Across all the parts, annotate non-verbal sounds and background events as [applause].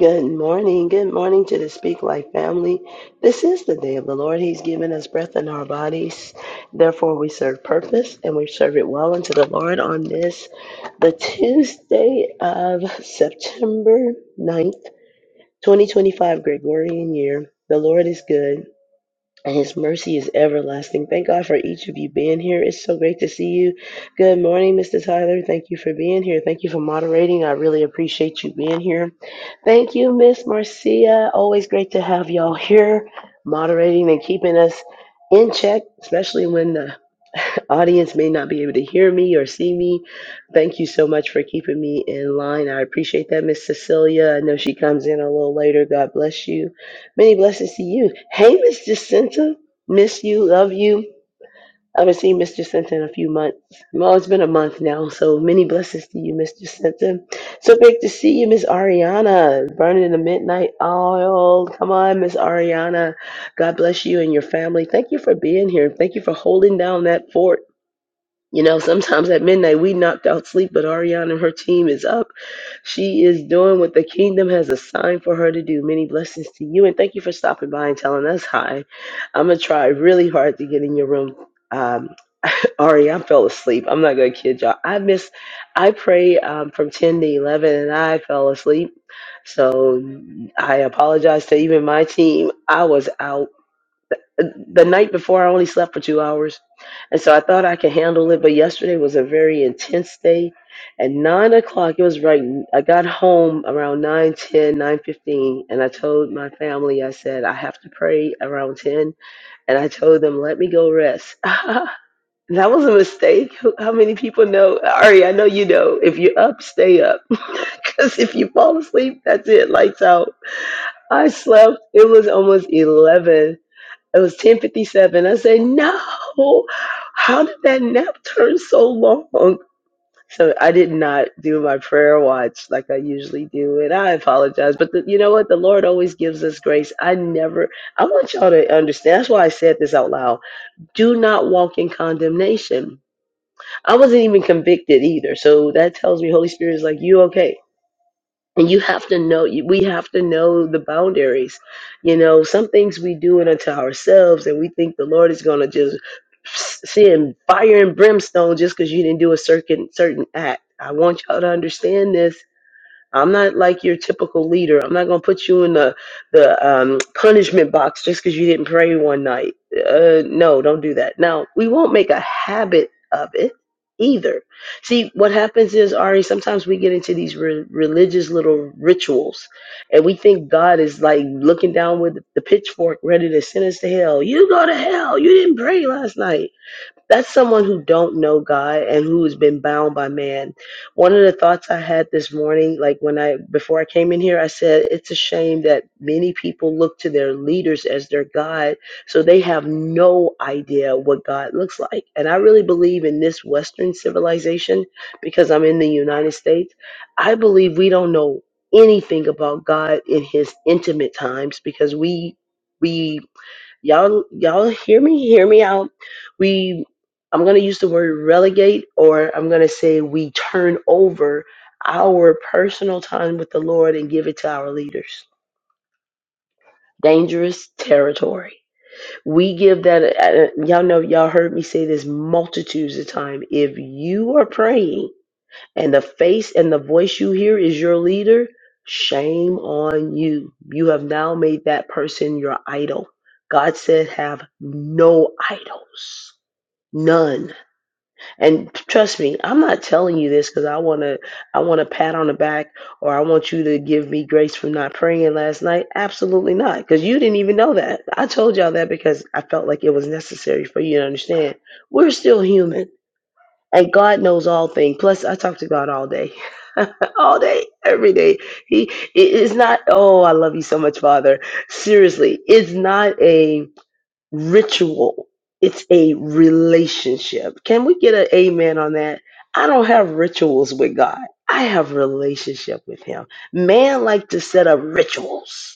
Good morning. Good morning to the Speak Life family. This is the day of the Lord. He's given us breath in our bodies. Therefore, we serve purpose and we serve it well unto the Lord on this, the Tuesday of September ninth, 2025, Gregorian year. The Lord is good and his mercy is everlasting. Thank God for each of you being here. It's so great to see you. Good morning, Mr. Tyler. Thank you for being here. Thank you for moderating. I really appreciate you being here. Thank you, Miss Marcia. Always great to have y'all here moderating and keeping us in check, especially when the Audience may not be able to hear me or see me. Thank you so much for keeping me in line. I appreciate that, Miss Cecilia. I know she comes in a little later. God bless you. Many blessings to you. Hey, Miss Jacinta. Miss you. Love you. I haven't seen Miss Jacinta in a few months. Well, it's been a month now, so many blessings to you, Miss Jacinta. So great to see you, Miss Ariana. Burning the midnight oil. Come on, Miss Ariana. God bless you and your family. Thank you for being here. Thank you for holding down that fort you know, sometimes at midnight we knocked out sleep, but Ariana and her team is up. She is doing what the kingdom has assigned for her to do. Many blessings to you, and thank you for stopping by and telling us hi. I'm gonna try really hard to get in your room. Um, Ari, I fell asleep. I'm not gonna kid y'all. I missed. I pray um, from 10 to 11, and I fell asleep. So I apologize to even my team. I was out the night before I only slept for two hours. And so I thought I could handle it, but yesterday was a very intense day. At nine o'clock, it was right. I got home around nine ten, nine fifteen, and I told my family, I said, I have to pray around 10. And I told them, let me go rest. [laughs] that was a mistake. Who- How many people know? Ari, I know you know. If you're up, stay up. [laughs] Because if you fall asleep, that's it, lights out. I slept. It was almost 11 it was 1057. I said, no, how did that nap turn so long? So I did not do my prayer watch like I usually do. And I apologize. But the, you know what? The Lord always gives us grace. I never, I want y'all to understand. That's why I said this out loud. Do not walk in condemnation. I wasn't even convicted either. So that tells me Holy Spirit is like, you okay? and you have to know we have to know the boundaries you know some things we do it unto ourselves and we think the lord is going to just send fire and brimstone just because you didn't do a certain certain act i want y'all to understand this I'm not like your typical leader. I'm not going to put you in the the um, punishment box just because you didn't pray one night. Uh, no, don't do that. Now we won't make a habit of it either. See, what happens is Ari. Sometimes we get into these re- religious little rituals, and we think God is like looking down with the pitchfork, ready to send us to hell. You go to hell. You didn't pray last night that's someone who don't know God and who has been bound by man. One of the thoughts I had this morning, like when I before I came in here, I said it's a shame that many people look to their leaders as their God, so they have no idea what God looks like. And I really believe in this Western civilization because I'm in the United States. I believe we don't know anything about God in His intimate times because we we y'all y'all hear me hear me out we i'm going to use the word relegate or i'm going to say we turn over our personal time with the lord and give it to our leaders dangerous territory we give that uh, y'all know y'all heard me say this multitudes of time if you are praying and the face and the voice you hear is your leader, shame on you. You have now made that person your idol. God said, have no idols. None. And trust me, I'm not telling you this because I want to, I want a pat on the back or I want you to give me grace for not praying last night. Absolutely not. Because you didn't even know that. I told y'all that because I felt like it was necessary for you to understand. We're still human and God knows all things. Plus, I talk to God all day, [laughs] all day, every day. He it is not. Oh, I love you so much, Father. Seriously, it's not a ritual. It's a relationship. Can we get an amen on that? I don't have rituals with God. I have relationship with Him. Man like to set up rituals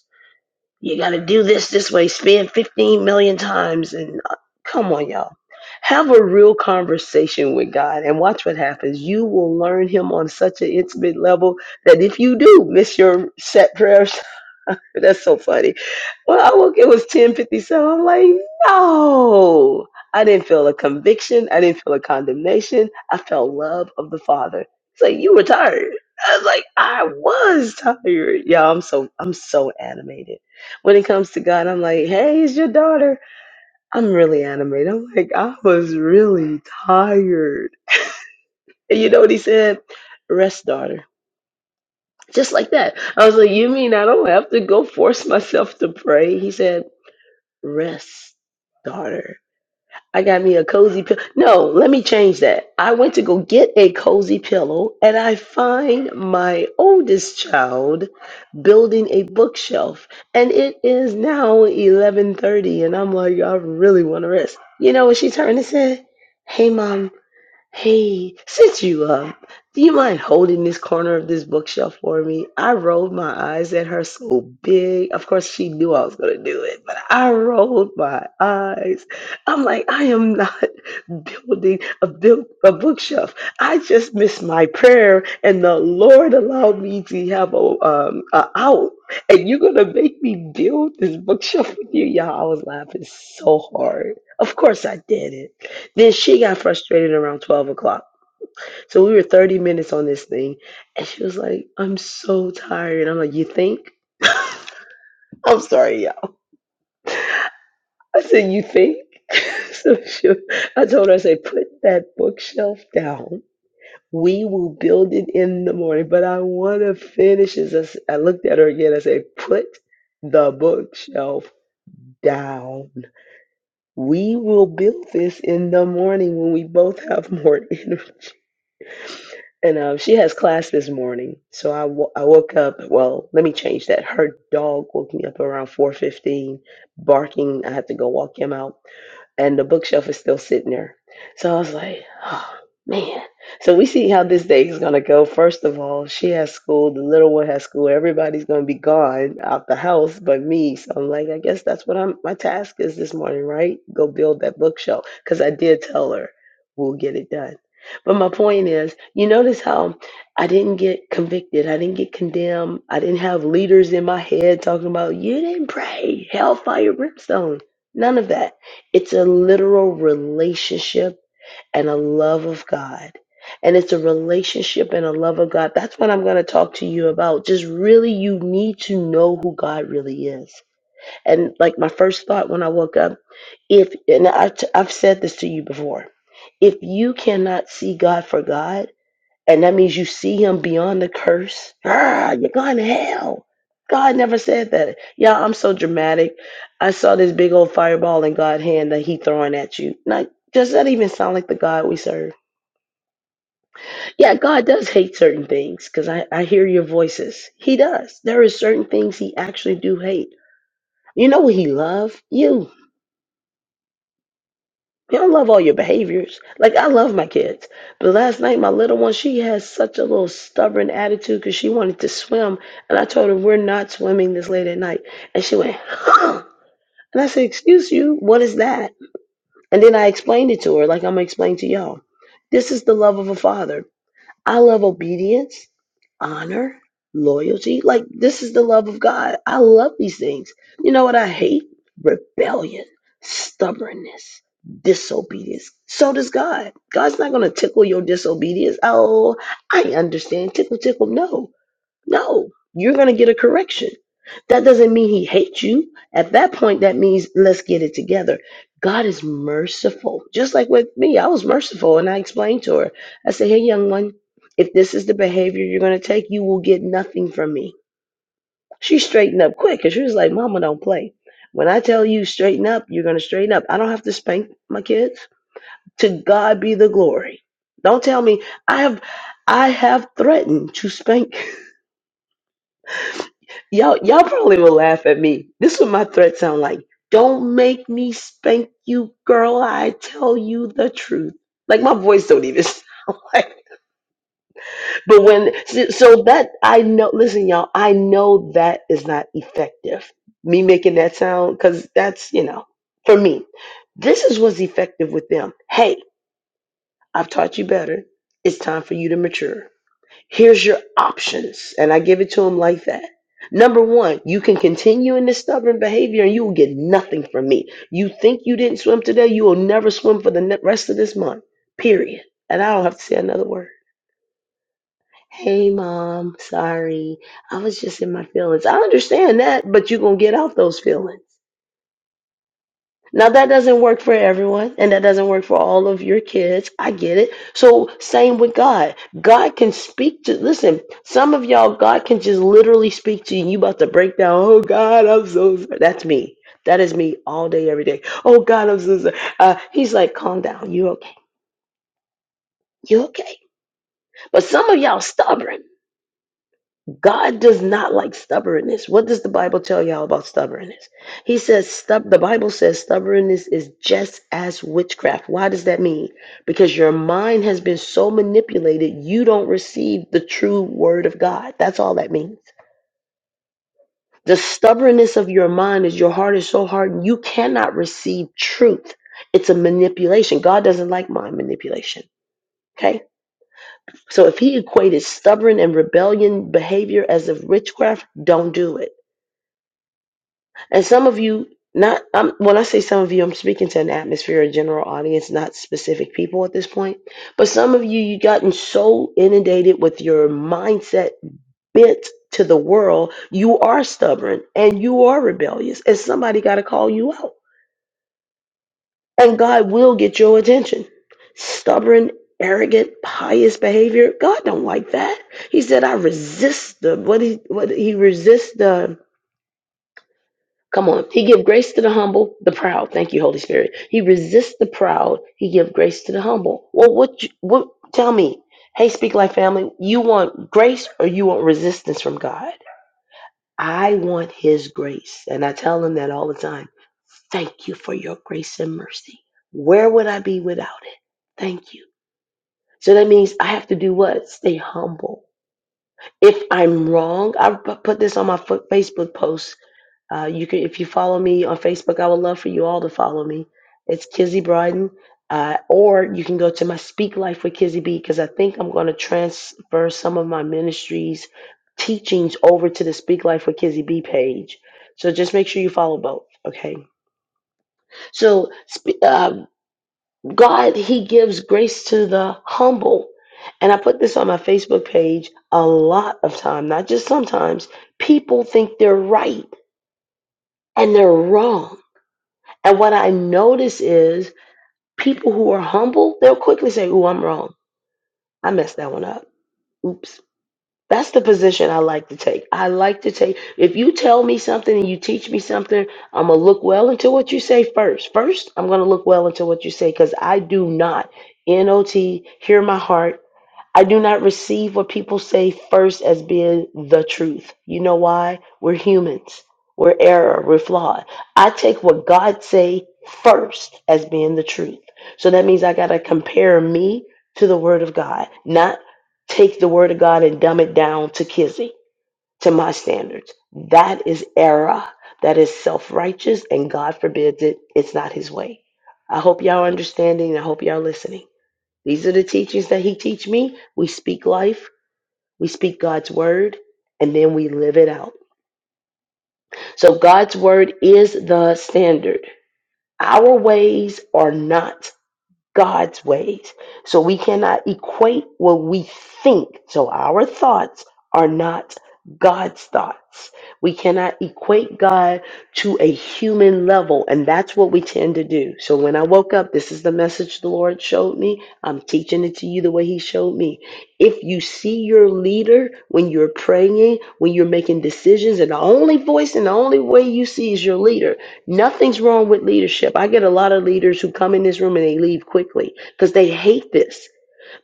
you got to do this this way, Spend 15 million times. And uh, come on, y'all. Have a real conversation with God and watch what happens. You will learn Him on such an intimate level that if you do miss your set prayers, [laughs] that's so funny. Well, I woke, it was 1057. I'm like, no. I didn't feel a conviction. I didn't feel a condemnation. I felt love of the Father. It's like you were tired. I was like, I was tired. Yeah, I'm so I'm so animated when it comes to God, I'm like, hey, it's your daughter. I'm really animated. I'm like, I was really tired. And you know what he said? Rest, daughter. Just like that. I was like, you mean I don't have to go force myself to pray? He said, rest, daughter. I got me a cozy pillow. No, let me change that. I went to go get a cozy pillow and I find my oldest child building a bookshelf and it is now 11:30 and I'm like I really want to rest. You know what she turned and said? "Hey mom, Hey, since you up, do you mind holding this corner of this bookshelf for me? I rolled my eyes at her so big. Of course, she knew I was going to do it, but I rolled my eyes. I'm like, I am not [laughs] building a, build, a bookshelf. I just missed my prayer, and the Lord allowed me to have a, um, a out. And you're going to make me build this bookshelf with you? Y'all, I was laughing so hard. Of course, I did it. Then she got frustrated around 12 o'clock. So we were 30 minutes on this thing. And she was like, I'm so tired. I'm like, You think? I'm sorry, y'all. I said, You think? [laughs] so she, I told her, I said, Put that bookshelf down. We will build it in the morning, but I want to finish this. I, s- I looked at her again. I said, Put the bookshelf down. We will build this in the morning when we both have more [laughs] energy. And um, she has class this morning, so I w- I woke up. Well, let me change that. Her dog woke me up around four fifteen, barking. I had to go walk him out and the bookshelf is still sitting there. So I was like, oh man. So we see how this day is gonna go. First of all, she has school, the little one has school, everybody's gonna be gone out the house but me. So I'm like, I guess that's what I'm my task is this morning, right? Go build that bookshelf. Cause I did tell her we'll get it done. But my point is, you notice how I didn't get convicted. I didn't get condemned. I didn't have leaders in my head talking about, you didn't pray, hellfire, brimstone. None of that. It's a literal relationship and a love of God. And it's a relationship and a love of God. That's what I'm going to talk to you about. Just really, you need to know who God really is. And like my first thought when I woke up, if, and i t- I've said this to you before, if you cannot see God for God, and that means you see him beyond the curse. Ah, you're going to hell. God never said that. Yeah, I'm so dramatic. I saw this big old fireball in God's hand that he throwing at you. Like, does that even sound like the God we serve? Yeah, God does hate certain things because I, I hear your voices. He does. There are certain things he actually do hate. You know what he love? You. You don't love all your behaviors. Like I love my kids, but last night my little one, she has such a little stubborn attitude because she wanted to swim, and I told her we're not swimming this late at night, and she went, huh. and I said, "Excuse you, what is that?" And then I explained it to her, like I'm gonna explain to y'all. This is the love of a father. I love obedience, honor, loyalty. Like, this is the love of God. I love these things. You know what I hate? Rebellion, stubbornness, disobedience. So does God. God's not going to tickle your disobedience. Oh, I understand. Tickle, tickle. No. No, you're going to get a correction. That doesn't mean he hates you. At that point, that means let's get it together. God is merciful. Just like with me, I was merciful and I explained to her. I said, Hey, young one, if this is the behavior you're going to take, you will get nothing from me. She straightened up quick because she was like, Mama, don't play. When I tell you straighten up, you're going to straighten up. I don't have to spank my kids. To God be the glory. Don't tell me I have I have threatened to spank Y'all, y'all probably will laugh at me. This is what my threat sound like. Don't make me spank you, girl. I tell you the truth. Like my voice don't even [laughs] sound like. But when so so that I know, listen, y'all. I know that is not effective. Me making that sound because that's you know for me. This is what's effective with them. Hey, I've taught you better. It's time for you to mature here's your options. And I give it to him like that. Number one, you can continue in this stubborn behavior and you will get nothing from me. You think you didn't swim today, you will never swim for the ne- rest of this month, period. And I don't have to say another word. Hey, mom, sorry. I was just in my feelings. I understand that, but you're going to get out those feelings. Now that doesn't work for everyone, and that doesn't work for all of your kids. I get it. So same with God. God can speak to listen, some of y'all, God can just literally speak to you. You about to break down, oh God, I'm so sorry. That's me. That is me all day, every day. Oh God, I'm so sorry. Uh, he's like, calm down. You okay? You okay? But some of y'all stubborn. God does not like stubbornness. What does the Bible tell y'all about stubbornness? He says stub the Bible says stubbornness is just as witchcraft. Why does that mean? Because your mind has been so manipulated, you don't receive the true word of God. That's all that means. The stubbornness of your mind is your heart is so hardened you cannot receive truth. It's a manipulation. God doesn't like mind manipulation. Okay? So if he equated stubborn and rebellion behavior as of witchcraft, don't do it And some of you, not um, when I say some of you, I'm speaking to an atmosphere, a general audience, not specific people at this point. But some of you, you gotten so inundated with your mindset bent to the world, you are stubborn and you are rebellious, and somebody got to call you out. And God will get your attention. Stubborn, arrogant, pious behavior, God don't like that. He said, "I resist the what he what he resists the." Come on. He give grace to the humble, the proud. Thank you, Holy Spirit. He resists the proud. He give grace to the humble. Well, what? You, what? Tell me. Hey, speak life family. You want grace or you want resistance from God? I want His grace, and I tell him that all the time. Thank you for your grace and mercy. Where would I be without it? Thank you. So that means I have to do what? Stay humble. If I'm wrong, I put this on my fo- Facebook post uh, you can, if you follow me on Facebook, I would love for you all to follow me. It's Kizzy Bryden, uh, or you can go to my Speak Life with Kizzy B because I think I'm going to transfer some of my ministries teachings over to the Speak Life with Kizzy B page. So just make sure you follow both. Okay. So sp- uh, God, He gives grace to the humble. And I put this on my Facebook page a lot of time, not just sometimes. People think they're right and they're wrong And what I notice is people who are humble, they'll quickly say, "Ooh, I'm wrong. I messed that one up. Oops. That's the position I like to take. I like to take, if you tell me something and you teach me something, I'm going to look well into what you say first. First, I'm going to look well into what you say because I do not, NOT, hear my heart. I do not receive what people say first as being the truth. You know why? We're humans. We're error. We're flawed. I take what God say first as being the truth. So that means I gotta compare me to the Word of God, not take the Word of God and dumb it down to Kizzy, to my standards. That is error. That is self righteous, and God forbids it. It's not His way. I hope y'all understanding. I hope y'all listening. These are the teachings that he teach me. We speak life, we speak God's word, and then we live it out. So God's word is the standard. Our ways are not God's ways. So we cannot equate what we think. So our thoughts are not God's thoughts. We cannot equate God to a human level. And that's what we tend to do. So when I woke up, this is the message the Lord showed me. I'm teaching it to you the way He showed me. If you see your leader when you're praying, when you're making decisions, and the only voice and the only way you see is your leader, Nothing's wrong with leadership. I get a lot of leaders who come in this room and they leave quickly because they hate this,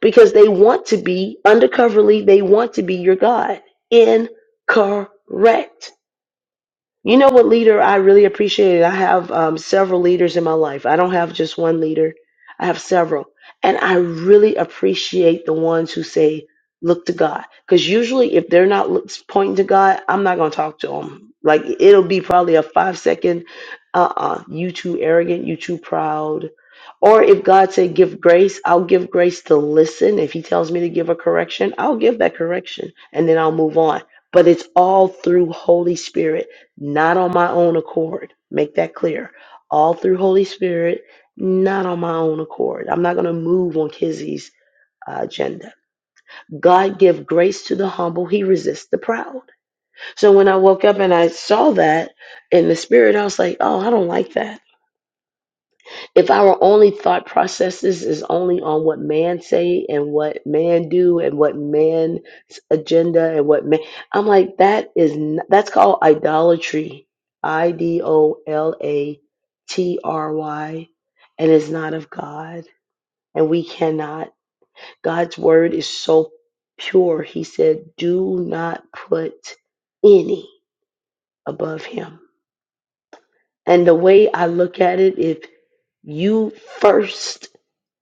because they want to be undercoverly, they want to be your God. Incorrect. You know what leader I really appreciated? I have um, several leaders in my life. I don't have just one leader, I have several. And I really appreciate the ones who say, look to God. Because usually, if they're not look- pointing to God, I'm not going to talk to them. Like, it'll be probably a five second, uh uh you too arrogant, you too proud. Or if God said, give grace, I'll give grace to listen. If He tells me to give a correction, I'll give that correction and then I'll move on. But it's all through Holy Spirit not on my own accord. Make that clear. All through Holy Spirit, not on my own accord. I'm not going to move on Kizzy's uh, agenda. God give grace to the humble. He resists the proud. So when I woke up and I saw that in the spirit, I was like, oh, I don't like that if our only thought processes is only on what man say and what man do and what man's agenda and what man i'm like that is n- that's called idolatry i d o l a t r y and it's not of god and we cannot god's word is so pure he said do not put any above him and the way i look at it if You first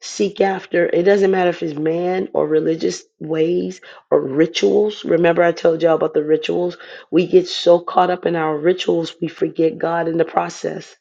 seek after, it doesn't matter if it's man or religious ways or rituals. Remember, I told y'all about the rituals. We get so caught up in our rituals, we forget God in the process.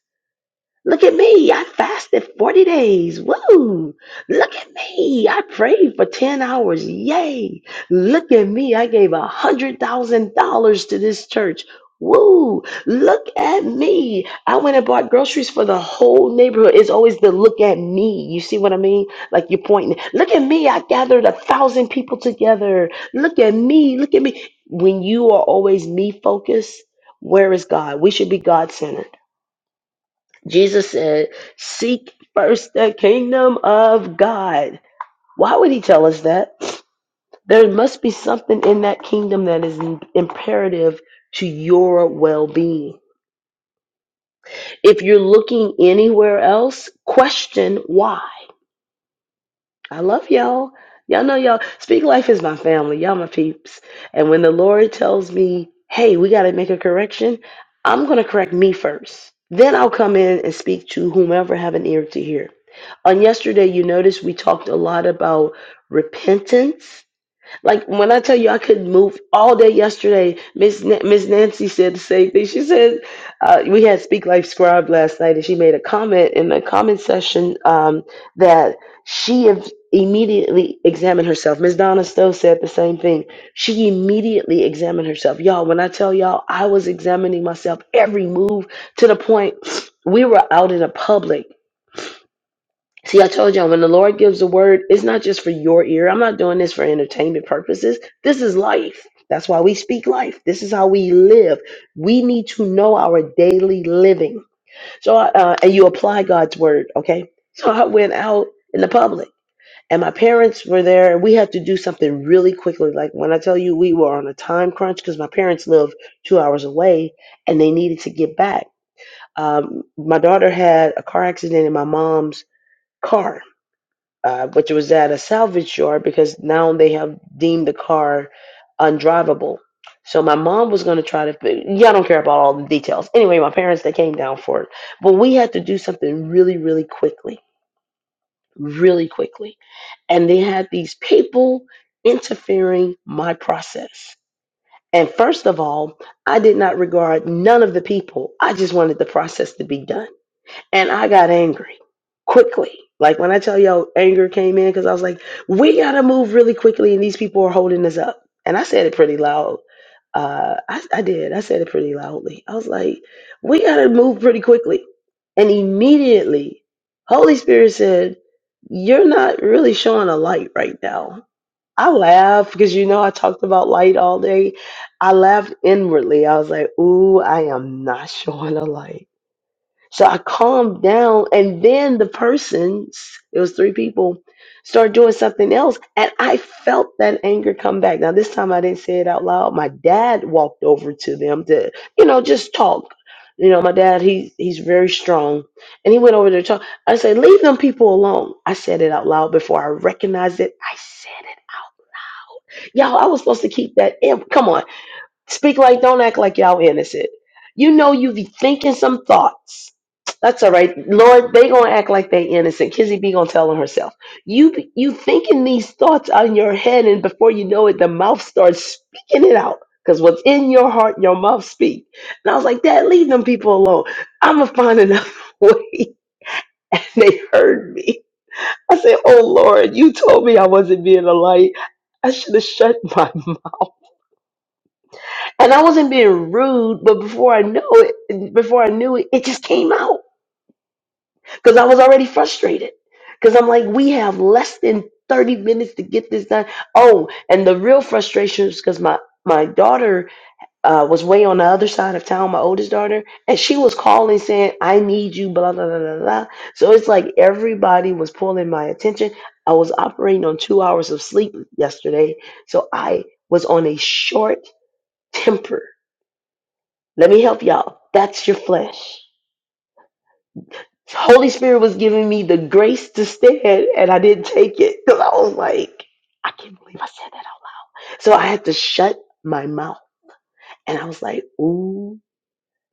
Look at me. I fasted 40 days. Woo. Look at me. I prayed for 10 hours. Yay. Look at me. I gave $100,000 to this church. Woo. Look at me. I went and bought groceries for the whole neighborhood. It's always the look at me. You see what I mean? Like you're pointing. Look at me. I gathered a thousand people together. Look at me. Look at me. When you are always me focused, where is God? We should be God centered. Jesus said, Seek first the kingdom of God. Why would he tell us that? There must be something in that kingdom that is imperative to your well being. If you're looking anywhere else, question why. I love y'all. Y'all know y'all. Speak Life is my family. Y'all my peeps. And when the Lord tells me, hey, we got to make a correction, I'm going to correct me first. Then I'll come in and speak to whomever have an ear to hear. On yesterday, you noticed we talked a lot about repentance like when I tell you I couldn't move all day yesterday, Miss Na- Miss Nancy said the same thing. She said uh, we had Speak Life Scribe last night, and she made a comment in the comment session um, that she ev- immediately examined herself. Miss Donna Stowe said the same thing. She immediately examined herself. Y'all, when I tell y'all, I was examining myself every move to the point we were out in the public See, I told y'all when the Lord gives a word, it's not just for your ear. I'm not doing this for entertainment purposes. This is life. That's why we speak life. This is how we live. We need to know our daily living. So, uh, uh, and you apply God's word, okay? So I went out in the public, and my parents were there, and we had to do something really quickly. Like when I tell you we were on a time crunch because my parents live two hours away, and they needed to get back. Um, my daughter had a car accident in my mom's car uh, which was at a salvage yard because now they have deemed the car undrivable. So my mom was going to try to. Yeah, I don't care about all the details. Anyway, my parents they came down for it, but we had to do something really, really quickly, really quickly, and they had these people interfering my process. And first of all, I did not regard none of the people. I just wanted the process to be done and I got angry quickly. Like when I tell y'all anger came in because I was like, we gotta move really quickly and these people are holding us up. And I said it pretty loud. Uh I, I did. I said it pretty loudly. I was like, we gotta move pretty quickly. And immediately, Holy Spirit said, You're not really showing a light right now. I laughed because you know I talked about light all day. I laughed inwardly. I was like, ooh, I am not [laughs] showing a light. So I calmed down, and then the persons, it was three people, started doing something else. And I felt that anger come back. Now, this time I didn't say it out loud. My dad walked over to them to, you know, just talk. You know, my dad, he, he's very strong. And he went over there to talk. I said, Leave them people alone. I said it out loud before I recognized it. I said it. Y'all, I was supposed to keep that. in. Come on. Speak like, don't act like y'all innocent. You know you be thinking some thoughts. That's all right, Lord. They gonna act like they innocent. Kizzy B gonna tell them herself. You be- you thinking these thoughts on your head, and before you know it, the mouth starts speaking it out. Cause what's in your heart, your mouth speak. And I was like, Dad, leave them people alone. I'ma find another [laughs] way. And they heard me. I said, Oh Lord, you told me I wasn't being a light. I should have shut my [laughs] And I wasn't being rude, but before I knew it, before I knew it, it just came out because I was already frustrated. Because I'm like, we have less than 30 minutes to get this done. Oh, and the real frustration is because my, my daughter uh, was way on the other side of town, my oldest daughter, and she was calling saying, I need you, blah, blah, blah, blah, blah. So it's like everybody was pulling my attention. I was operating on two hours of sleep yesterday. So I was on a short temper Let me help y'all. That's your flesh. Holy Spirit was giving me the grace to stand, and I didn't take it because I was like, I can't believe I said that out loud. So I had to shut my mouth. And I was like, ooh.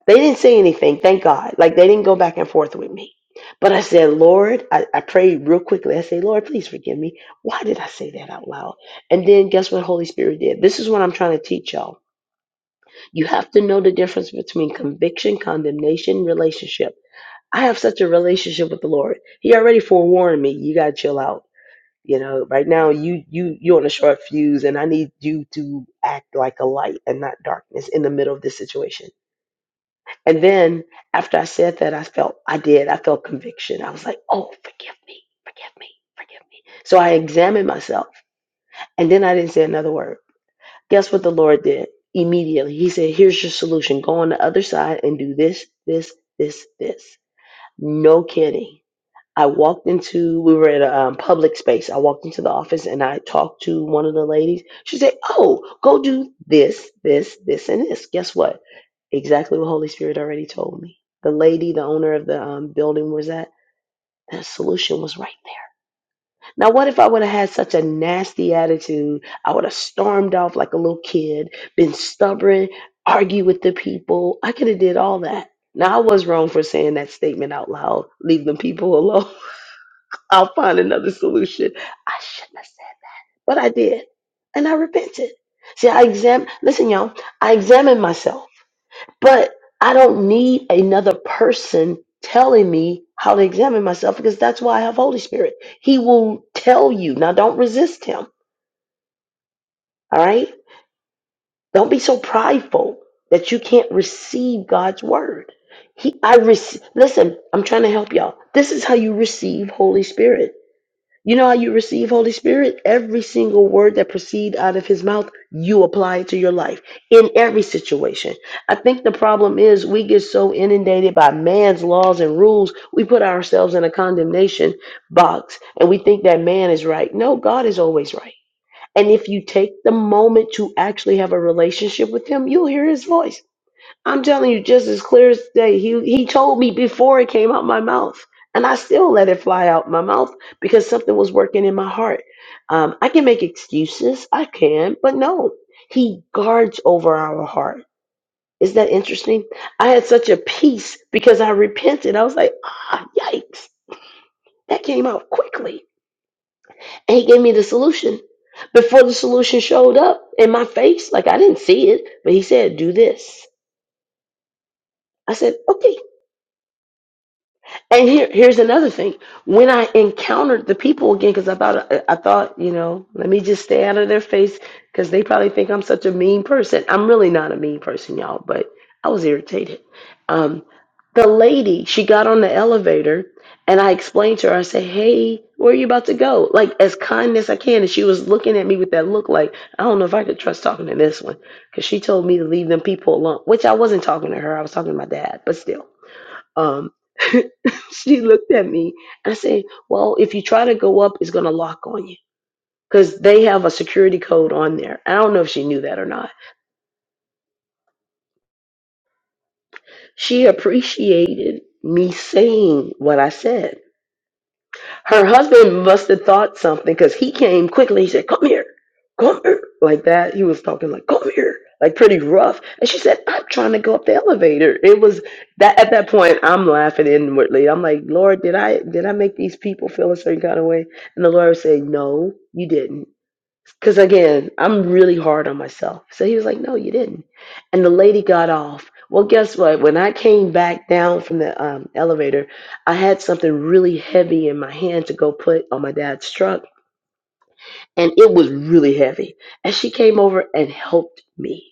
They didn't say anything, thank God. Like, they didn't go back and forth with me. But I said, Lord, I, I prayed real quickly. I said, Lord, please forgive me. Why did I say that out loud? And then guess what Holy Spirit did? This is what I'm trying to teach y'all. You have to know the difference between conviction, condemnation, relationship. I have such a relationship with the Lord. He already forewarned me, you gotta chill out. You know, right now you you you're on a short fuse and I need you to act like a light and not darkness in the middle of this situation. And then after I said that I felt I did, I felt conviction. I was like, Oh, forgive me, forgive me, forgive me. So I examined myself and then I didn't say another word. Guess what the Lord did? Immediately. He said, Here's your solution. Go on the other side and do this, this, this, this. No kidding I walked into, we were at a um, public space. I walked into the office and I talked to one of the ladies. She said, Oh, go do this, this, this, and this. Guess what? Exactly what Holy Spirit already told me. The lady, the owner of the um, building was at, that solution was right. there. Now, what if I would have had such a nasty attitude? I would have stormed off like a little kid, been stubborn, argued with the people. I could have did all that. Now, I was wrong for saying that statement out loud. Leave the people [laughs] alone. I'll find another solution. I shouldn't have said, it, but I did. And I repented. See, I exam listen, y'all, I examined myself, but I don't need another person telling me how to examine myself because that's why I have Holy Spirit. He will tell you. Now don't resist him. All right? Don't be so prideful that you can't receive God's word. He I rec- listen, I'm trying to help y'all. This is how you receive Holy Spirit. You know how you receive Holy Spirit? Every single word that proceed out of his mouth, you apply it to your life in every situation. I think the problem is we get so inundated by man's laws and rules, we put ourselves in a condemnation box and we think that man is right. No, God is always right. And if you take the moment to actually have a relationship with him, you'll hear his voice. I'm telling you just as clear as day. He he told me before it came out my mouth, and I still let it fly out my mouth because something was working in my heart. Um, I can make excuses, I can, but no, he guards over our heart. Is that interesting? I had such a peace because I repented. I was like, ah, yikes, that came out quickly, and he gave me the solution. Before the solution showed up in my face, like I didn't see it, but he said, "Do this." I said, "Okay." And here, here's another thing. When I encountered the people again, because I thought, uh, I thought, you know, let me just stay out of their face, because they probably think I'm such a mean person. I'm really not a mean person, y'all, but I was irritated. Um, the lady, she got on the elevator, and I explained to her. I said, "Hey, where are you about to go?" Like as kind as I can, and she was looking at me with that look, like I don't know if I could trust talking to this one, because she told me to leave them people alone, which I wasn't talking to her. I was talking to my dad, but still. Um, [laughs] she looked at me and I said, Well, if you try to go up, it's going to lock on you because they have a security code on there. I don't know if she knew that or not. She appreciated me saying what I said Her husband must have thought something because he came quickly. He said, Come here, come here. Like that. He was talking like, Come here. Like pretty rough. And she said, I'm trying to go up the elevator. It was that at that point I'm laughing inwardly. I'm like, Lord, did I did I make these people feel a certain kind of way? And the Lord said, No, you didn't. Because again, I'm really hard on myself. So he was like, No, you didn't. And the lady got off. Well, guess what? When I came back down from the um, elevator, I had something really heavy in my hand to go put on my dad's truck. And it was really heavy. And she came over and helped me.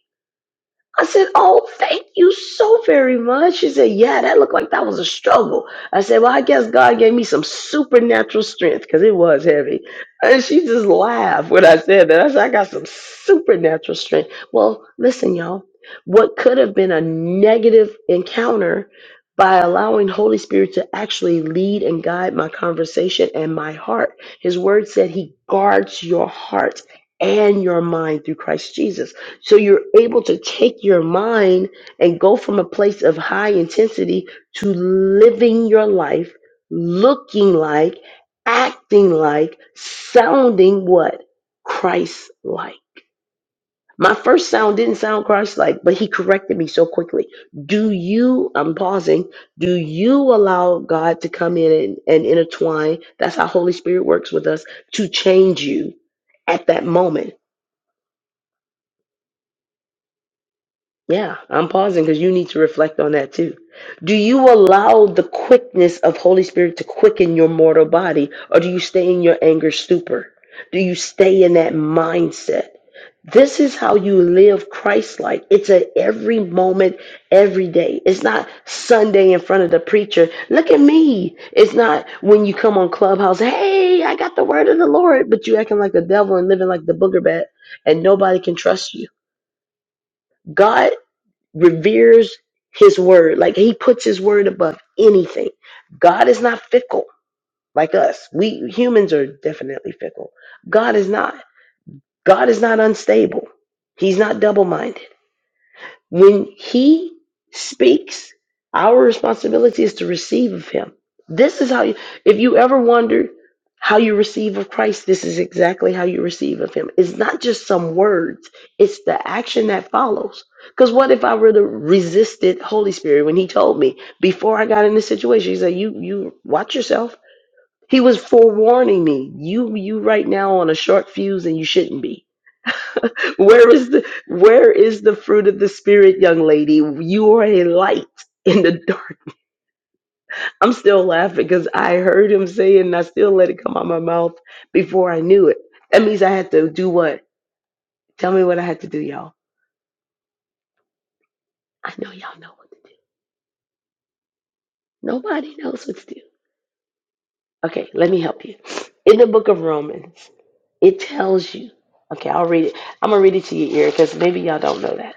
I said, Oh, thank you so very much. She said, Yeah, that looked like that was a struggle. I said, Well, I guess God gave me some supernatural strength because it was heavy. And she just laughed when I said that. I said, I got some supernatural strength. Well, listen, y'all, what could have been a negative encounter by allowing Holy Spirit to actually lead and guide my conversation and my heart. His word said he guards your heart and your mind through Christ Jesus. So you're able to take your mind and go from a place of high intensity to living your life, looking like, acting like, sounding what? Christ like. My first sound didn't sound Christ like, but he corrected me so quickly. Do you, I'm pausing, do you allow God to come in and, and intertwine? That's how Holy Spirit works with us to change you at that moment Yeah, I'm pausing because you need to reflect on that too. Do you allow the quickness of Holy Spirit to quicken your mortal body, or do you stay in your anger stupor? Do you stay in that mindset? This is how you live Christ like. It's at every moment, every day. It's not Sunday in front of the preacher. Look at me. It's not when you come on Clubhouse, hey, I got the word of the Lord, but you acting like the devil and living like the booger bat, and nobody can trust you. God reveres his word. Like he puts his word above anything. God is not fickle like us. We humans are definitely fickle. God is not. God is not unstable. He's not double minded. When he speaks, our responsibility is to receive of him. This is how you, if you ever wondered how you receive of Christ, this is exactly how you receive of him. It's not just some words, it's the action that follows. Because what if I were to resisted Holy Spirit when he told me before I got in this situation, he said, You you watch yourself. He was forewarning me. You you right now on a short fuse and you shouldn't be. Where is the where is the fruit of the spirit, young lady? You are a light in the dark. I'm still laughing because I heard him say it and I still let it come out my mouth before I knew it. That means I had to do what? Tell me what I had to do, y'all. I know y'all know what. to do. Nobody knows what to do. Okay, let me help you. In the book of Romans, it tells you. Okay, I'll read it. I'm gonna read it to your ear because maybe y'all don't know that.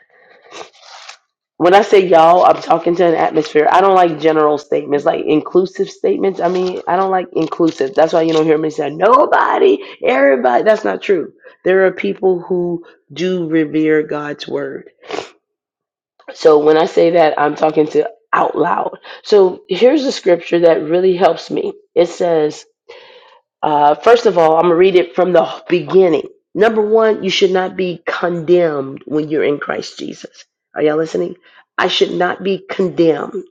When I say y'all, I'm talking to an atmosphere. I don't like general statements, like inclusive statements. I mean, I don't like inclusive. That's why you don't hear me say nobody, everybody. That's not true. There are people who do revere God's word. So when I say that, I'm talking to out loud. So here's a scripture that really helps me. It says, uh, first of all, I'm going to read it from the beginning. Number one, you should not be condemned when you're in Christ Jesus. Are y'all listening? I should not be condemned.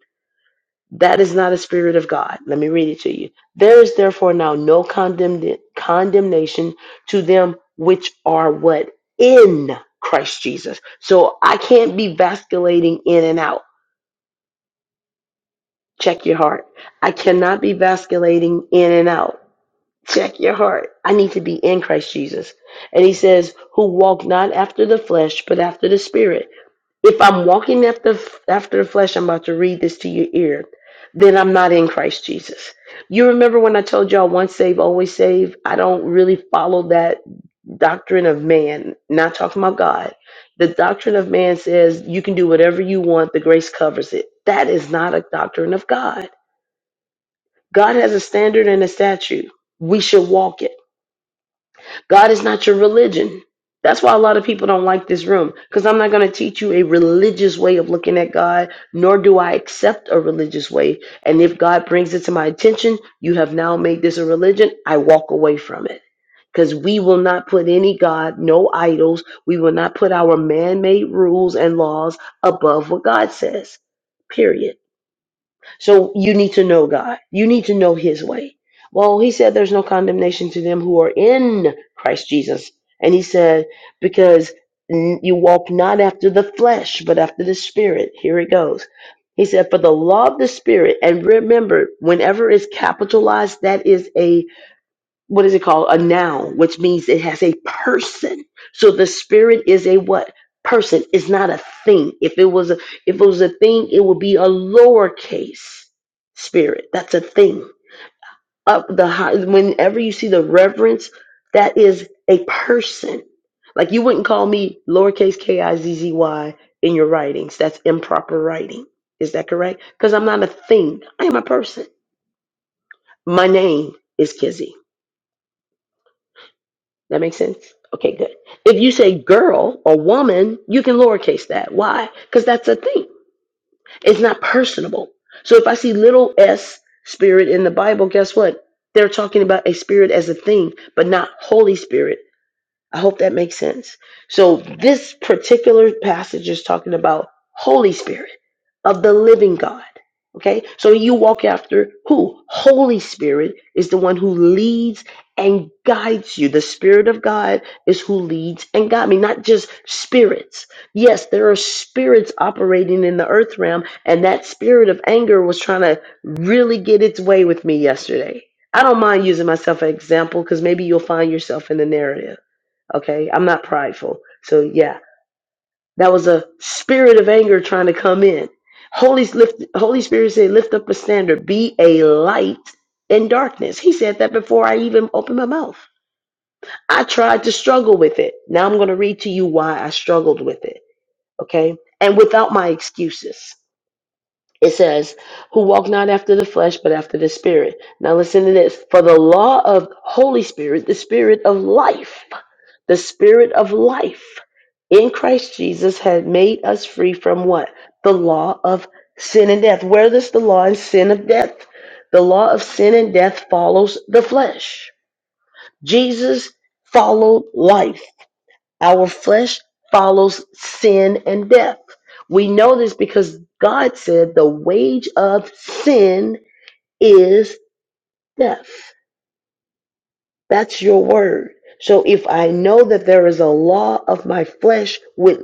That is not a spirit of God. Let me read it to you. There is therefore now no condemn- condemnation to them which are what? In Christ Jesus. So I can't be vasculating in and out. Check your heart. I cannot be vasculating in and out. Check your heart. I need to be in Christ Jesus. And he says, who walk not after the flesh, but after the spirit. If I'm walking after after the flesh, I'm about to read this to your ear, then I'm not in Christ Jesus. You remember when I told y'all once saved, always saved." I don't really follow that doctrine of man, not talking about God. The doctrine of man says you can do whatever you want, the grace covers it. That is not a doctrine of God. God has a standard and a statute. We should walk it. God is not your religion. That's why a lot of people don't like this room because I'm not going to teach you a religious way of looking at God, nor do I accept a religious way. And if God brings it to my attention, you have now made this a religion, I walk away from it because we will not put any God, no idols. We will not put our man made rules and laws above what God says, period. So you need to know God. You need to know His way. Well, He said there's no condemnation to them who are in Christ Jesus. And He said, because n- you walk not after the flesh, but after the Spirit. Here it goes. He said, for the law of the Spirit, and remember, whenever it's capitalized, that is what is it called? A noun, which means it has a person. So the spirit is a what? Person. It's not a thing. If it was a if it was a thing, it would be a lowercase spirit. That's a thing. Up the high whenever you see the reverence, that is a person. Like you wouldn't call me lowercase K I Z Z Y in your writings. That's improper writing. Is that correct? Because I'm not a thing. I am a person. My name is Kizzy. That makes sense? Okay, good. If you say girl or woman, you can lowercase that. Why? Because that's a thing. It's not personable. So if I see little s spirit in the Bible, guess what? They're talking about a spirit as a thing, but not Holy Spirit. I hope that makes sense. So this particular passage is talking about Holy Spirit of the living God. Okay? So you walk after who? Holy Spirit is the one who leads and guides you. The Spirit of God is who leads and guides me, not just spirits. Yes, there are spirits operating in the earth realm, and that spirit of anger was trying to really get its way with me yesterday. I don't mind using myself as an example because maybe you'll find yourself in the narrative Okay, I'm not prideful. So yeah, that was a spirit of anger trying to come in. Holy lift, Holy Spirit said, "Lift up a standard, be a light in darkness." He said that before I even opened my mouth. I tried to struggle with it. Now I'm going to read to you why I struggled with it. Okay, and without my excuses. It says, who walk not after the flesh, but after the spirit. Now listen to this. For the law of Holy Spirit, the spirit of life the spirit of life in Christ Jesus had made us free from what? The law of sin and death. Where does the law and sin of death? The law of sin and death follows the flesh. Jesus followed life. Our flesh follows sin and death. We know this because God said the wage of sin is death. That's your word. So if I know that there is a law of my flesh, with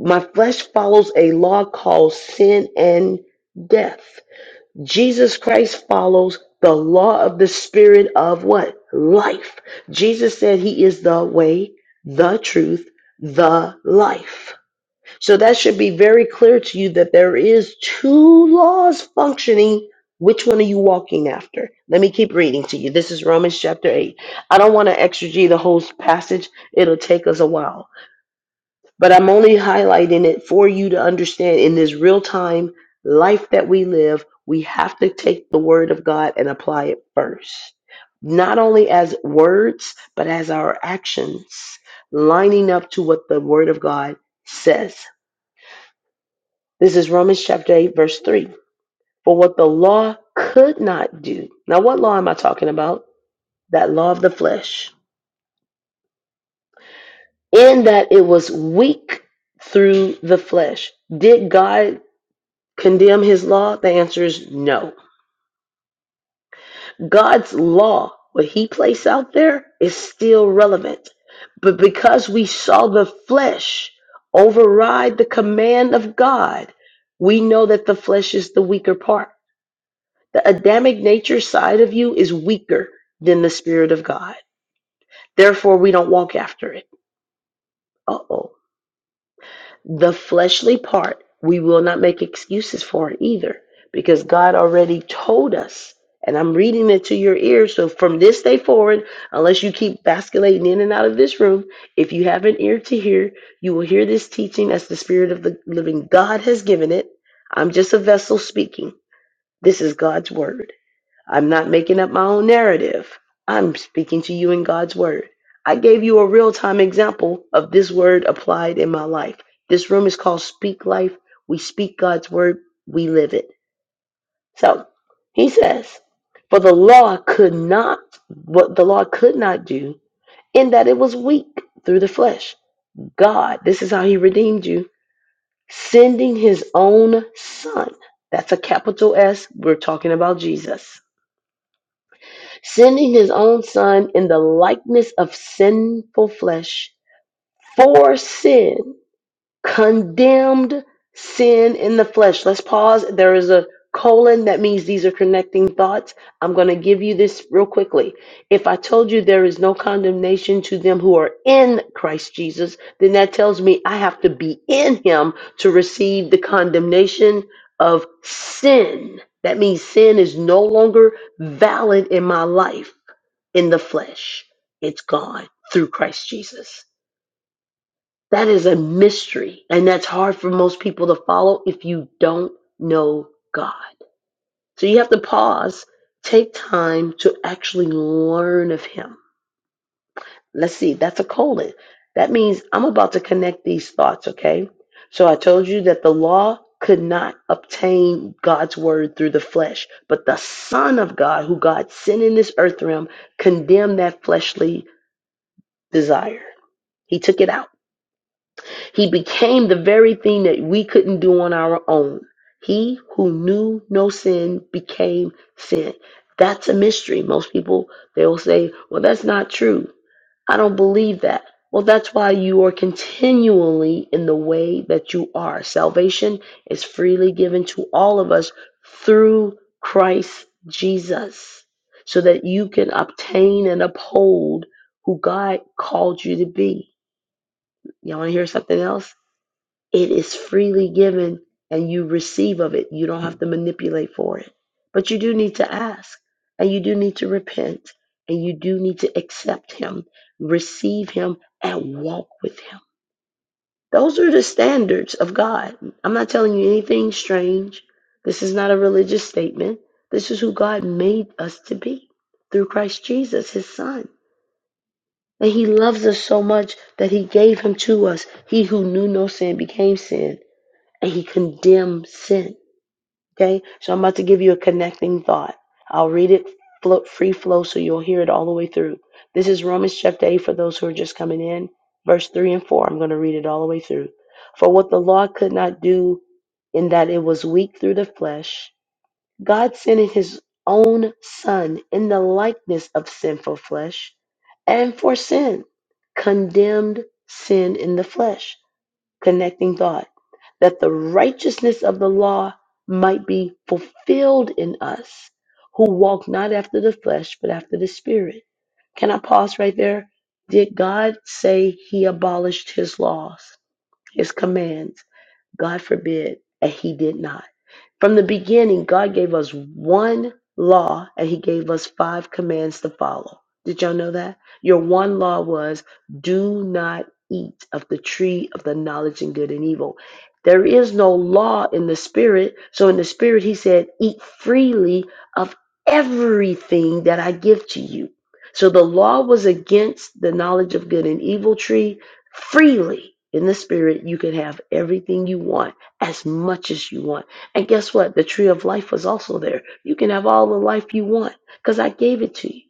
my flesh follows a law called sin and death. Jesus Christ follows the law of the spirit of what? Life. Jesus said he is the way, the truth, the life. So that should be very clear to you that there is two laws functioning. Which one are you walking after? Let me keep reading to you. This is Romans chapter 8. I don't want to exegete the whole passage. It'll take us a while. But I'm only highlighting it for you to understand in this real time life that we live, we have to take the word of God and apply it first. Not only as words, but as our actions lining up to what the word of God says. This is Romans chapter 8, verse 3. For what the law could not do. Now, what law am I talking about? That law of the flesh. In that it was weak through the flesh. Did God condemn his law? The answer is no. God's law, what he placed out there, is still relevant. But because we saw the flesh override the command of God, we know that the flesh is the weaker part. The Adamic nature side of you is weaker than the Spirit of God. Therefore, we don't walk after it. Uh oh. The fleshly part, we will not make excuses for it either because God already told us. And I'm reading it to your ears. So from this day forward, unless you keep basculating in and out of this room, if you have an ear to hear, you will hear this teaching as the Spirit of the living God has given it. I'm just a vessel speaking. This is God's word. I'm not making up my own narrative. I'm speaking to you in God's word. I gave you a real time example of this word applied in my life. This room is called Speak Life. We speak God's word, we live it. So he says, For the law could not, what the law could not do, in that it was weak through the flesh. God, this is how he redeemed you, sending his own son. That's a capital S. We're talking about Jesus sending his own son in the likeness of sinful flesh for sin, condemned sin in the flesh. Let's pause. There is a colon that means these are connecting thoughts. I'm going to give you this real quickly. If I told you there is no condemnation to them who are in Christ Jesus, then that tells me I have to be in him to receive the condemnation of sin. That means sin is no longer valid in my life in the flesh. It's gone through Christ Jesus. That is a mystery, and that's hard for most people to follow if you don't know God. So you have to pause, take time to actually learn of Him. Let's see, that's a colon. That means I'm about to connect these thoughts, okay? So I told you that the law could not obtain God's word through the flesh, but the Son of God, who God sent in this earth realm, condemned that fleshly desire. He took it out. He became the very thing that we couldn't do on our own. He who knew no sin became sin. That's a mystery. Most people, they'll say, well, that's not true. I don't believe that. Well, that's why you are continually in the way that you are. Salvation is freely given to all of us through Christ Jesus so that you can obtain and uphold who God called you to be. You want to hear something else? It is freely given and you receive of it. You don't have to manipulate for it. But you do need to ask and you do need to repent and you do need to accept Him, receive Him, and walk with Him. Those are the standards of God. I'm not telling you anything strange. This is not a religious statement. This is who God made us to be through Christ Jesus, His Son. But he loves us so much that he gave him to us. He who knew no sin became sin, and he condemned sin. Okay? So I'm about to give you a connecting thought. I'll read it flo- free flow so you'll hear it all the way through. This is Romans chapter 8 for those who are just coming in, verse 3 and 4. I'm going to read it all the way through. For what the law could not do in that it was weak through the flesh, God sending his own son in the likeness of sinful flesh and for sin, condemned sin in the flesh, connecting thought, that the righteousness of the law might be fulfilled in us who walk not after the flesh, but after the spirit. Can I pause right there? Did God say he abolished his laws, his commands? God forbid, and he did not. From the beginning, God gave us one law and He gave us five commands to follow. Did y'all know that? Your one law was do not eat of the tree of the knowledge of good and evil. There is no law in the spirit. So in the spirit, He said, eat freely of everything that I give to you. So the law was against the knowledge of good and evil tree freely. In the spirit, you can have everything you want, as much as you want and guess what? The tree of life was also there. You can have all the life you want because I gave it to you.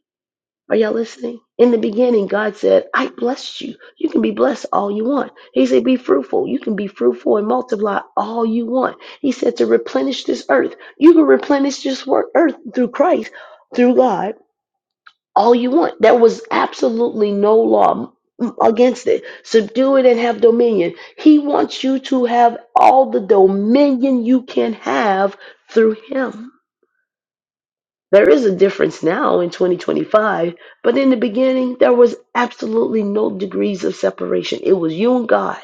Are y'all listening? In the beginning, God said, I blessed you. You can be blessed all you want. He said, Be fruitful. You can be fruitful and multiply all you want. He said, To replenish this earth. You can replenish this wor- earth through Christ, through God all you want. There was absolutely no law m- against it. Subdue it and have dominion. He wants you to have all the dominion you can have through Him. There is a difference now in 2025, but in the beginning, there was absolutely no degrees of separation. It was you and God.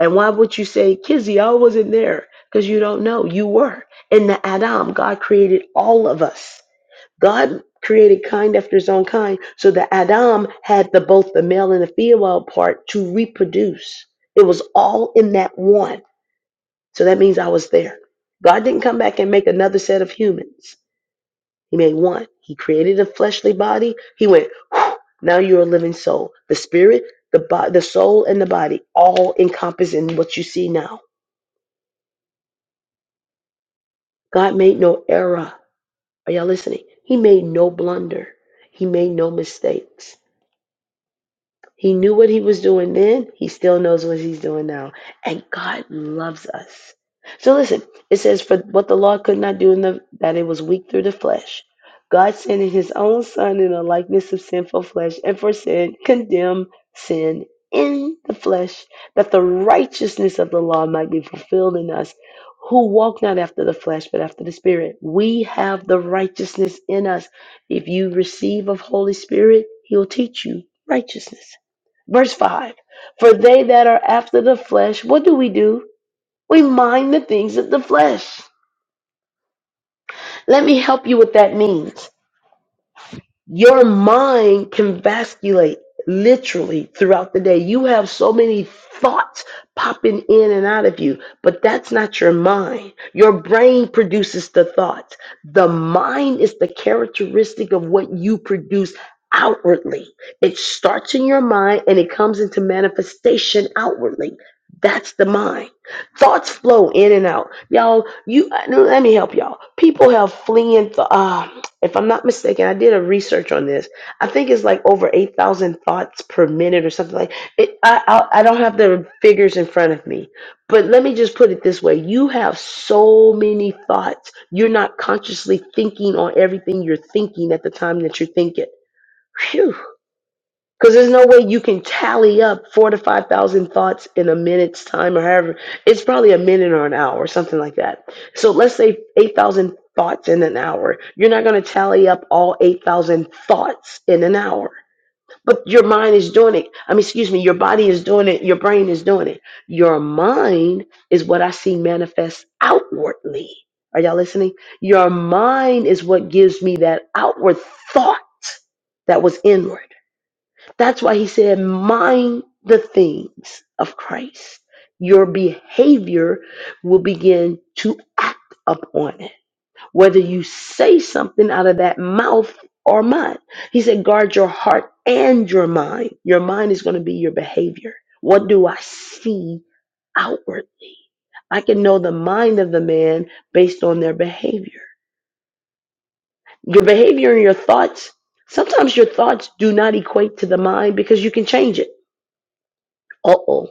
And why would you say, Kizzy, I wasn't there? Because you don't know. You were. In the Adam, God created all of us. God created kind after his own kind so that Adam had the both the male and the female part to reproduce. It was all in that one. So that means I was there. God didn't come back and make another set of humans. He made one. He created a fleshly body. He went, "Whew, now you're a living soul. The spirit, the bo- the soul, and the body all encompass in what you see now. God made no error. Are y'all listening? He made no blunder. He made no mistakes. He knew what he was doing then. He still knows what he's doing now. And God loves us. So listen, it says, For what the law could not do in the that it was weak through the flesh. God sending his own son in the likeness of sinful flesh, and for sin condemned sin in the flesh, that the righteousness of the law might be fulfilled in us, who walk not after the flesh, but after the spirit. We have the righteousness in us. If you receive of Holy Spirit, he'll teach you righteousness. Verse 5 For they that are after the flesh, what do we do? We mind the things of the flesh. Let me help you what that means. Your mind can vasculate literally throughout the day. You have so many thoughts popping in and out of you, but that's not your mind. Your brain produces the thoughts. The mind is the characteristic of what you produce outwardly. It starts in your mind and it comes into manifestation outwardly. That's the mind. Thoughts flow in and out. Y'all, you let me help y'all. People have fleeing thoughts. If I'm not mistaken, I did a research on this. I think it's like over 8,000 thoughts per minute or something like it. I, I, I don't have the figures in front of me, but let me just put it this way. You have so many thoughts. You're not consciously thinking on everything you're thinking at the time that you're thinking. Phew. Because there's no way you can tally up four to 5,000 thoughts in a minute's time or however. It's probably a minute or an hour or something like that. So let's say 8,000 thoughts in an hour. You're not going to tally up all 8,000 thoughts in an hour. But your mind is doing it. I mean, excuse me, your body is doing it. Your brain is doing it. Your mind is what I see manifest outwardly. Are y'all listening? Your mind is what gives me that outward thought that was inward. That's why he said, mind the things of Christ. Your behavior will begin to act upon it, whether you say something out of that mouth or mind. He said, guard your heart and your mind. Your mind is going to be your behavior. What do I see outwardly? I can know the mind of the man based on their behavior. Your behavior and your thoughts, sometimes your thoughts do not equate to the mind because you can change it uh oh,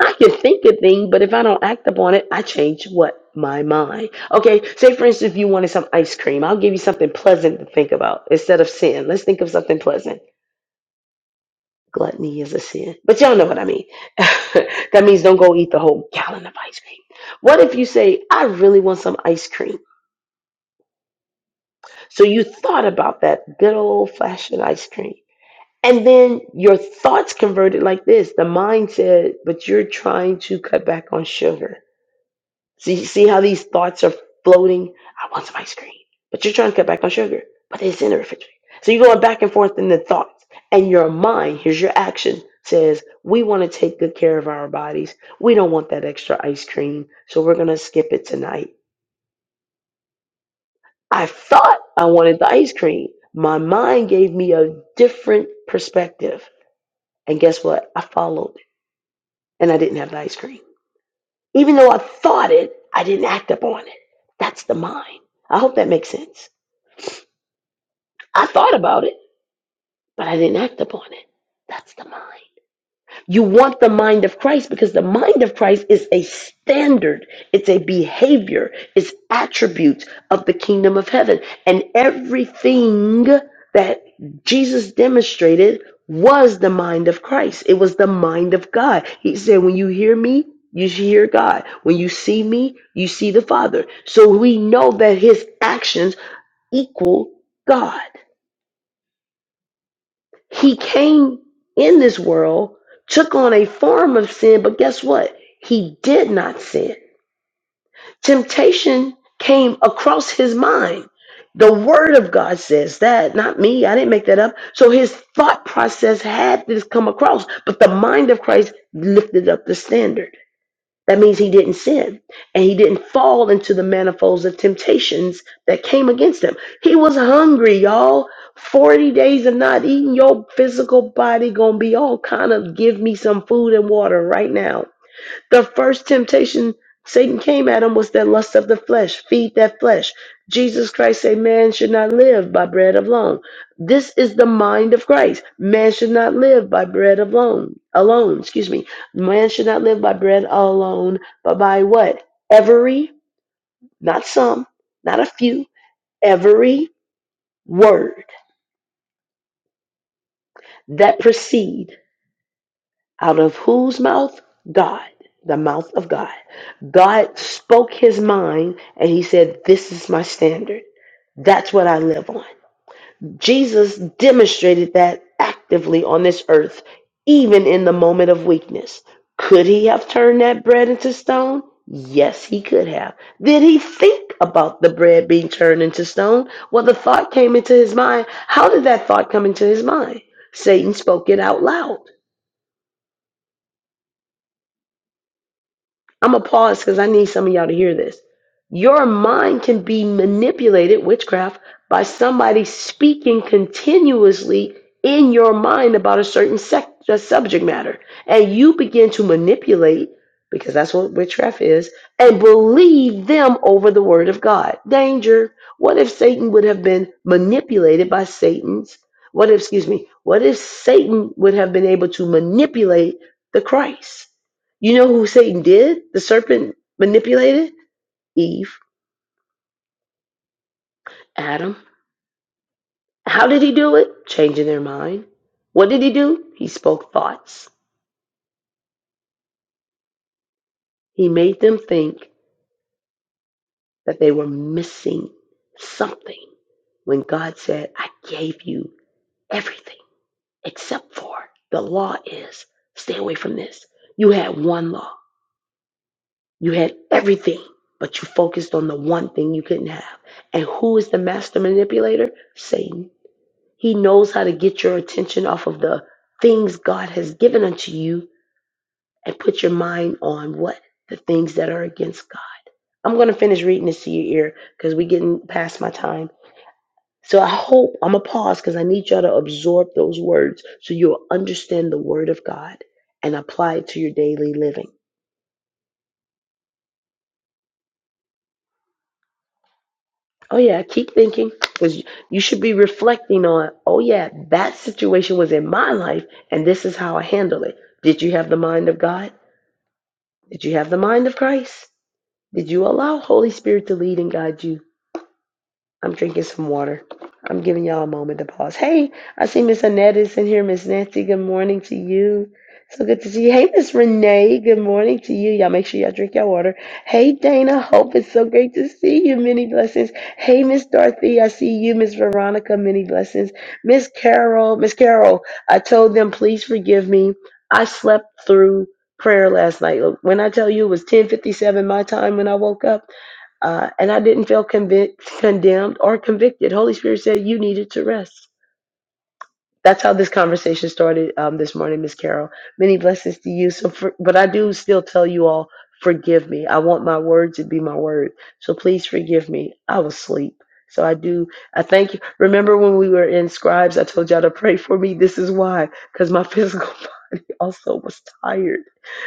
I can think a thing, but if I don't act upon it, I change what? My mind. Okay, say for instance, if you wanted some ice cream, I'll give you something pleasant to think about instead of sin. Let's think of something pleasant. Gluttony is a sin. But y'all know what I mean. [laughs] that means don't go eat the whole gallon of ice cream. What if you say, I really want some ice cream? So you thought about that good old fashioned ice cream. And then your thoughts converted like this. The mind said, but you're trying to cut back on sugar. See, see how these thoughts are floating? I want some ice cream. But you're trying to cut back on sugar, but it's in the refrigerator. So you're going back and forth in the thoughts. And your mind, here's your action, says, We want to take good care of our bodies. We don't want that extra ice cream. So we're going to skip it tonight. I thought I wanted the ice cream. My mind gave me a different perspective. And guess what? I followed it and I didn't have the ice cream. Even though I thought it, I didn't act upon it. That's the mind. I hope that makes sense. I thought about it, but I didn't act upon it. That's the mind. You want the mind of Christ because the mind of Christ is a standard, it's a behavior, it's attributes of the kingdom of heaven. And everything that Jesus demonstrated was the mind of Christ, it was the mind of God. He said, When you hear me, you hear God. When you see me, you see the Father. So we know that his actions equal God. He came in this world, took on a form of sin, but guess what? He did not sin. Temptation came across his mind. The word of God says that, not me. I didn't make that up. So his thought process had this come across, but the mind of Christ lifted up the standard. That means he didn't sin and he didn't fall into the manifolds of temptations that came against him. He was hungry, y'all. 40 days of not eating your physical body gonna be all kind of give me some food and water right now. The first temptation Satan came at him was that lust of the flesh, feed that flesh. Jesus Christ said, Man should not live by bread alone. This is the mind of Christ. Man should not live by bread alone. Alone, excuse me. Man should not live by bread alone, but by what? Every, not some, not a few, every word that proceed Out of whose mouth? God, the mouth of God. God spoke his mind and he said, This is my standard. That's what I live on. Jesus demonstrated that actively on this earth, even in the moment of weakness. Could he have turned that bread into stone? Yes, he could have. Did he think about the bread being turned into stone? Well, the thought came into his mind. How did that thought come into his mind? Satan spoke it out loud. I'm gonna pause because I need some of y'all to hear this. Your mind can be manipulated, witchcraft, by somebody speaking continuously in your mind about a certain sec- a subject matter, and you begin to manipulate because that's what witchcraft is, and believe them over the word of God. Danger. What if Satan would have been manipulated by Satan's? What if, excuse me, what if Satan would have been able to manipulate the Christ? You know who Satan did? The serpent manipulated? Eve, Adam. How did he do it? Changing their mind. What did he do? He spoke thoughts. He made them think that they were missing something when God said, I gave you everything except for the law is stay away from this. You had one law, you had everything, but you focused on the one thing you couldn't have. And who is the master manipulator? Satan. He knows how to get your attention off of the things God has given unto you and put your mind on what? The things that are against God. I'm going to finish reading this to your ear because we're getting past my time. So I hope I'm going to pause because I need y'all to absorb those words so you'll understand the word of God and apply it to your daily living. Oh, yeah, keep thinking because you should be reflecting on, oh, yeah, that situation was in my life and this is how I handle it. Did you have the mind of God? Did you have the mind of Christ? Did you allow Holy Spirit to lead and guide you? I'm drinking some water. I'm giving y'all a moment to pause. Hey, I see Miss Annette is in here. Miss Nancy, good morning to you. So good to see you. Hey, Miss Renee, good morning to you. Y'all make sure y'all drink your water. Hey, Dana, hope it's so great to see you. Many blessings. Hey, Miss Dorothy, I see you. Miss Veronica, many blessings. Miss Carol, Miss Carol, I told them, please forgive me. I slept through prayer last night. Look, when I tell you it was 1057 my time when I woke up, uh, and I didn't feel convic- condemned or convicted. Holy Spirit said you needed to rest. That's how this conversation started um, this morning, Miss Carol. Many blessings to you. So, for, but I do still tell you all, forgive me. I want my word to be my word. So please forgive me. I was asleep. So I do. I thank you. Remember when we were in scribes? I told y'all to pray for me. This is why, because my physical [laughs] body also was tired.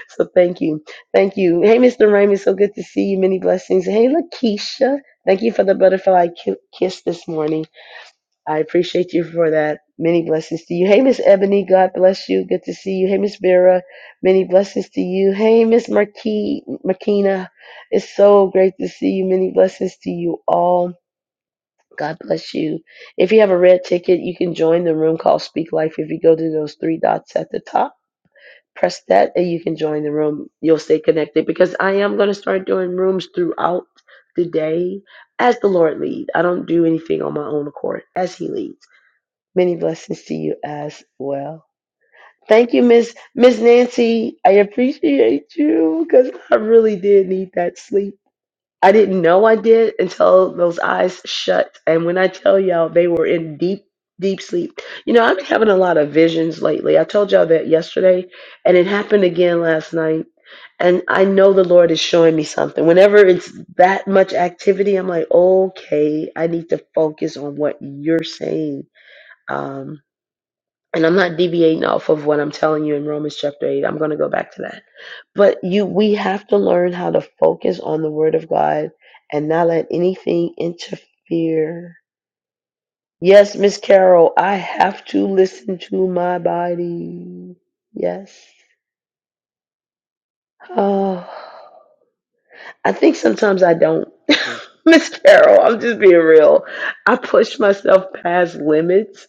So thank you, thank you. Hey, Mr. Raymond, so good to see you. Many blessings. Hey, Lakeisha, thank you for the butterfly ki- kiss this morning. I appreciate you for that. Many blessings to you. Hey, Miss Ebony, God bless you. Good to see you. Hey, Miss Vera, many blessings to you. Hey, Miss Marquis, Marquina, it's so great to see you. Many blessings to you all. God bless you. If you have a red ticket, you can join the room called Speak Life. If you go to those three dots at the top, press that and you can join the room. You'll stay connected because I am going to start doing rooms throughout the day as the Lord lead. I don't do anything on my own accord as He leads. Many blessings to you as well. Thank you, Miss Miss Nancy. I appreciate you because I really did need that sleep. I didn't know I did until those eyes shut. And when I tell y'all they were in deep, deep sleep. You know, I've been having a lot of visions lately. I told y'all that yesterday, and it happened again last night. And I know the Lord is showing me something. Whenever it's that much activity, I'm like, okay, I need to focus on what you're saying. Um, and I'm not deviating off of what I'm telling you in Romans chapter 8. I'm going to go back to that. But you we have to learn how to focus on the word of God and not let anything interfere. Yes, Miss Carol, I have to listen to my body. Yes. Oh. I think sometimes I don't. [laughs] Miss Carol, I'm just being real. I push myself past limits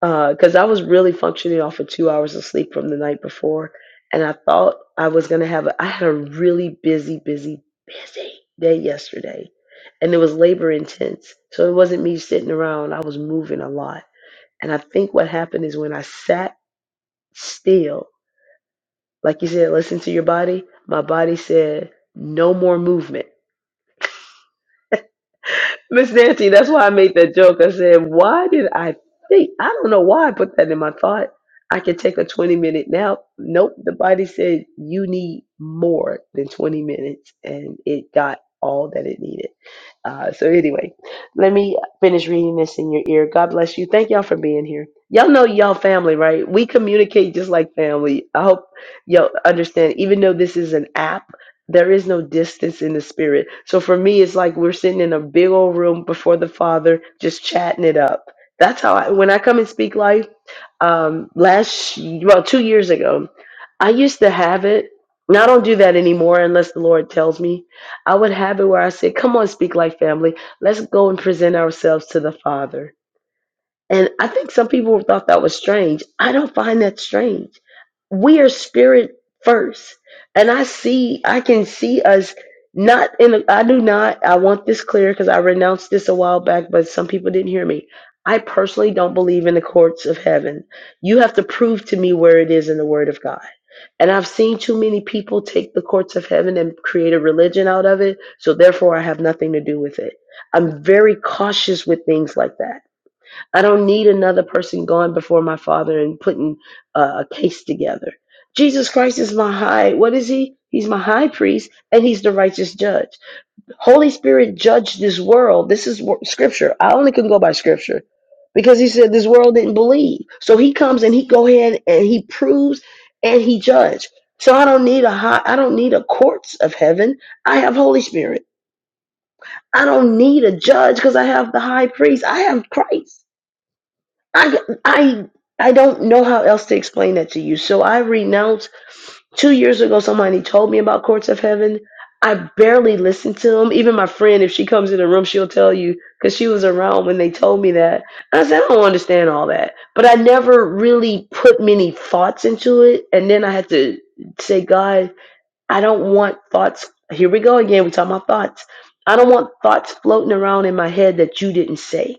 because I was really functioning off of two hours of sleep from the night before, and I thought I was gonna have. A, I had a really busy, busy, busy day yesterday, and it was labor intense. So it wasn't me sitting around. I was moving a lot, and I think what happened is when I sat still, like you said, listen to your body. My body said no more movement. Miss Nancy, that's why I made that joke. I said, why did I think? I don't know why I put that in my thought. I could take a 20 minute nap. Nope. The body said you need more than 20 minutes, and it got all that it needed. Uh, so, anyway, let me finish reading this in your ear. God bless you. Thank y'all for being here. Y'all know y'all family, right? We communicate just like family. I hope y'all understand, even though this is an app. There is no distance in the spirit. So for me, it's like we're sitting in a big old room before the Father, just chatting it up. That's how I, when I come and speak life, um, last, well, two years ago, I used to have it. Now I don't do that anymore unless the Lord tells me. I would have it where I say, Come on, speak life family. Let's go and present ourselves to the Father and I think some people thought that was strange. I don't find that strange. We are spirit first. And I see, I can see us not in, a, I do not, I want this clear because I renounced this a while back, but some people didn't hear me. I personally don't believe in the courts of heaven. You have to prove to me where it is in the word of God. And I've seen too many people take the courts of heaven and create a religion out of it. So therefore, I have nothing to do with it. I'm very cautious with things like that I don't need another person going before my Father and putting uh, a case together. Jesus Christ is my high, what is he? He's my high priest and he's the righteous judge. Holy Spirit judged this world. This is wor- scripture. I only can go by scripture because he said this world didn't believe. So he comes and he go ahead and he proves and he judge. So I don't need a high, I don't need a courts of heaven. I have Holy Spirit. I don't need a judge because I have the high priest. I have Christ. I, I, I don't know how else to explain that to you. So I renounce two years ago somebody told me about courts of heaven i barely listened to them even my friend if she comes in the room she'll tell you because she was around when they told me that And i said i don't understand all that but i never really put many thoughts into it and then i had to say god i don't want thoughts here we go again we talk about thoughts i don't want thoughts floating around in my head that you didn't say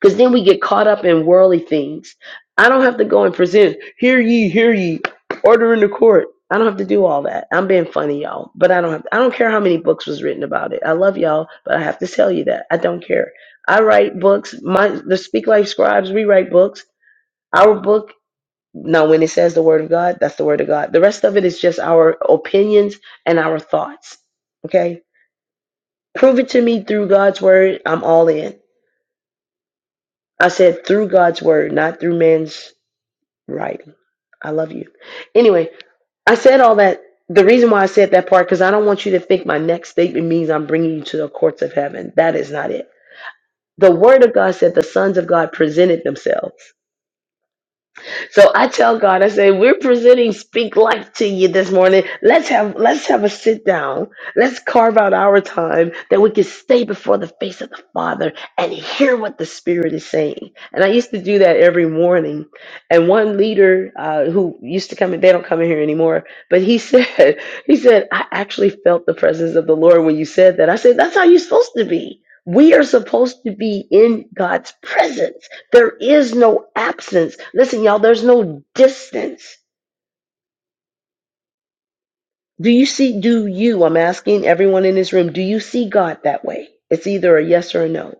because then we get caught up in worldly things. I don't have to go and present, hear ye, hear ye, order in the court. I don't have to do all that. I'm being funny, y'all. But I don't have I don't care how many books was written about it. I love y'all, but I have to tell you that. I don't care. I write books. My the Speak Life Scribes, we write books. Our book, now when it says the word of God, that's the word of God. The rest of it is just our opinions and our thoughts. Okay? Prove it to me through God's word. I'm all in. I said through God's word, not through man's Right. I love you. Anyway, I said all that. The reason why I said that part, because I don't want you to think my next statement means I'm bringing you to the courts of heaven. That is not it. The Word of God said the sons of God presented themselves. So I tell God, I say, we're presenting speak life to you this morning. Let's have let's have a sit down. Let's carve out our time that we can stay before the face of the Father and hear what the Spirit is saying. And I used to do that every morning. And one leader uh, who used to come in, they don't come in here anymore, but he said, [laughs] he said, I actually felt the presence of the Lord when you said that. I said, that's how you're supposed to be. We are supposed to be in God's presence. There is no absence. Listen, y'all, there's no distance. Do you see, do you, I'm asking everyone in this room, do you see God that way? It's either a yes or a no.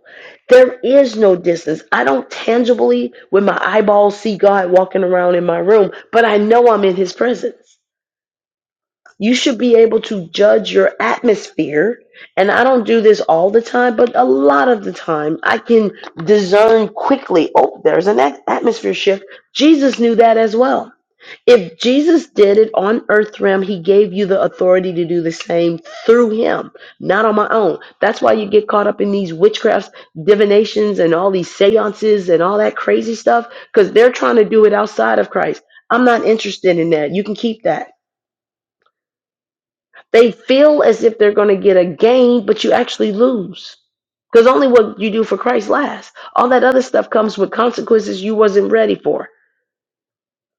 There is no distance. I don't tangibly, with my eyeballs, see God walking around in my room, but I know I'm in his presence. You should be able to judge your atmosphere. And I don't do this all the time, but a lot of the time I can discern quickly oh, there's an at- atmosphere shift. Jesus knew that as well. If Jesus did it on earth realm, he gave you the authority to do the same through him, not on my own. That's why you get caught up in these witchcrafts, divinations, and all these seances and all that crazy stuff, because they're trying to do it outside of Christ. I'm not interested in that. You can keep that. They feel as if they're going to get a gain, but you actually lose. Because only what you do for Christ lasts. All that other stuff comes with consequences you wasn't ready for.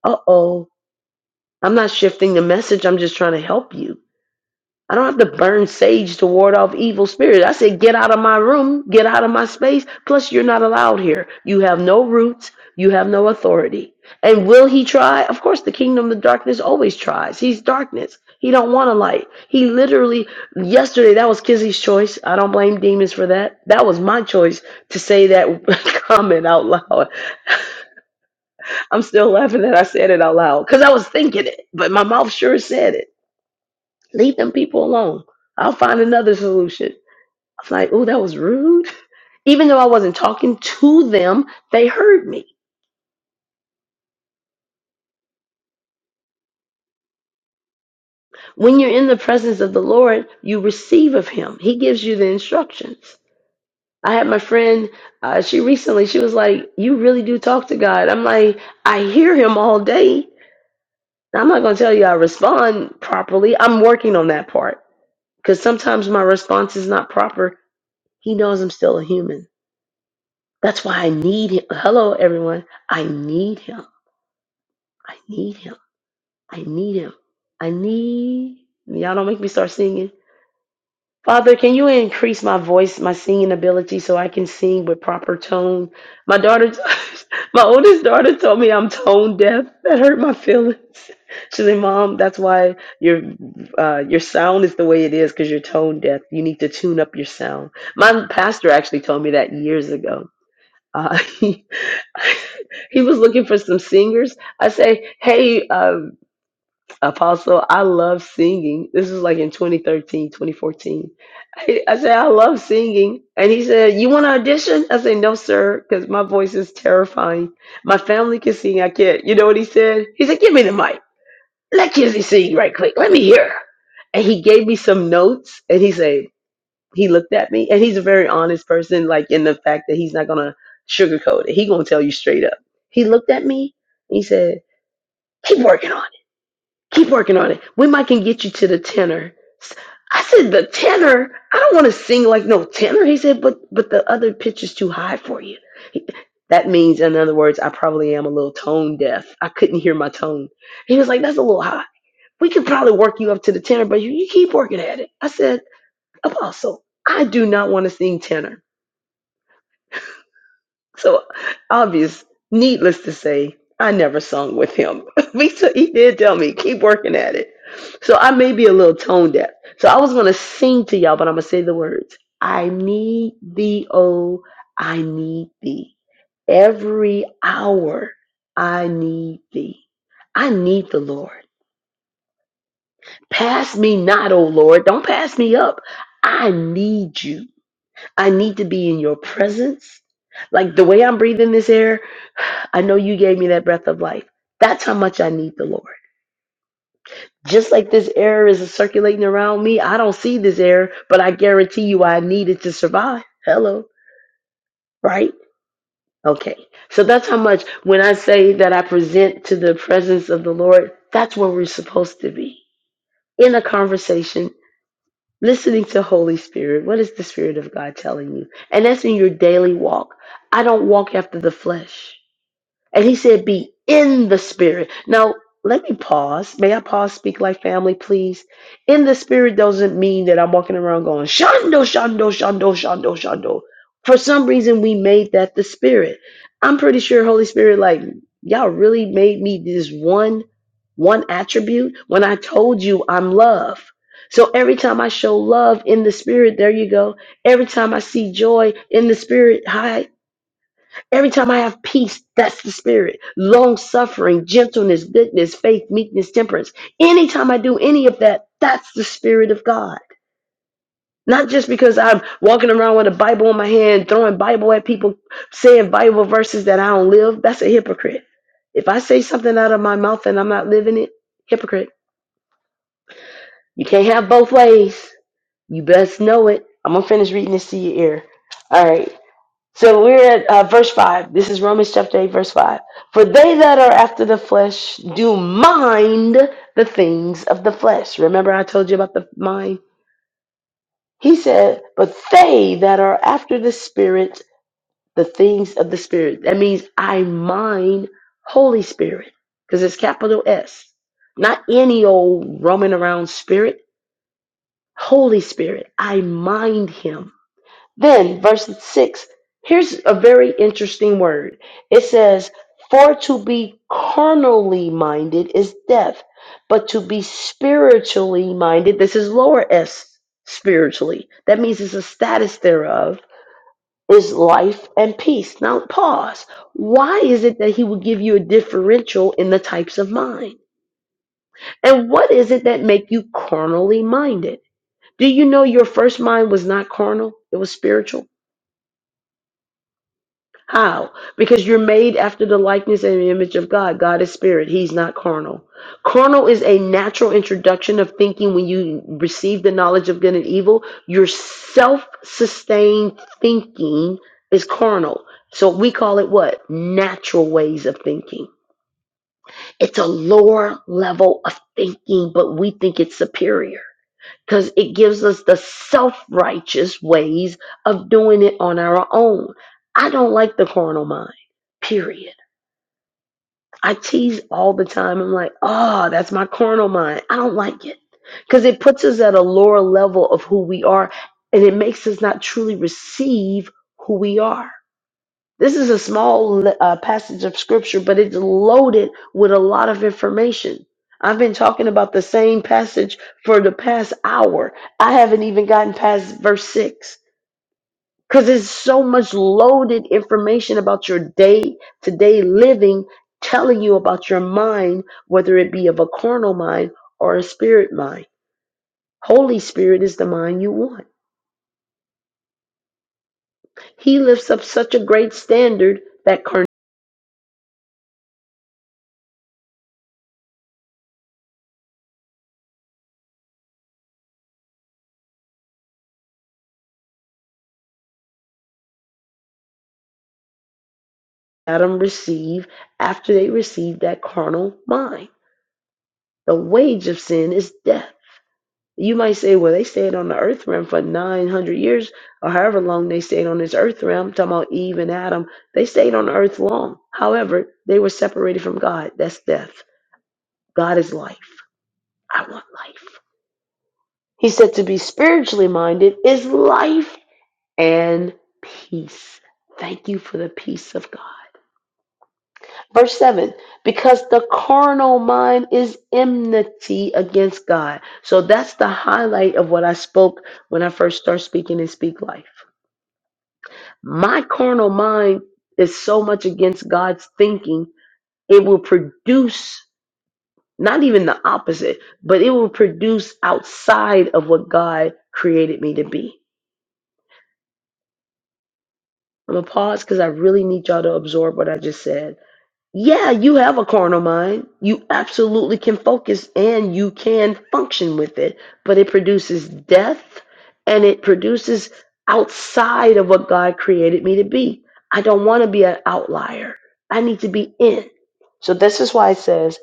Uh oh. I'm not shifting the message. I'm just trying to help you. I don't have to burn sage to ward off evil spirits. I said, get out of my room, get out of my space. Plus, you're not allowed here. You have no roots, you have no authority. And will he try? Of course, the kingdom of darkness always tries. He's darkness. He don't want a light. He literally yesterday that was Kizzy's choice. I don't blame demons for that. That was my choice to say that [laughs] comment out loud. I'm still laughing that I said it out loud because I was thinking it, but my mouth sure said it. Leave them people alone. I'll find another solution. I was like, oh, that was rude. [laughs] Even though I wasn't talking to them, they heard me. When you're in the presence of the Lord, you receive of Him. He gives you the instructions. I had my friend, uh, she recently, she was like, You really do talk to God. I'm like, I hear Him all day. Now, I'm not going to tell you I respond properly. I'm working on that part because sometimes my response is not proper. He knows I'm still a human. That's why I need Him. Hello, everyone. I need Him. I need Him. I need him. I need y'all don't make me start singing. Father, can you increase my voice, my singing ability so I can sing with proper tone? My daughter [laughs] my oldest daughter told me I'm tone deaf. That hurt my feelings. [laughs] She said, "Mom, that's why your uh, your sound is the way it is because you're tone deaf. You need to tune up your sound." My pastor actually told me that years ago. Uh, [laughs] he, [laughs] he was looking for some singers. I say, "Hey, uh, Apostle, I love singing. This was like in 2013, 2014. I, I said, I love singing. And he said, You want to audition? I said, No, sir, because my voice is terrifying. My family can sing, I can't. You know what he said? He said, Give me the mic. Let Kizzy sing right quick. Let me hear. her." And he gave me some notes and he said, He looked at me and he's a very honest person, like in the fact that he's not going to sugarcoat it. He going to tell you straight up. He looked at me and he said, Keep working on it Keep working on it. We might can get you to the tenor. S- I said, the tenor? I don't want to sing like no tenor. He said, but but the other pitch is too high for you. That means, in other words, I probably am a little tone deaf. I couldn't hear my tone. He was like, that's a little high. We could probably work you up to the tenor, but you, you keep working at it. I said, Apostle, I do not want to sing tenor. So obvious, needless to say, I never sung with him. [laughs] Lisa, he did tell me, keep working at it. So I may be a little tone deaf. So I was gonna sing to y'all, but I'm gonna say the words. I need thee, oh, I need thee. Every hour I need thee. I need the Lord. Pass me not, O Lord. Don't pass me up. I need you. I need to be in your presence. Like the way I'm breathing this air, I know you gave me that breath of life. That's how much I need the Lord. Just like this air is circulating around me, I don't see this air, but I guarantee you I need it to survive. Hello, right? Okay. So that's how much when I say that I present to the presence of the Lord, that's where we're supposed to be in a conversation, listening to Holy Spirit. What is the Spirit of God telling you? And that's in your daily walk. I don't walk after the flesh. And he said, Be in the spirit. Now, let me pause. May I pause, speak like family, please? In the spirit doesn't mean that I'm walking around going, Shando, Shando, Shando, Shando, Shando. For some reason, we made that the spirit. I'm pretty sure Holy Spirit, like, y'all really made me this one, one attribute when I told you I'm love. So every time I show love in the spirit, there you go. Every time I see joy in the spirit, hi. Every time I have peace, that's the spirit. Long suffering, gentleness, goodness, faith, meekness, temperance. Anytime I do any of that, that's the spirit of God. Not just because I'm walking around with a Bible in my hand, throwing Bible at people, saying Bible verses that I don't live. That's a hypocrite. If I say something out of my mouth and I'm not living it, hypocrite. You can't have both ways. You best know it. I'm going to finish reading this to your ear. All right. So we're at uh, verse 5. This is Romans chapter 8, verse 5. For they that are after the flesh do mind the things of the flesh. Remember, I told you about the mind? He said, But they that are after the Spirit, the things of the Spirit. That means I mind Holy Spirit, because it's capital S, not any old roaming around spirit. Holy Spirit, I mind him. Then, verse 6, here's a very interesting word. It says, For to be carnally minded is death, but to be spiritually minded, this is lower s, spiritually. That means it's a status thereof, is life and peace. Now, pause. Why is it that he would give you a differential in the types of mind? And what is it that make you carnally minded? Do you know your first mind was not carnal? It was spiritual. How? Because you're made after the likeness and image of God. God is spirit. He's not carnal. Carnal is a natural introduction of thinking when you receive the knowledge of good and evil. Your self sustained thinking is carnal. So we call it what? Natural ways of thinking. It's a lower level of thinking, but we think it's superior because it gives us the self righteous ways of doing it on our own. I don't like the carnal mind, period. I tease all the time. I'm like, oh, that's my carnal mind. I don't like it because it puts us at a lower level of who we are and it makes us not truly receive who we are. This is a small uh, passage of scripture, but it's loaded with a lot of information. I've been talking about the same passage for the past hour. I haven't even gotten past verse 6 because there's so much loaded information about your day to day living, telling you about your mind, whether it be of a carnal mind or a spirit mind. Holy Spirit is the mind you want. He lifts up such a great standard that carnality. Adam receive after they receive that carnal mind. The wage of sin is death. You might say, well, they stayed on the earth realm for 900 years or however long they stayed on this earth realm. I'm talking about Eve and Adam. They stayed on the earth long. However, they were separated from God. That's death. God is life. I want life. He said to be spiritually minded is life and peace. Thank you for the peace of God. Verse 7 because the carnal mind is enmity against God. So that's the highlight of what I spoke when I first started speaking in Speak Life. My carnal mind is so much against God's thinking, it will produce not even the opposite, but it will produce outside of what God created me to be. I'm going to pause because I really need y'all to absorb what I just said. Yeah, you have a carnal mind. You absolutely can focus and you can function with it, but it produces death and it produces outside of what God created me to be. I don't want to be an outlier. I need to be in. So this is why it says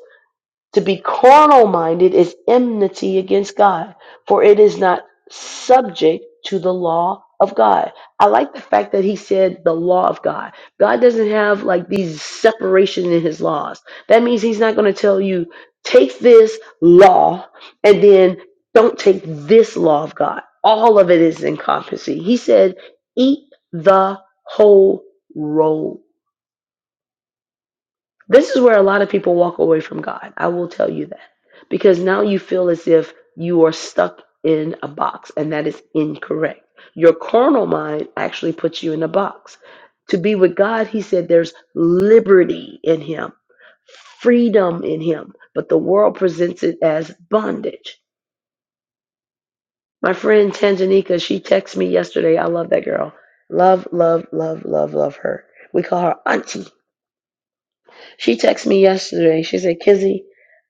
to be carnal minded is enmity against God, for it is not subject to the law of God. I like the fact that he said the law of God. God doesn't have like these separation in his laws. That means he's not going to tell you, take this law and then don't take this law of God. All of it is encompassing. He said, eat the whole roll this is where a lot of people walk away from God. I will tell you that. Because now you feel as if you are stuck in a box, and that is incorrect. Your carnal mind actually puts you in a box. To be with God, he said there's liberty in him, freedom in him, but the world presents it as bondage. My friend Tanjanika, she texted me yesterday. I love that girl. Love, love, love, love, love her. We call her Auntie She texted me yesterday. She said, Kizzy,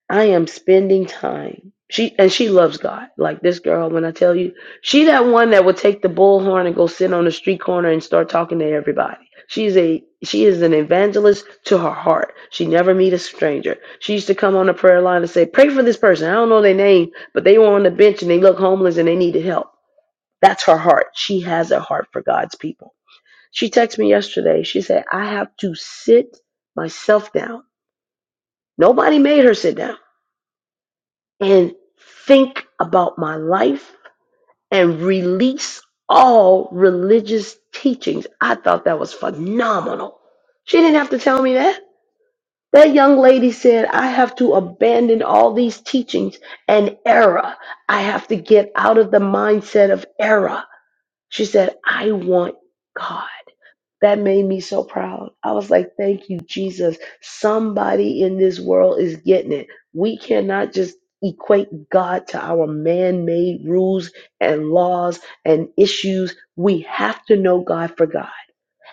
I am spending time. She and she loves God. Like this girl, when I tell you, she that one that would take the bullhorn and go sit on the street corner and start talking to everybody. She is a she is an evangelist to her heart. She never meet a stranger. She used to come on the prayer line and say, Pray for this person. I don't know their name, but they were on the bench and they look homeless and they needed help. That's her heart. She has a heart for God's people. She texted me yesterday. She said, I have to sit myself down Nobody made her sit down and think about my life and release all religious teachings. I thought that was phenomenal. She didn't have to tell me that. That young lady said, I have to abandon all these teachings and error. I have to get out of the mindset of error. She said, I want God. That made me so proud. I was like, thank you, Jesus. Somebody in this world is getting it. We cannot just equate God to our man made rules and laws and issues. We have to know God for God.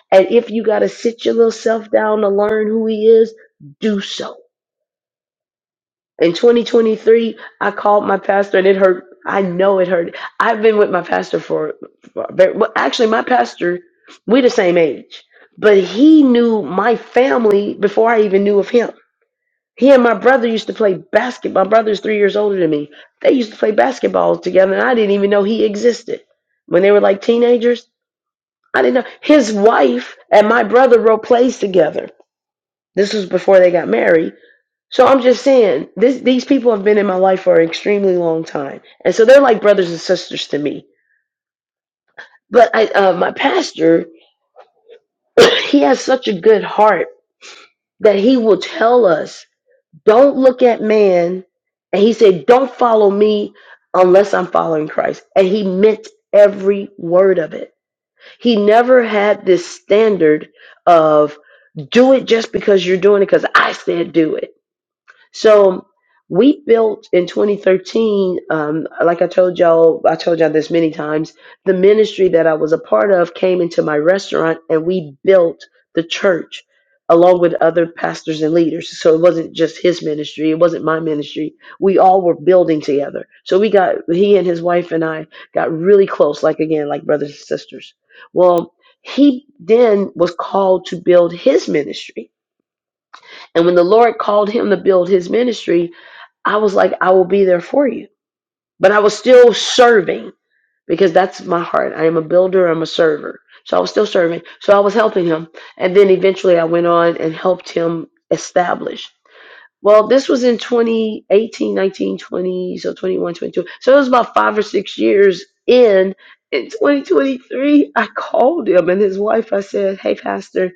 And if you got to sit your little self down to learn who He is, do so in 2023, I called my pastor and it hurt. I know it hurt. I've been with my pastor for, for a very- well, actually, my pastor, we're the same age, but he knew my family before I even knew of him. He and my brother used to play basketball. My brother's three years older than me. They used to play basketball together, and I didn't even know he existed. When they were like teenagers, I didn't know. His wife and my brother wrote plays together. This was before they got married so I'm just saying, this these people have been in my life for an extremely long time, and so they're like brothers and sisters to me. But I, uh, my pastor, [coughs] [clears throat] he has such a good heart that he will tell us, "Don't look at man," and he said, "Don't follow me unless I'm following Christ." And he meant every word of it. He never had this standard of do it just because you're doing it because I said do it. So we built in 2013, um, like I told y'all, I told y'all this many times, the ministry that I was a part of came into my restaurant and we built the church along with other pastors and leaders. So it wasn't just his ministry, it wasn't my ministry. We all were building together. So we got, he and his wife and I got really close, like again, like brothers and sisters. Well, he then was called to build his ministry. And when the Lord called him to build his ministry, I was like, I will be there for you. But I was still serving because that's my heart. I am a builder, I'm a server. So I was still serving. So I was helping him. And then eventually I went on and helped him establish. Well, this was in 2018, 19, 20, so 21, 22. So it was about five or six years in. In 2023, I called him and his wife. I said, Hey, Pastor,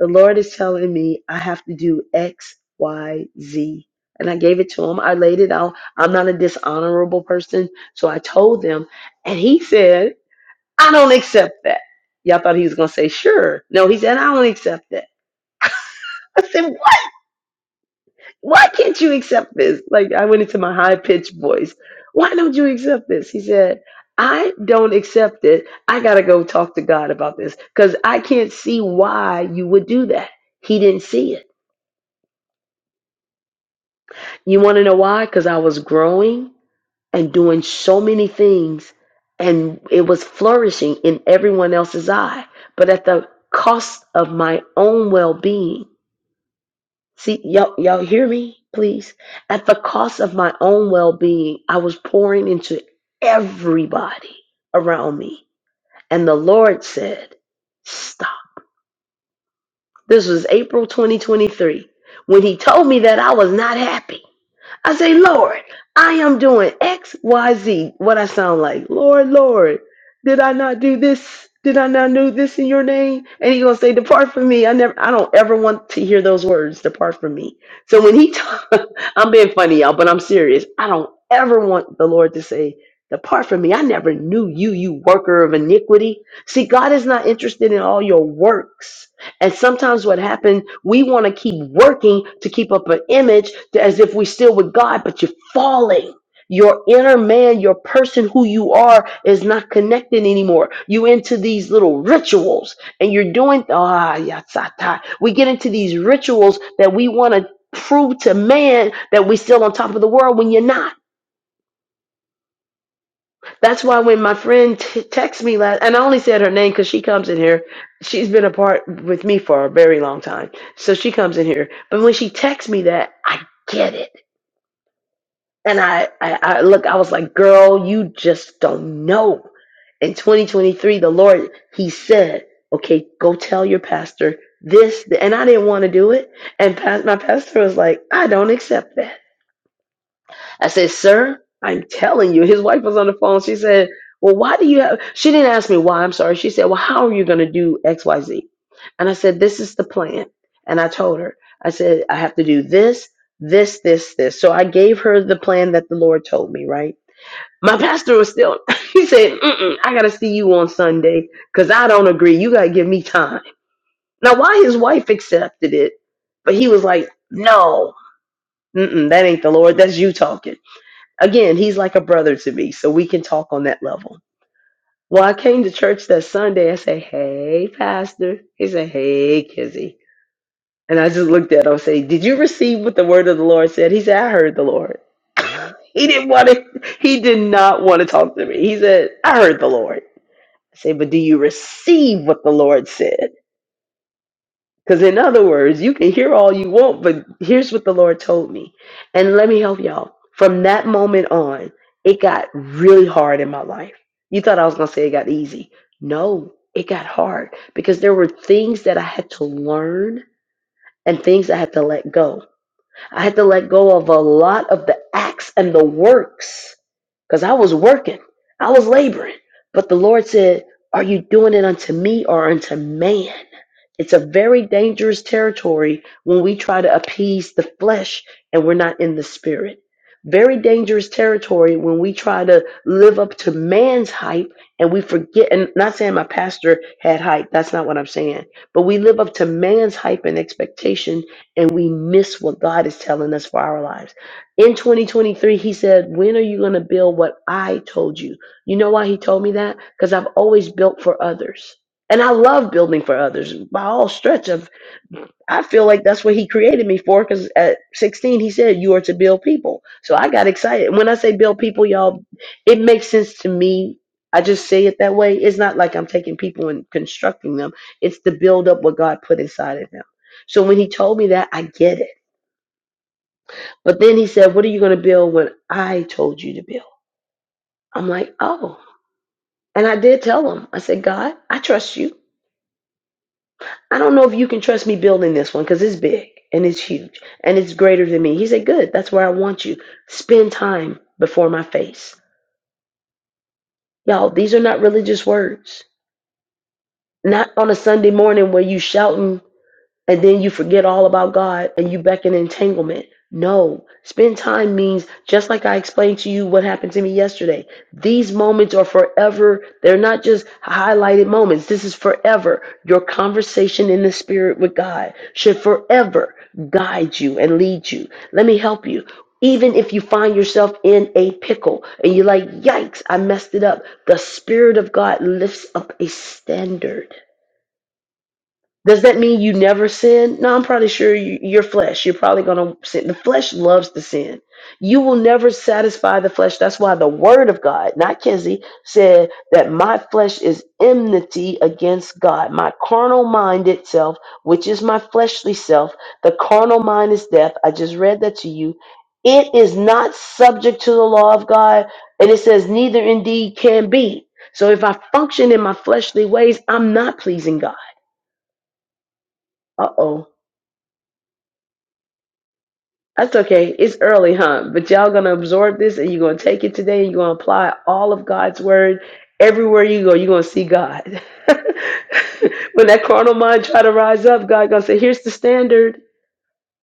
the Lord is telling me I have to do X, Y, Z," And I gave it to him. I laid it out. I'm not a dishonorable person. So I told them. And he said, I don't accept that. Y'all thought he was going to say, Sure. No, he said, I don't accept that. I said why can't you accept this? Like I went into my high pitched voice. Why don't you accept this? He said, I don't accept it. I gotta go talk to God about this because I can't see why you would do that. He didn't see it. You want to know why? Because I was growing and doing so many things, and it was flourishing in everyone else's eye, but at the cost of my own well being See, y'all, y'all hear me, please? At the cost of my own well being, I was pouring into everybody around me. And the Lord said, Stop. This was April 2023. When he told me that I was not happy, I say, Lord, I am doing X, Y, Z. What I sound like, Lord, Lord, did I not do this? Did I not do this in your name? And he gonna say, Depart from me. I never, I don't ever want to hear those words. Depart from me. So when he, i am [laughs] being funny, y'all, but I'm serious. I don't ever want the Lord to say, Depart from me. I never knew you, you worker of iniquity. See, God is not interested in all your works. And sometimes what happens, we want to keep working to keep up an image to- as if we're still with God, but you're falling. Your inner man, your person who you are, is not connected anymore. You into these little rituals, and you're doing ah yatsata. We get into these rituals that we want to prove to man that we still on top of the world when you're not. That's why when my friend t- texted me last, and I only said her name because she comes in here. She's been apart with me for a very long time, so she comes in here. But when she texts me that, I get it, and I, I, I look. I was like, "Girl, you just don't know." In 2023, the Lord, He said, "Okay, go tell your pastor this," and I didn't want to do it. And pas- my pastor was like, "I don't accept that." I said, Sir, I'm telling you. His wife was on the phone. She said, Well, why do you have? She didn't ask me why. I'm sorry. She said, Well, how are you going to do XYZ? And I said, This is the plan. And I told her, I said, I have to do this, this, this, this. So I gave her the plan that the Lord told me, right? My pastor was still, [laughs] he said, Mm-mm, I got to see you on Sunday because I don't agree. You got to give me time. Now, why his wife accepted it, but he was like, No, mm-mm, that ain't the Lord. That's you talking. Again, he's like a brother to me, so we can talk on that level. Well, I came to church that Sunday. I said, Hey, Pastor. He said, Hey, Kizzy. And I just looked at him and said, Did you receive what the word of the Lord said? He said, I heard the Lord. [laughs] he didn't want to, he did not want to talk to me. He said, I heard the Lord. I said, But do you receive what the Lord said? Because, in other words, you can hear all you want, but here's what the Lord told me. And let me help y'all. From that moment on, it got really hard in my life. You thought I was going to say it got easy. No, it got hard because there were things that I had to learn and things I had to let go. I had to let go of a lot of the acts and the works because I was working, I was laboring. But the Lord said, Are you doing it unto me or unto man? It's a very dangerous territory when we try to appease the flesh and we're not in the spirit. Very dangerous territory when we try to live up to man's hype and we forget. And not saying my pastor had hype, that's not what I'm saying. But we live up to man's hype and expectation and we miss what God is telling us for our lives. In 2023, he said, When are you going to build what I told you? You know why he told me that? Because I've always built for others and I love building for others by all stretch of. I feel like that's what he created me for. Because at 16, he said you are to build people. So I got excited. And When I say build people, y'all, it makes sense to me. I just say it that way. It's not like I'm taking people and constructing them. It's to build up what God put inside of them. So when he told me that, I get it. But then he said, "What are you going to build when I told you to build?" I'm like, "Oh." And I did tell him. I said, "God, I trust you. I don't know if you can trust me building this one because it's big and it's huge and it's greater than me. He said, Good, that's where I want you. Spend time before my face. Y'all, these are not religious words. Not on a Sunday morning where you shouting and then you forget all about God and you back in entanglement. No, spend time means just like I explained to you what happened to me yesterday. These moments are forever. They're not just highlighted moments. This is forever. Your conversation in the spirit with God should forever guide you and lead you. Let me help you. Even if you find yourself in a pickle and you're like, yikes, I messed it up. The Spirit of God lifts up a standard does that mean you never sin? No, I'm probably sure you, your flesh. You're probably going to sin. The flesh loves to sin. You will never satisfy the flesh. That's why the word of God, not Kenzie, said that my flesh is enmity against God. My carnal mind itself, which is my fleshly self, the carnal mind is death. I just read that to you. It is not subject to the law of God. And it says, neither indeed can be. So if I function in my fleshly ways, I'm not pleasing God. Uh oh That's okay. It's early, huh? But y'all gonna absorb this and you're gonna take it today and you're gonna apply all of God's word everywhere you go, you're gonna see God. [laughs] when that carnal mind try to rise up, God gonna say, Here's the standard.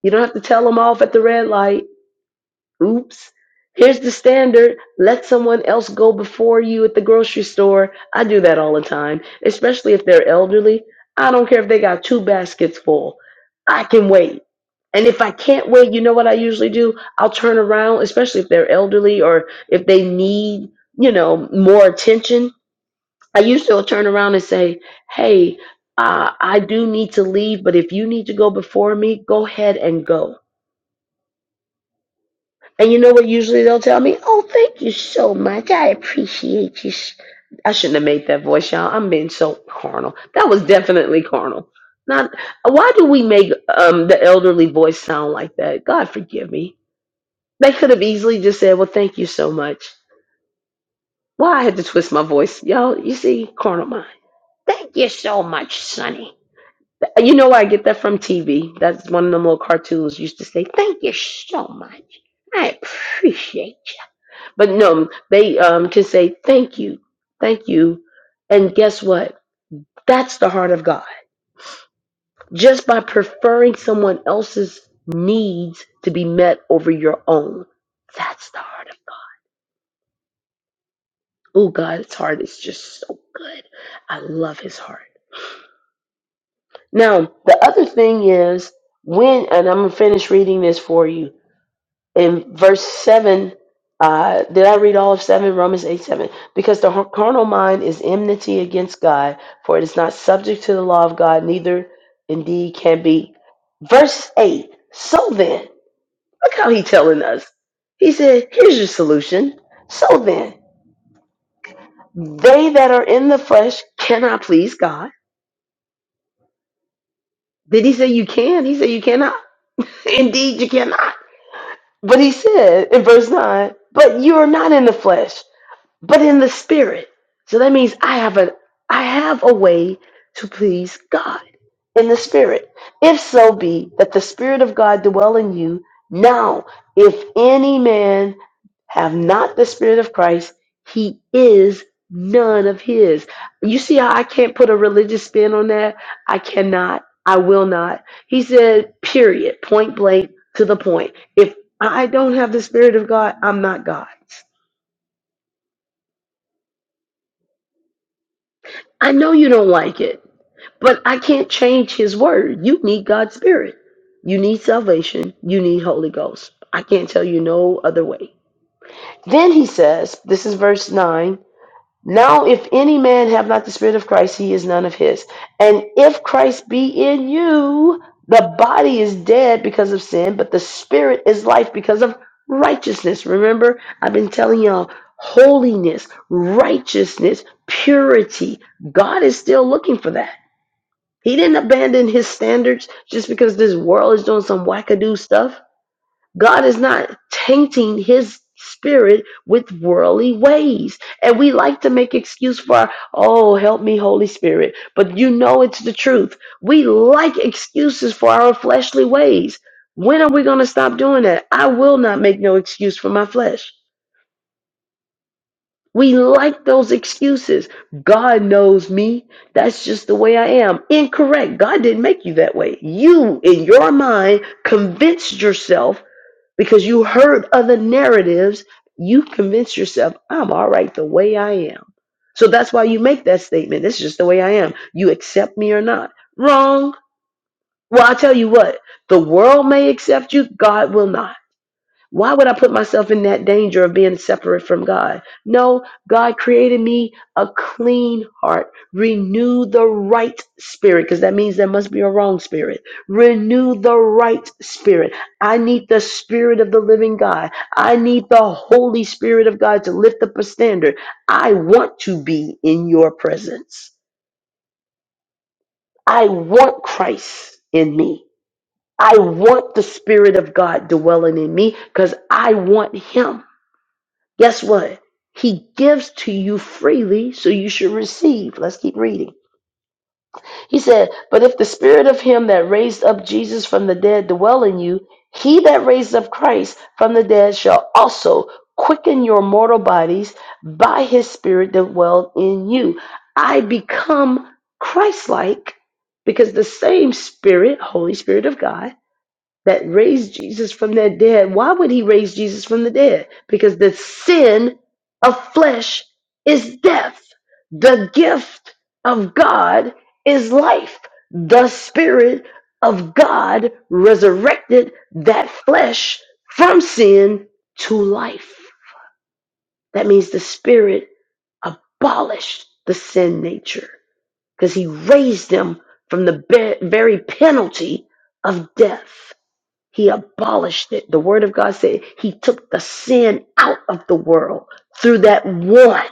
You don't have to tell them off at the red light. Oops. Here's the standard. Let someone else go before you at the grocery store. I do that all the time, especially if they're elderly. I don't care if they got two baskets full. I can wait. And if I can't wait, you know what I usually do? I'll turn around, especially if they're elderly or if they need, you know, more attention. I usually will turn around and say, hey, uh, I do need to leave, but if you need to go before me, go ahead and go and you know what? Usually they'll tell me, "Oh, thank you so much. I appreciate you." s- I shouldn't have made that voice, y'all. I'm being so carnal. That was definitely carnal. Not why do we make um, the elderly voice sound like that? God forgive me. They could have easily just said, "Well, thank you so much." Why I had to twist my voice, y'all? You see, carnal mind. Thank you so much, Sonny. You know where I get that from TV. That's one of them little cartoons used to say, "Thank you so much. I appreciate." But no, they um, can say thank you, thank you, and guess what? That's the heart of God. Just by preferring someone else's needs to be met over your own, that's the heart of God. Oh God, His heart is just so good. I love His heart. Now, the other thing is when, and I'm gonna finish reading this for you in verse 7 uh, did i read all of 7 romans 8 7 because the har- carnal mind is enmity against god for it is not subject to the law of god neither indeed can be verse 8 so then look how he telling us he said here's your solution so then they that are in the flesh cannot please god did he say you can he said you cannot [laughs] indeed you cannot but he said in verse 9 but you are not in the flesh but in the spirit. So that means I have a I have a way to please God in the spirit. If so be that the spirit of God dwell in you, now if any man have not the spirit of Christ, he is none of his. You see how I can't put a religious spin on that? I cannot. I will not. He said, period, point blank to the point. If I don't have the spirit of God, I'm not God. I know you don't like it, but I can't change his word. You need God's spirit. You need salvation. You need Holy Ghost. I can't tell you no other way. Then he says, this is verse 9. Now, if any man have not the Spirit of Christ, he is none of his. And if Christ be in you, the body is dead because of sin, but the Spirit is life because of righteousness. Remember, I've been telling y'all holiness, righteousness, purity. God is still looking for that. He didn't abandon his standards just because this world is doing some wackadoo stuff. God is not tainting his spirit with worldly ways. And we like to make excuse for, oh, help me, Holy Spirit. But you know it's the truth. We like excuses for our fleshly ways. When are we going to stop doing that? I will not make no excuse for my flesh. We like those excuses. God knows me. That's just the way I am. Incorrect. God didn't make you that way. You, in your mind, convinced yourself because you heard other narratives, you convince yourself, I'm all right the way I am. So that's why you make that statement. This is just the way I am. You accept me or not. Wrong. Well, I tell you what, the world may accept you, God will not. Why would I put myself in that danger of being separate from God? No, God created me a clean heart. Renew the right spirit, because that means there must be a wrong spirit. Renew the right spirit. I need the spirit of the living God. I need the Holy Spirit of God to lift up a standard. I want to be in your presence. I want Christ in me. I want the Spirit of God dwelling in me because I want Him. Guess what? He gives to you freely, so you should receive. Let's keep reading. He said, But if the spirit of him that raised up Jesus from the dead dwell in you, he that raised up Christ from the dead shall also quicken your mortal bodies by his spirit that dwell in you. I become Christ like because the same spirit, Holy Spirit of God, that raised Jesus from their dead. Why would he raise Jesus from the dead? Because the sin of flesh is death. The gift of God is life. The Spirit of God resurrected that flesh from sin to life. That means the Spirit abolished the sin nature because he raised him from the be- very penalty of death. He abolished it. The word of God said he took the sin out of the world through that one.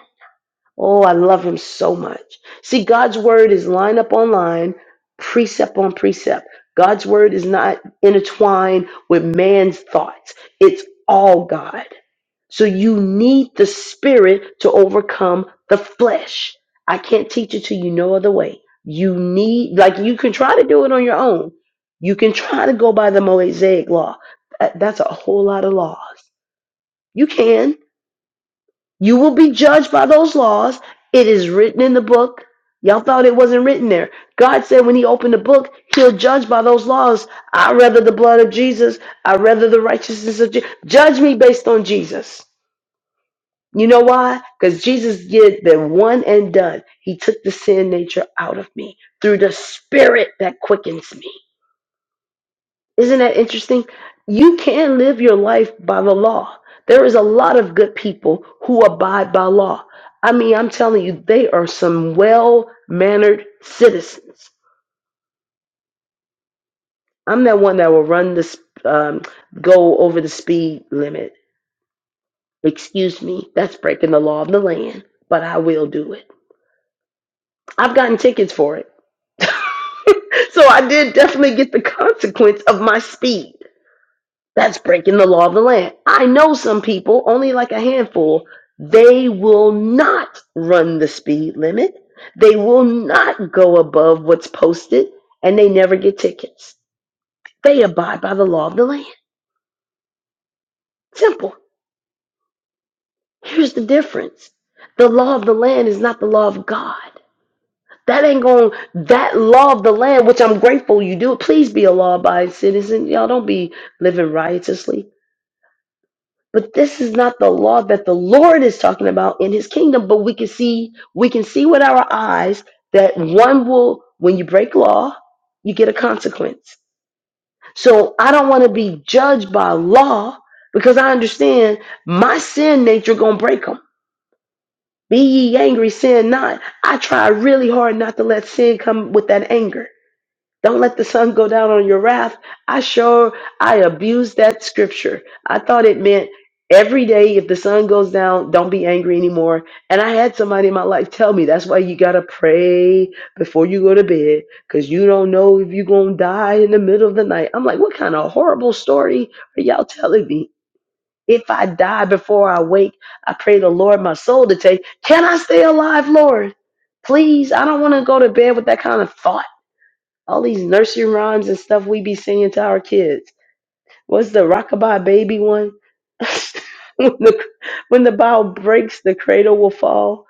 Oh, I love him so much. See, God's word is line up on line, precept on precept. God's word is not intertwined with man's thoughts. It's all God. So you need the spirit to overcome the flesh. I can't teach it to you no other way. You need, like, you can try to do it on your own. You can try to go by the Mosaic law. That- That's a whole lot of laws. You can. You will be judged by those laws. It is written in the book. Y'all thought it wasn't written there. God said when He opened the book, He'll judge by those laws. I rather the blood of Jesus. I rather the righteousness of Jesus. Judge me based on Jesus. You know why? Because Jesus did the one and done. He took the sin nature out of me through the spirit that quickens me. Isn't that interesting? You can live your life by the law. There is a lot of good people who abide by law. I mean, I'm telling you, they are some well mannered citizens. I'm that one that will run this, um, go over the speed limit. Excuse me, that's breaking the law of the land, but I will do it. I've gotten tickets for it. [laughs] so I did definitely get the consequence of my speed. That's breaking the law of the land. I know some people, only like a handful, they will not run the speed limit. They will not go above what's posted and they never get tickets. They abide by the law of the land. Simple. Here's the difference the law of the land is not the law of God. That ain't going that law of the land, which I'm grateful you do. Please be a law abiding citizen. Y'all don't be living riotously. But this is not the law that the Lord is talking about in his kingdom. But we can see, we can see with our eyes that one will, when you break law, you get a consequence. So I don't want to be judged by law because I understand my sin nature gonna break them. Be ye angry, sin not. I try really hard not to let sin come with that anger Don't let the sun go down on your wrath. I sure I abused that scripture. I thought it meant every day if the sun goes down, don't be angry anymore. And I had somebody in my life tell me that's why you gotta pray before you go to bed, because you don't know if you're gonna die in the middle of the night. I'm like, what kind of horrible story are y'all telling me? If I die before I wake, I pray the Lord my soul to take. Can I stay alive, Lord? Please, I don't want to go to bed with that kind of thought all these nursery rhymes and stuff we be singing to our kids. What's the rockabye baby one? [laughs] when, the, when the bow breaks, the cradle will fall.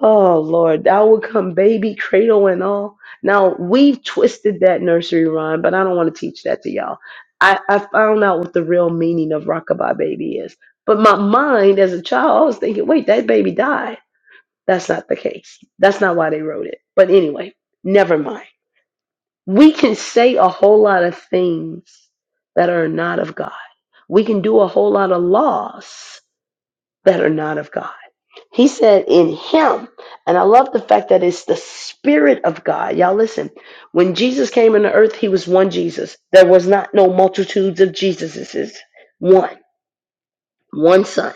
Oh Lord, thou will come baby, cradle and all. Now we've twisted that nursery rhyme, but I don't want to teach that to y'all. I, I found out what the real meaning of rockabye baby is. But my mind as a child, I was thinking, wait, that baby died. That's not the case. That's not why they wrote it. But anyway, never mind. We can say a whole lot of things that are not of God. We can do a whole lot of laws that are not of God. He said, In Him. And I love the fact that it's the Spirit of God. Y'all listen, when Jesus came into earth, He was one Jesus. There was not no multitudes of Jesuses, one, one Son.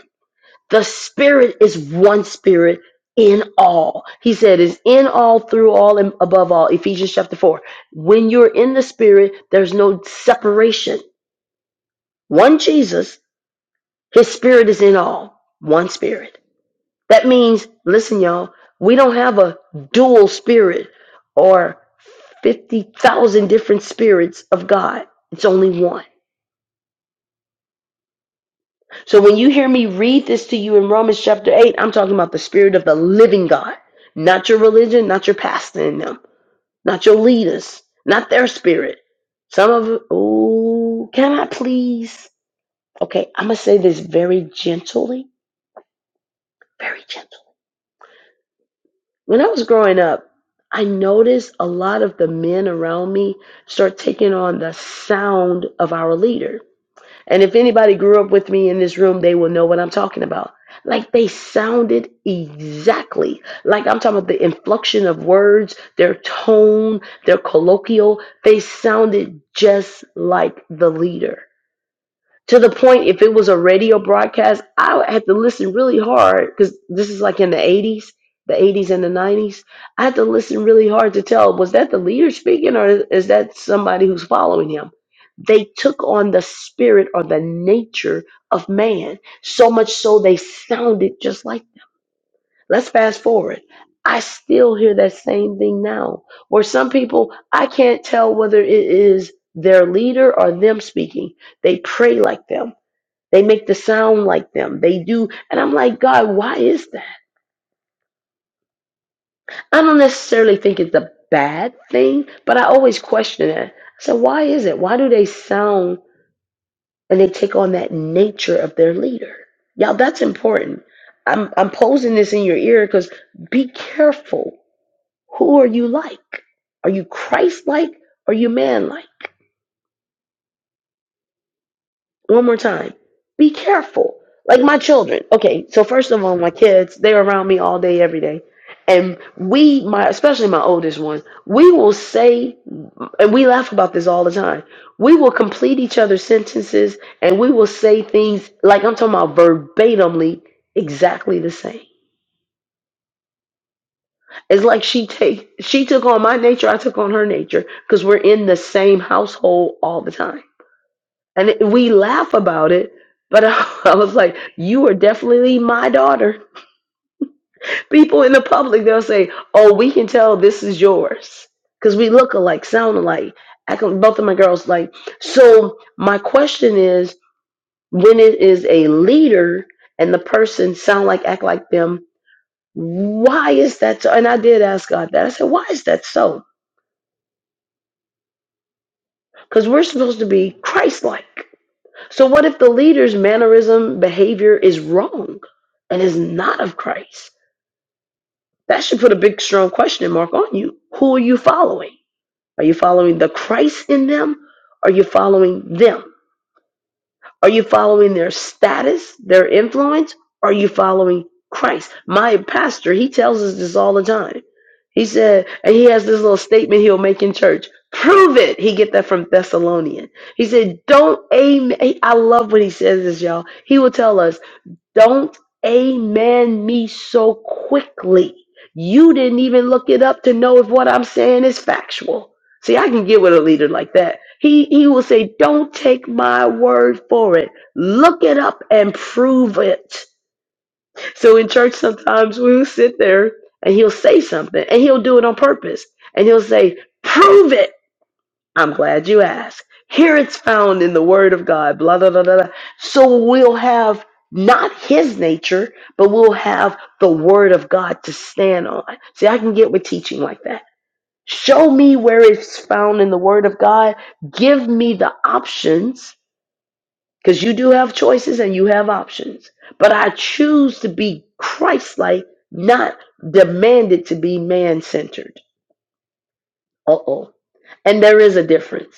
The spirit is one spirit in all. He said is in all, through all, and above all. Ephesians chapter 4. When you're in the spirit, there's no separation. One Jesus, his spirit is in all. One spirit. That means, listen, y'all, we don't have a dual spirit or 50,000 different spirits of God. It's only one. So when you hear me read this to you in Romans chapter 8, I'm talking about the spirit of the living God, not your religion, not your pastor in them, not your leaders, not their spirit. Some of, oh, can I please? Okay, I'm going to say this very gently, very gently. When I was growing up, I noticed a lot of the men around me start taking on the sound of our leaders. And if anybody grew up with me in this room, they will know what I'm talking about. Like they sounded exactly like I'm talking about the inflection of words, their tone, their colloquial. They sounded just like the leader to the point if it was a radio broadcast, I would have to listen really hard because this is like in the 80s, the 80s and the 90s. I had to listen really hard to tell was that the leader speaking or is that somebody who's following him? They took on the spirit or the nature of man, so much so they sounded just like. Let's fast forward. I still hear that same thing now, where some people, I can't tell whether it is their leader or them speaking. They pray like them they make the sound like them. They do. And I'm like, God, why is that? I don't necessarily think it's a bad thing, but I always question it. I said, why is it? Why do they sound and they take on that nature of their leader? Y'all, that's important. I'm, I'm posing this in your ear because be careful. Who are you like? Are you Christ like? Are you man like? one more time. Be careful. Like my children. Okay, so first of all, my kids, they're around me all day, every day. And we, my especially my oldest one, we will say, and we laugh about this all the time. We will complete each other's sentences, and we will say things like I'm talking about verbatimly, exactly the same. It's like she take she took on my nature, I took on her nature, because we're in the same household all the time And it, we laugh about it, but [laughs] I, was like, you are definitely my daughter. People in the public, they'll say, oh, we can tell this is yours because we look alike, sound alike. I can, both of my girls like. So my question is, when it is a leader and the person sound like, act like them, why is that so? And I did ask God that. I said, why is that so? Because we're supposed to be Christ-like. So what if the leader's mannerism, behavior is wrong and is not of Christ? That should put a big strong question mark on you. Who are you following? Are you following the Christ in them? Are you following them? Are you following their status, their influence? Are you following Christ? My pastor, he tells us this all the time. He said, and he has this little statement he'll make in church. Prove it. He get that from Thessalonian. He said, "Don't aim." I love what he says this, y'all. He will tell us don't amen me so quickly. You didn't even look it up to know if what I'm saying is factual. See, I can get with a leader like that. He he will say, "Don't take my word for it. Look it up and prove it." So in church, sometimes we'll sit there and he'll say something, and he'll do it on purpose, and he'll say, "Prove it." I'm glad you asked. Here it's found in the Word of God, blah, blah, blah, blah. blah. So we'll have not His nature, but we'll have the Word of God to stand on. See, I can get with teaching like that. Show me where it's found in the Word of God. Give me the options, because you do have choices and you have options. But I choose to be Christ like, not demanded to be man centered. Uh oh. And there is a difference.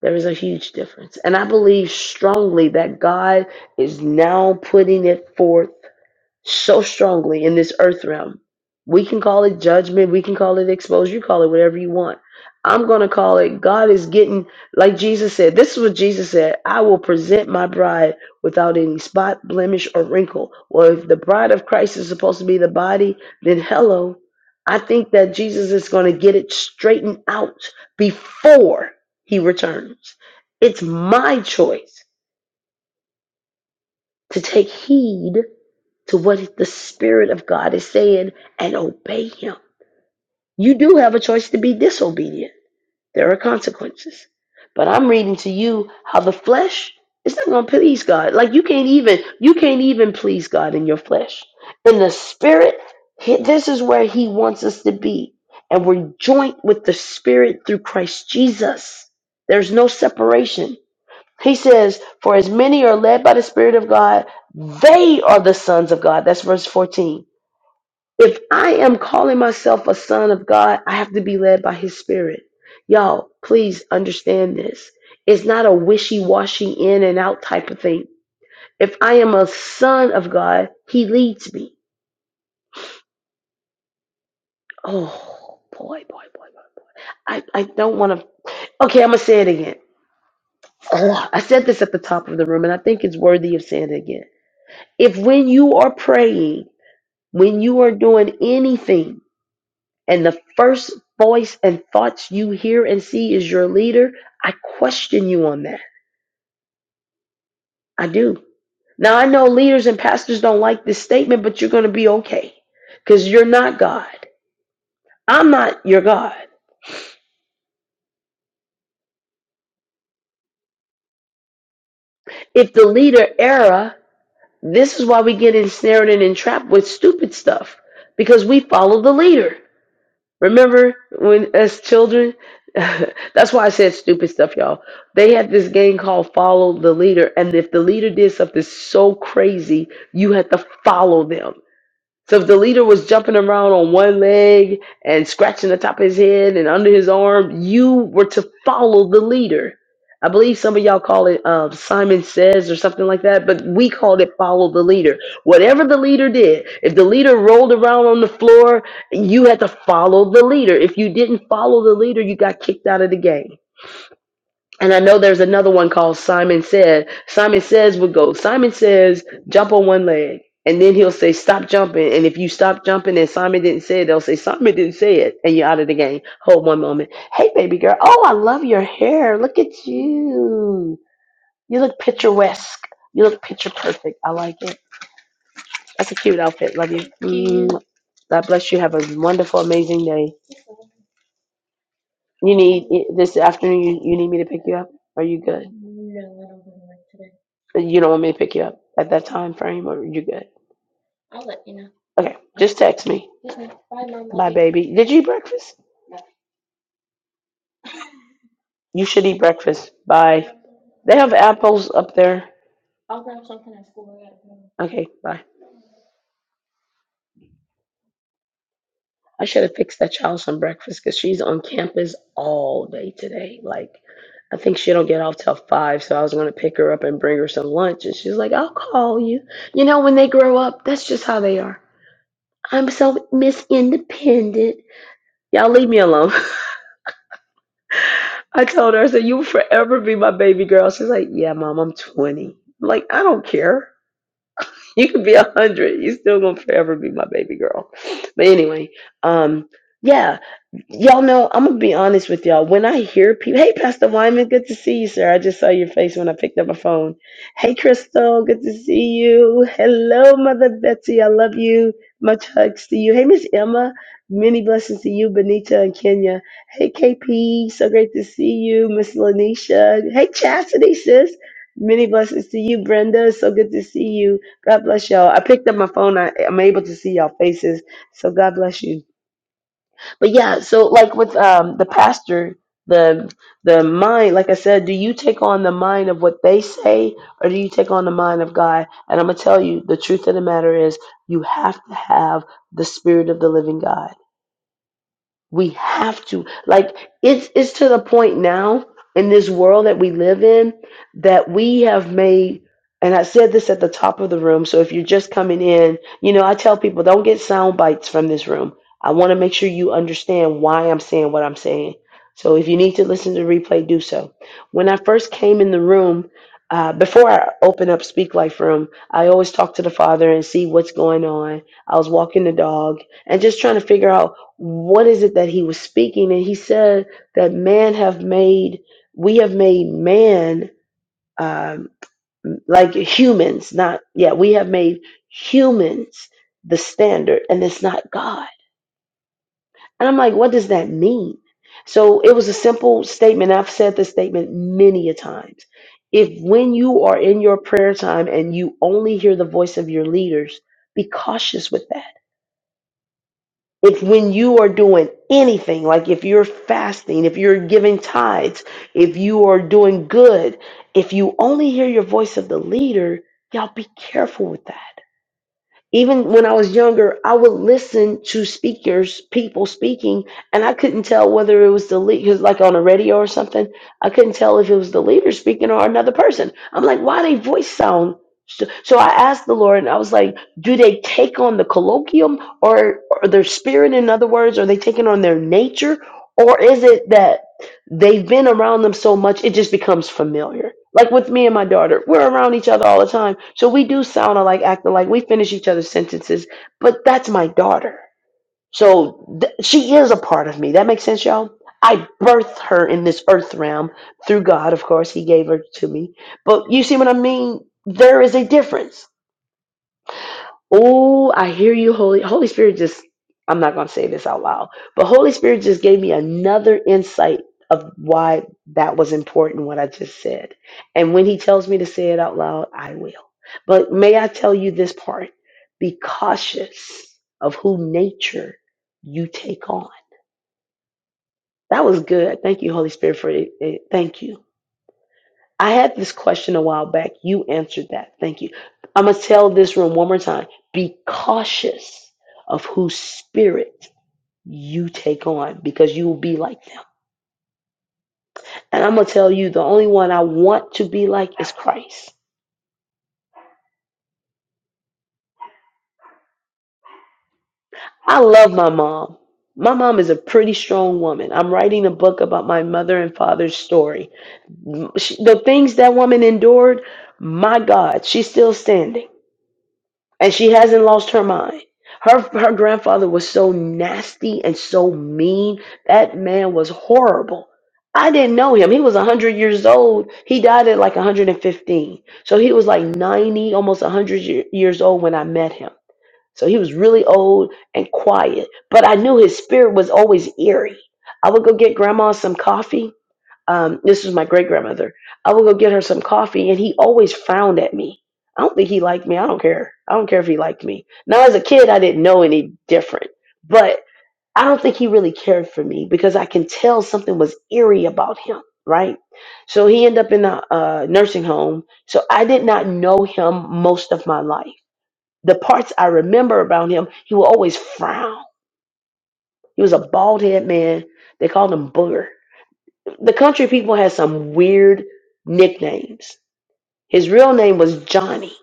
There is a huge difference. And I believe strongly that God is now putting it forth so strongly in this earth realm. We can call it judgment, we can call it exposure, you call it whatever you want. I'm going to call it God is getting, like Jesus said, this is what Jesus said I will present my bride without any spot, blemish, or wrinkle. Well, if the bride of Christ is supposed to be the body, then hello. I think that Jesus is going to get it straightened out before he returns. It's my choice to take heed to what the Spirit of God is saying and obey Him. You do have a choice to be disobedient, there are consequences. But I'm reading to you how the flesh is not going to please God. Like you can't even you can't even please God in your flesh. In the spirit, he- this is where he wants us to be. And we're joint with the spirit through Christ Jesus. There's no separation. He says, For as many are led by the Spirit of God, they are the sons of God. That's verse 14. If I am calling myself a son of God, I have to be led by His Spirit. Y'all, please understand this. It's not a wishy washy in and out type of thing. If I am a son of God, He leads me. Oh, boy, boy, boy, boy. I, I don't want to. Okay, I'm going to say it again. Ugh, I said this at the top of the room, and I think it's worthy of saying it again. If when you are praying, When you are doing anything and the first voice and thoughts you hear and see is your leader, I question you on that. I do. Now, I know leaders and pastors don't like this statement, but you're going to be okay because you're not God. I'm not your God. If the leader era, this is why we get ensnared and entrapped with stupid stuff because we follow the leader. Remember when as children? [laughs] That's why I said stupid stuff, y'all. They had this game called Follow the Leader, and if the leader did something so crazy, you had to follow them. So if the leader was jumping around on one leg and scratching the top of his head and under his arm, you were to follow the leader. I believe some of y'all call it uh, Simon Says or something like that, but we called it follow the leader. Whatever the leader did, if the leader rolled around on the floor, you had to follow the leader. If you didn't follow the leader, you got kicked out of the game. And I know there's another one called Simon Says. Simon Says would go, Simon Says, jump on one leg. And then he'll say, stop jumping. And if you stop jumping and Simon didn't say it, they'll say, Simon didn't say it. And you're out of the game. Hold one moment. Hey, baby girl. Oh, I love your hair. Look at you. You look picturesque. You look picture perfect. I like it. That's a cute outfit. Love you. Thank you. Mm. God bless you. Have a wonderful, amazing day. You need i- this afternoon. You, you need me to pick you up? Are you good? Uh, You don't want me to pick you up at that time frame, or you good? Okay, just text me. Bye, baby. Did you eat breakfast? You should eat breakfast. Bye. They have apples up there. Okay, bye. I should have fixed that child some breakfast because she's on campus all day today. Like, I think she don't get off till five, so I was gonna pick her up and bring her some lunch, and she's like, "I'll call you." You know, when they grow up, that's just how they are. I'm so Miss Independent. Y'all leave me alone. [laughs] I told her, I said, You'll forever be my baby girl. She's like, Yeah, mom, I'm 20. I'm like, I don't care. [laughs] You could be 100. You're still going to forever be my baby girl. But anyway, um, yeah. Y'all know, I'm gonna be honest with y'all. When I hear people, hey, Pastor Wyman, good to see you, sir. I just saw your face when I picked up my phone. Hey, Crystal, good to see you. Hello, Mother Betsy, I love you. Much hugs to you. Hey, Miss Emma, many blessings to you, Benita and Kenya. Hey, KP, so great to see you, Miss Lanisha. Hey, Chastity, sis. Many blessings to you, Brenda. So good to see you. God bless y'all. I picked up my phone. I, I'm able to see y'all faces. So God bless you. But yeah, so like with um the pastor, the the mind, like I said, do you take on the mind of what they say or do you take on the mind of God? And I'm gonna tell you, the truth of the matter is you have to have the spirit of the living God. We have to. Like it's it's to the point now in this world that we live in that we have made and I said this at the top of the room, so if you're just coming in, you know, I tell people don't get sound bites from this room. I want to make sure you understand why I'm saying what I'm saying. So if you need to listen to the replay, do so. When I first came in the room, uh, before I open up Speak Life Room, I always talk to the father and see what's going on. I was walking the dog and just trying to figure out what is it that he was speaking and he said that man have made we have made man um, like humans not yeah we have made humans the standard and it's not god and i'm like what does that mean so it was a simple statement i've said this statement many a times if when you are in your prayer time and you only hear the voice of your leaders be cautious with that It's when you are doing anything, like if you're fasting, if you're giving tithes, if you are doing good, if you only hear your voice of the leader, y'all be careful with that even when I was younger, I would listen to speakers, people speaking, and I couldn't tell whether it was the lead, cause like on a radio or something, I couldn't tell if it was the leader speaking or another person. I'm like, why they voice sound? So, so I asked the Lord, and I was like, do they take on the colloquium or, or their spirit, in other words, are they taking on their nature, or is it that? they've been around them so much it just becomes familiar like with me and my daughter we're around each other all the time so we do sound alike act alike we finish each other's sentences but that's my daughter so th- she is a part of me that makes sense y'all i birthed her in this earth realm through god of course he gave her to me but you see what i mean there is a difference Oh, I hear you, Holy Holy Spirit. Just I'm not gonna say this out loud, but Holy Spirit just gave me another insight of why that was important. What I just said, and when He tells me to say it out loud, I will. But may I tell you this part? Be cautious of who nature you take on. That was good. Thank you, Holy Spirit, for it. Thank you. I had this question a while back. You answered that. Thank you. I'm going to tell this room one more time. Be cautious of whose spirit you take on because you will be like them. And I'm going to tell you the only one I want to be like is Christ. I love my mom. My mom is a pretty strong woman. I'm writing a book about my mother and father's story. She- The things that woman endured, my God, she's still standing. and she hasn't lost her mind. Her her grandfather was so nasty and so mean. That man was horrible. I didn't know him. He was 100 years old. He died at like 115. So he was like 90, almost 100 ye- years old when I met him. So he was really old and quiet, but I knew his spirit was always eerie. I would go get grandma some coffee um, this was my great grandmother. I would go get her some coffee, and he always frowned at me. I don't think he liked me. I don't care. I don't care if he liked me. Now, as a kid, I didn't know any different, but I don't think he really cared for me because I can tell something was eerie about him, right? So he ended up in a uh, nursing home. So I did not know him most of my life. The parts I remember about him, he would always frown. He was a bald head man. They called him Booger the country people had some weird nicknames. His real name was Johnny,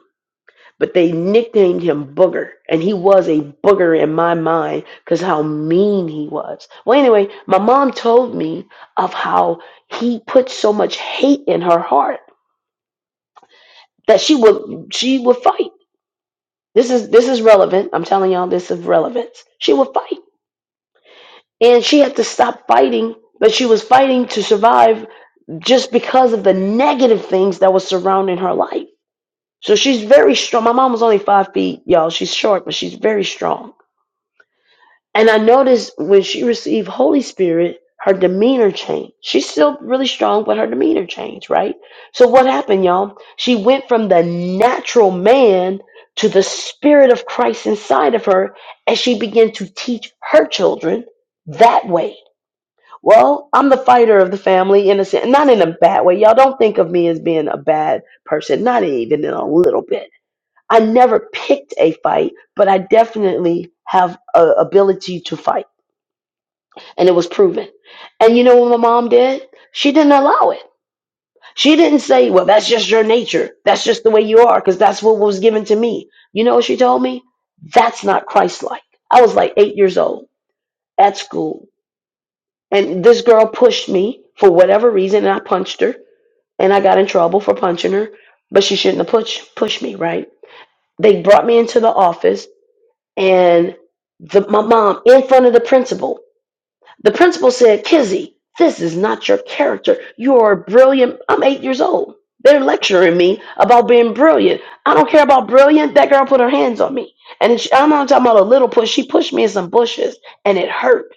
but they nicknamed him Booger, and he was a booger in my mind because how mean he was. Well, anyway, my mom told me of how he put so much hate in her heart that she would she would fight. This is this is relevant. I'm telling y'all this is relevance. She would fight, and she had to stop fighting. But she was fighting to survive just because of the negative things that was surrounding her life So she's very strong. My mom was only five feet, y'all. She's short, but she's very strong. And I noticed when she received Holy Spirit, her demeanor changed. She's still really strong, but her demeanor changed, right? So what happened, y'all? She went from the natural man to the spirit of Christ inside of her, and she began to teach her children that way. Well, I'm the fighter of the family in a sense, not in a bad way. Y'all don't think of me as being a bad person, not even in a little bit I never picked a fight, but I definitely have a ability to fight, and it was proven. And you know what my mom did? She didn't allow it. She didn't say, "Well, that's just your nature. That's just the way you are," because that's what was given to me. You know what she told me? That's not Christ-like. I was like eight years old at school, and this girl pushed me for whatever reason, and I punched her, and I got in trouble for punching her. But she shouldn't have pushed pushed me, right? They brought me into the office and the, my mom in front of the principal. The principal said, Kizzy, this is not your character. You are brilliant. I'm eight years old. They're lecturing me about being brilliant. I don't care about brilliant. That girl put her hands on me. And she, I'm not talking about a little push. She pushed me in some bushes and it hurt.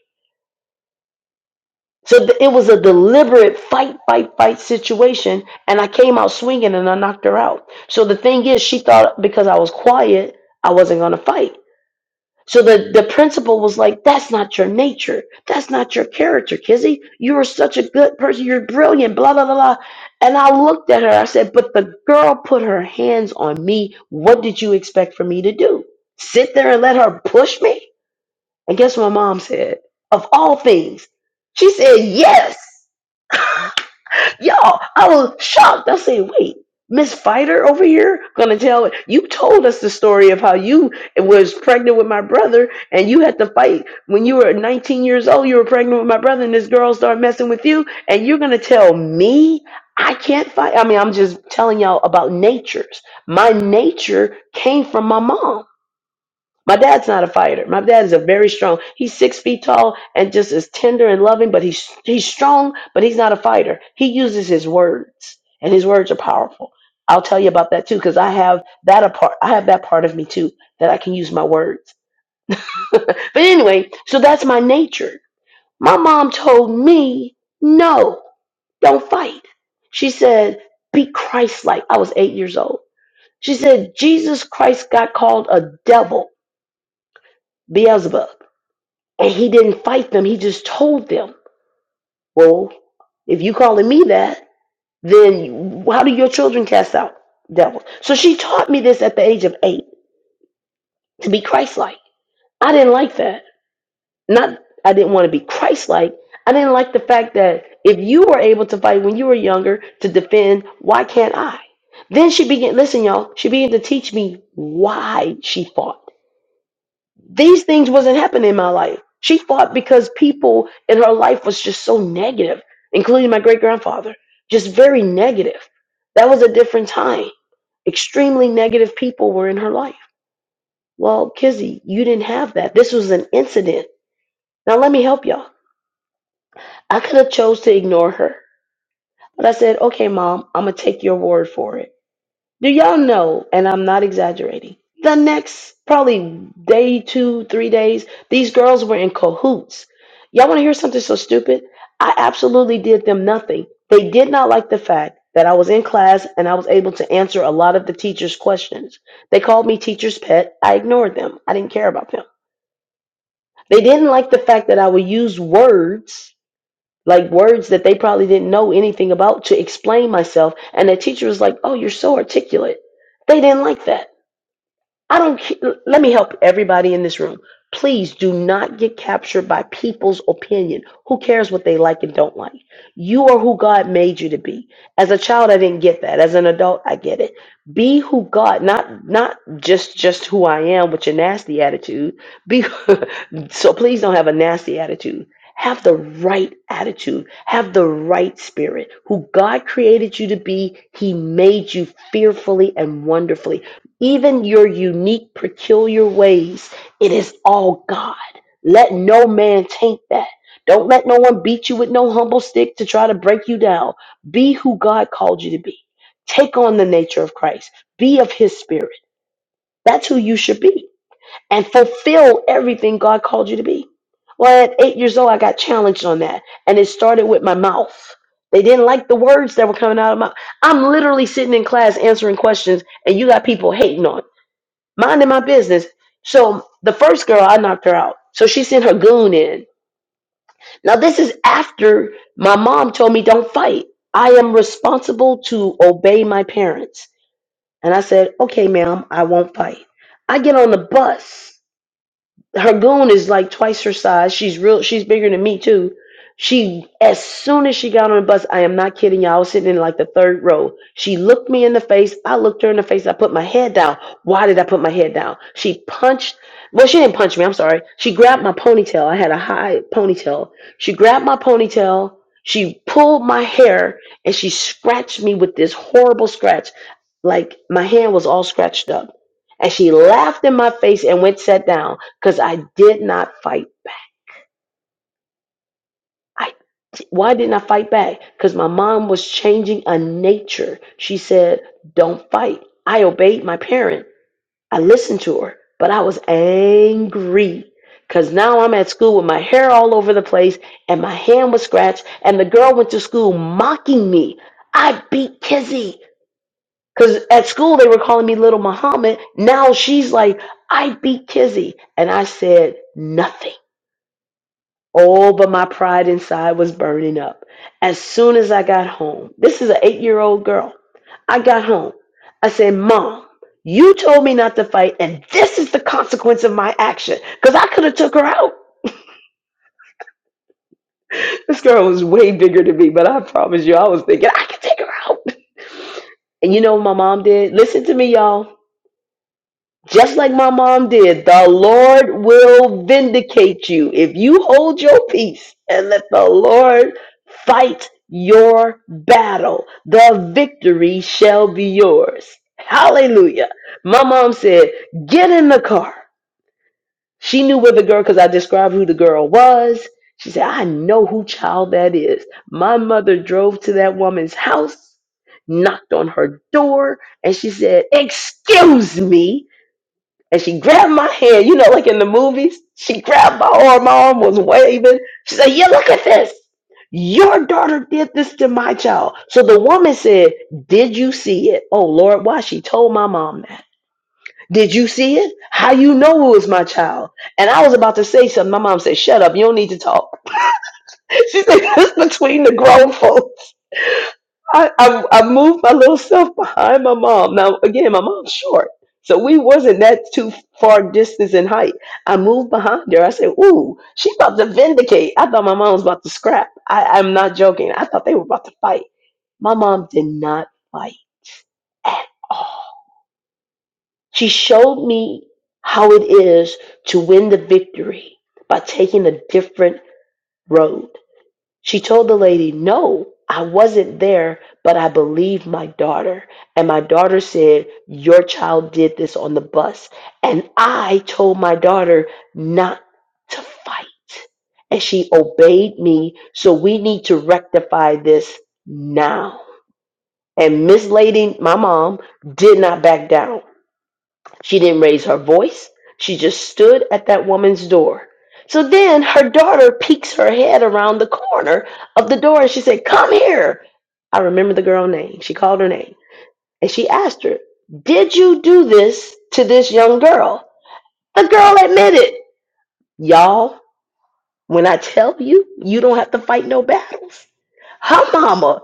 So th- it was a deliberate fight, fight, fight situation. And I came out swinging and I knocked her out. So the thing is, she thought because I was quiet, I wasn't going to fight. So the, the principal was like, That's not your nature. That's not your character, Kizzy. You are such a good person. You're brilliant, blah, blah, blah, blah. And I looked at her. I said, But the girl put her hands on me. What did you expect for me to do? Sit there and let her push me? And guess what my mom said? Of all things, she said, Yes. Y'all, I was shocked. I said, wait, Miss Fighter over here gonna tell you told us the story of how you was pregnant with my brother and you had to fight when you were 19 years old, you were pregnant with my brother, and this girl started messing with you, and you're gonna tell me I can't fight. I mean, I'm just telling y'all about natures. My nature came from my mom. My dad's not a fighter. My dad is a very strong. He's six feet tall and just is tender and loving, but he's he's strong, but he's not a fighter. He uses his words, and his words are powerful. I'll tell you about that too, because I have that a part. I have that part of me too that I can use my words. [laughs] but anyway, so that's my nature. My mom told me, no, don't fight. She said, be Christ-like. I was eight years old. She said, Jesus Christ got called a devil, Beelzebub. And he didn't fight them, he just told them, Well, if you calling me that, then how do your children cast out devils? So she taught me this at the age of eight to be Christ like. I didn't like that. Not I didn't want to be Christ like. I didn't like the fact that if you were able to fight when you were younger to defend, why can't I? Then she began listen, y'all, she began to teach me why she fought. these things wasn't happening in my life. She fought because people in her life was just so negative, including my great grandfather, just very negative. That was a different time. Extremely negative people were in her life. Well, Kizzy, you didn't have that. This was an incident. Now let me help y'all. I could have chose to ignore her, but I said, "Okay, mom, I'm gonna take your word for it." Do y'all know, and I'm not exaggerating, the next probably day, two, three days, these girls were in cahoots. Y'all want to hear something so stupid? I absolutely did them nothing. They did not like the fact that I was in class and I was able to answer a lot of the teacher's questions. They called me teacher's pet. I ignored them. I didn't care about them. They didn't like the fact that I would use words, like words that they probably didn't know anything about, to explain myself. And the teacher was like, Oh, you're so articulate. They didn't like that. I don't. ca- l- Let me help everybody in this room. Please do not get captured by people's opinion. Who cares what they like and don't like? You are who God made you to be. As a child, I didn't get that. As an adult, I get it. Be who God, not not just just who I am with your nasty attitude. Be [laughs] so. Please don't have a nasty attitude. Have the right attitude. Have the right spirit. Who God created you to be, He made you fearfully and wonderfully even your unique, peculiar ways, it is all God. Let no man taint that. Don't let no one beat you with no humble stick to try to break you down. Be who God called you to be. Take on the nature of Christ. Be of his spirit. That's who you should be. And fulfill everything God called you to be. Well, at eight years old, I got challenged on that. And it started with my mouth. They didn't like the words that were coming out of my I'm literally sitting in class answering questions, and you got people hating on me minding my business. So the first girl, I knocked her out. So she sent her goon in. Now this is after my mom told me don't fight. I am responsible to obey my parents. And I said, okay, ma'am, I won't fight. I get on the bus her goon is like twice her size. She's real. She's bigger than me too. She, as soon as she got on the bus, I am not kidding y'all. I was sitting in like the third row. She looked me in the face. I looked her in the face. I put my head down. Why did I put my head down? She punched. Well, she didn't punch me. I'm sorry. She grabbed my ponytail. I had a high ponytail. She grabbed my ponytail. She pulled my hair and she scratched me with this horrible scratch. Like my hand was all scratched up. And she laughed in my face and went sat down because I did not fight. I why didn't I fight back? Because my mom was changing a nature. She said, "Don't fight." I obeyed my parent. I listened to her, but I was angry because now I'm at school with my hair all over the place and my hand was scratched. And the girl went to school mocking me. I beat Kizzy because at school they were calling me Little Muhammad. Now she's like, "I beat Kizzy," and I said nothing. Oh, but my pride inside was burning up. As soon as I got home, this is an eight year old girl. I got home. I said, Mom, you told me not to fight, and this is the consequence of my action. Because I could have took her out. This girl was way bigger than me, but I promise you, I was thinking, I could take her out. And you know what my mom did? Listen to me, y'all. Just like my mom did, the Lord will vindicate you if you hold your peace and let the Lord fight your battle. The victory shall be yours. Hallelujah. My mom said, Get in the car. She knew where the girl, because I described who the girl was. She said, I know who child that is. My mother drove to that woman's house, knocked on her door, and she said, Excuse me. And she grabbed my hand, you know, like in the movies. She grabbed my arm, my arm was waving. She said, Yeah, look at this. Your daughter did this to my child. So the woman said, Did you see it? Oh Lord, why she told my mom that. Did you see it? How you know it was my child? And I was about to say something. My mom said, Shut up, you don't need to talk. [laughs] She said, That's between the grown folks. I, I I moved my little self behind my mom. Now again, my mom's short, so we wasn't that too far distance in height. I moved behind her. I said, "Ooh, she about to vindicate." I thought my mom was about to scrap. I, I'm not joking. I thought they were about to fight. My mom did not fight at all. She showed me how it is to win the victory by taking a different road. She told the lady, No, I wasn't there, but I believe my daughter. And my daughter said, Your child did this on the bus. And I told my daughter not to fight. And she obeyed me. So we need to rectify this now. And Miss Lady, my mom, did not back down. She didn't raise her voice. She just stood at that woman's door. So then her daughter peeks her head around the corner of the door and she said, Come here. I remember the girl name. She called her name and she asked her, Did you do this to this young girl? The girl admitted, Y'all, when I tell you, you don't have to fight no battles. Her mama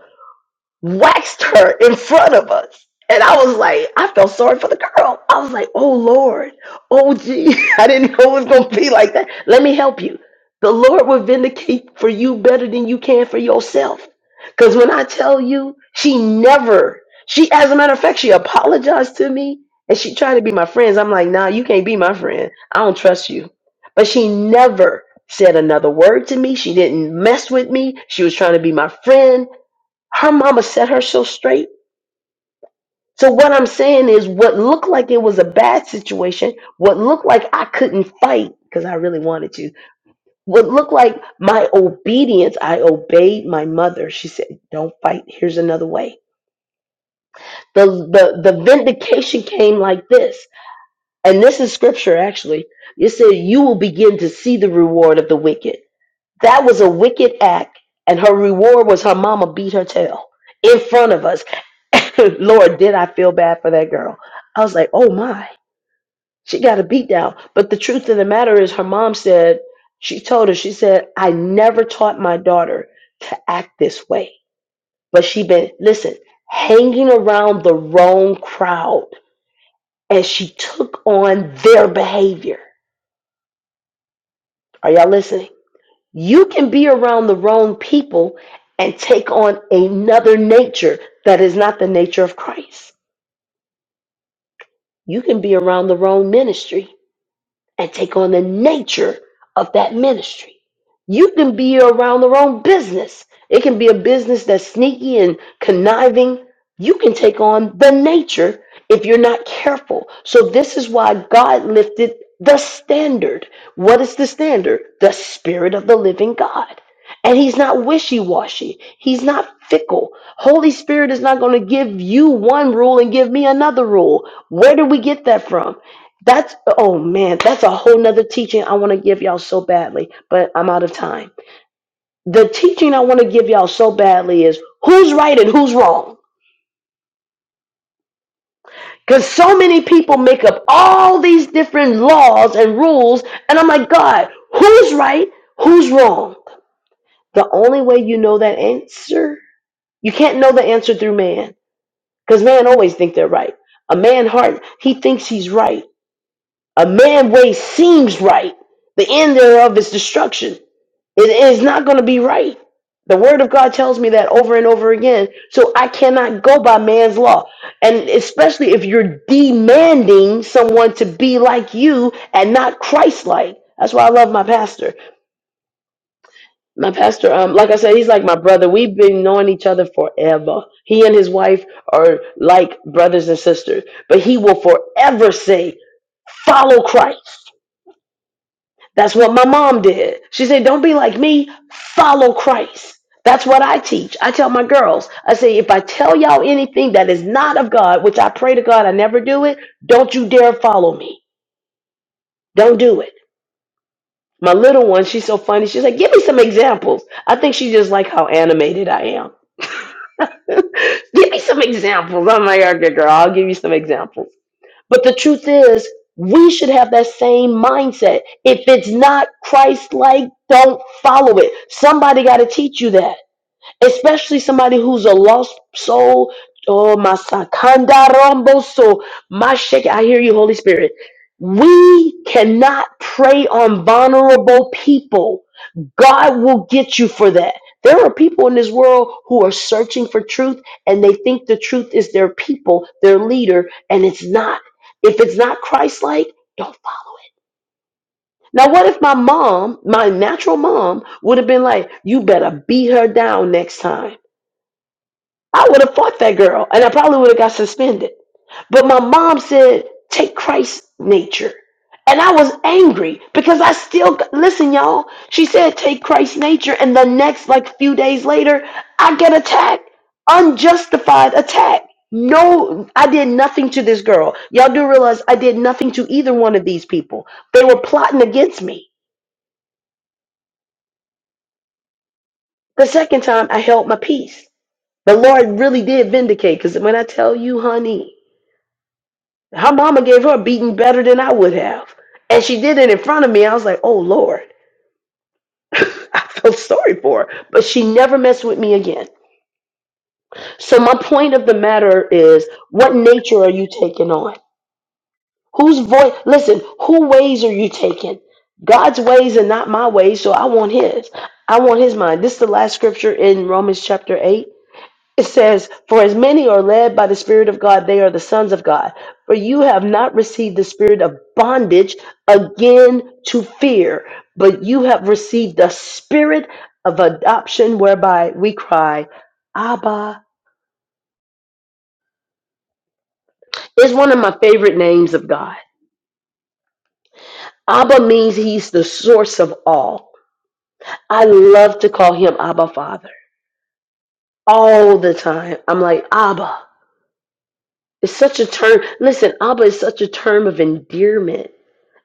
waxed her in front of us. And I was like, I felt sorry for the girl. I was like, oh Lord, oh gee, [laughs] I didn't know it was gonna be like that. Let me help you. The Lord will vindicate for you better than you can for yourself. Cause when I tell you, she never, she as a matter of fact, she apologized to me and she tried to be my friends. I'm like, nah, you can't be my friend. I don't trust you. But she never said another word to me. She didn't mess with me. She was trying to be my friend her mama set her so straight. So what I'm saying is what looked like it was a bad situation, what looked like I couldn't fight because I really wanted to, what looked like my obedience, I obeyed my mother. She said, Don't fight, here's another way. The the the vindication came like this, and this is scripture actually. It said, You will begin to see the reward of the wicked. That was a wicked act, and her reward was her mama beat her tail in front of us. [laughs] Lord, did I feel bad for that girl? I was like, oh my, she got a beat down. But the truth of the matter is, her mom said, she told her, she said, I never taught my daughter to act this way. But she been, listen, hanging around the wrong crowd, and she took on their behavior. Are y'all listening? You can be around the wrong people and take on another nature that is not the nature of Christ. You can be around the wrong ministry and take on the nature of that ministry. You can be around the wrong business. It can be a business that's sneaky and conniving. You can take on the nature if you're not careful. So, this is why God lifted the standard. What is the standard? The Spirit of the living God. And He's not wishy washy, He's not fickle. Holy Spirit is not going to give you one rule and give me another rule. Where do we get that from? That's oh man, that's a whole nother teaching I want to give y'all so badly, but I'm out of time. The teaching I want to give y'all so badly is who's right and who's wrong. Because so many people make up all these different laws and rules, and I'm like, God, who's right? Who's wrong? The only way you know that answer, you can't know the answer through man. Because man always think they're right. A man heart, he thinks he's right. A man way seems right. The end thereof is destruction. It is not going to be right. The word of God tells me that over and over again. So I cannot go by man's law. And especially if you're demanding someone to be like you and not Christ like. That's why I love my pastor. My pastor, um, like I said, he's like my brother. We've been knowing each other forever. He and his wife are like brothers and sisters, but he will forever say, follow Christ. That's what my mom did. She said, Don't be like me, follow Christ. That's what I teach. I tell my girls, I say, if I tell y'all anything that is not of God, which I pray to God I never do it, don't you dare follow me. Don't do it. My little one, she's so funny. She's like, Give me some examples. I think she just like how animated I am. [laughs] give me some examples. I'm like, Okay, girl, I'll give you some examples. But the truth is, we should have that same mindset. If it's not Christ like, don't follow it. Somebody got to teach you that, especially somebody who's a lost soul. Oh, my son, sakandarombo so my shake. I hear you, Holy Spirit. We cannot prey on vulnerable people God will get you for that. There are people in this world who are searching for truth and they think the truth is their people, their leader, and it's not. If it's not Christ like, don't follow. Now, what if my mom, my natural mom, would have been like, you better beat her down next time? I would have fought that girl and I probably would have got suspended. But my mom said, take Christ's nature. And I was angry because I still, listen, y'all, she said, take Christ's nature. And the next, like, few days later, I get attacked, unjustified attack. No, I did nothing to this girl. Y'all do realize I did nothing to either one of these people. They were plotting against me. The second time, I held my peace. The Lord really did vindicate because when I tell you, honey, Her mama gave her a beating better than I would have. And she did it in front of me. I was like, oh Lord. [laughs] I felt sorry for her. But she never messed with me again. So my point of the matter is what nature are you taking on? Whose voice listen, who ways are you taking? God's ways are not my ways, so I want his. I want his mind. This is the last scripture in Romans chapter 8 It says, For as many are led by the Spirit of God, they are the sons of God. For you have not received the spirit of bondage again to fear, but you have received the spirit of adoption whereby we cry, Abba. It's one of my favorite names of God. Abba means he's the source of all. I love to call him Abba Father all the time. I'm like, Abba. It's such a term. Listen, Abba is such a term of endearment.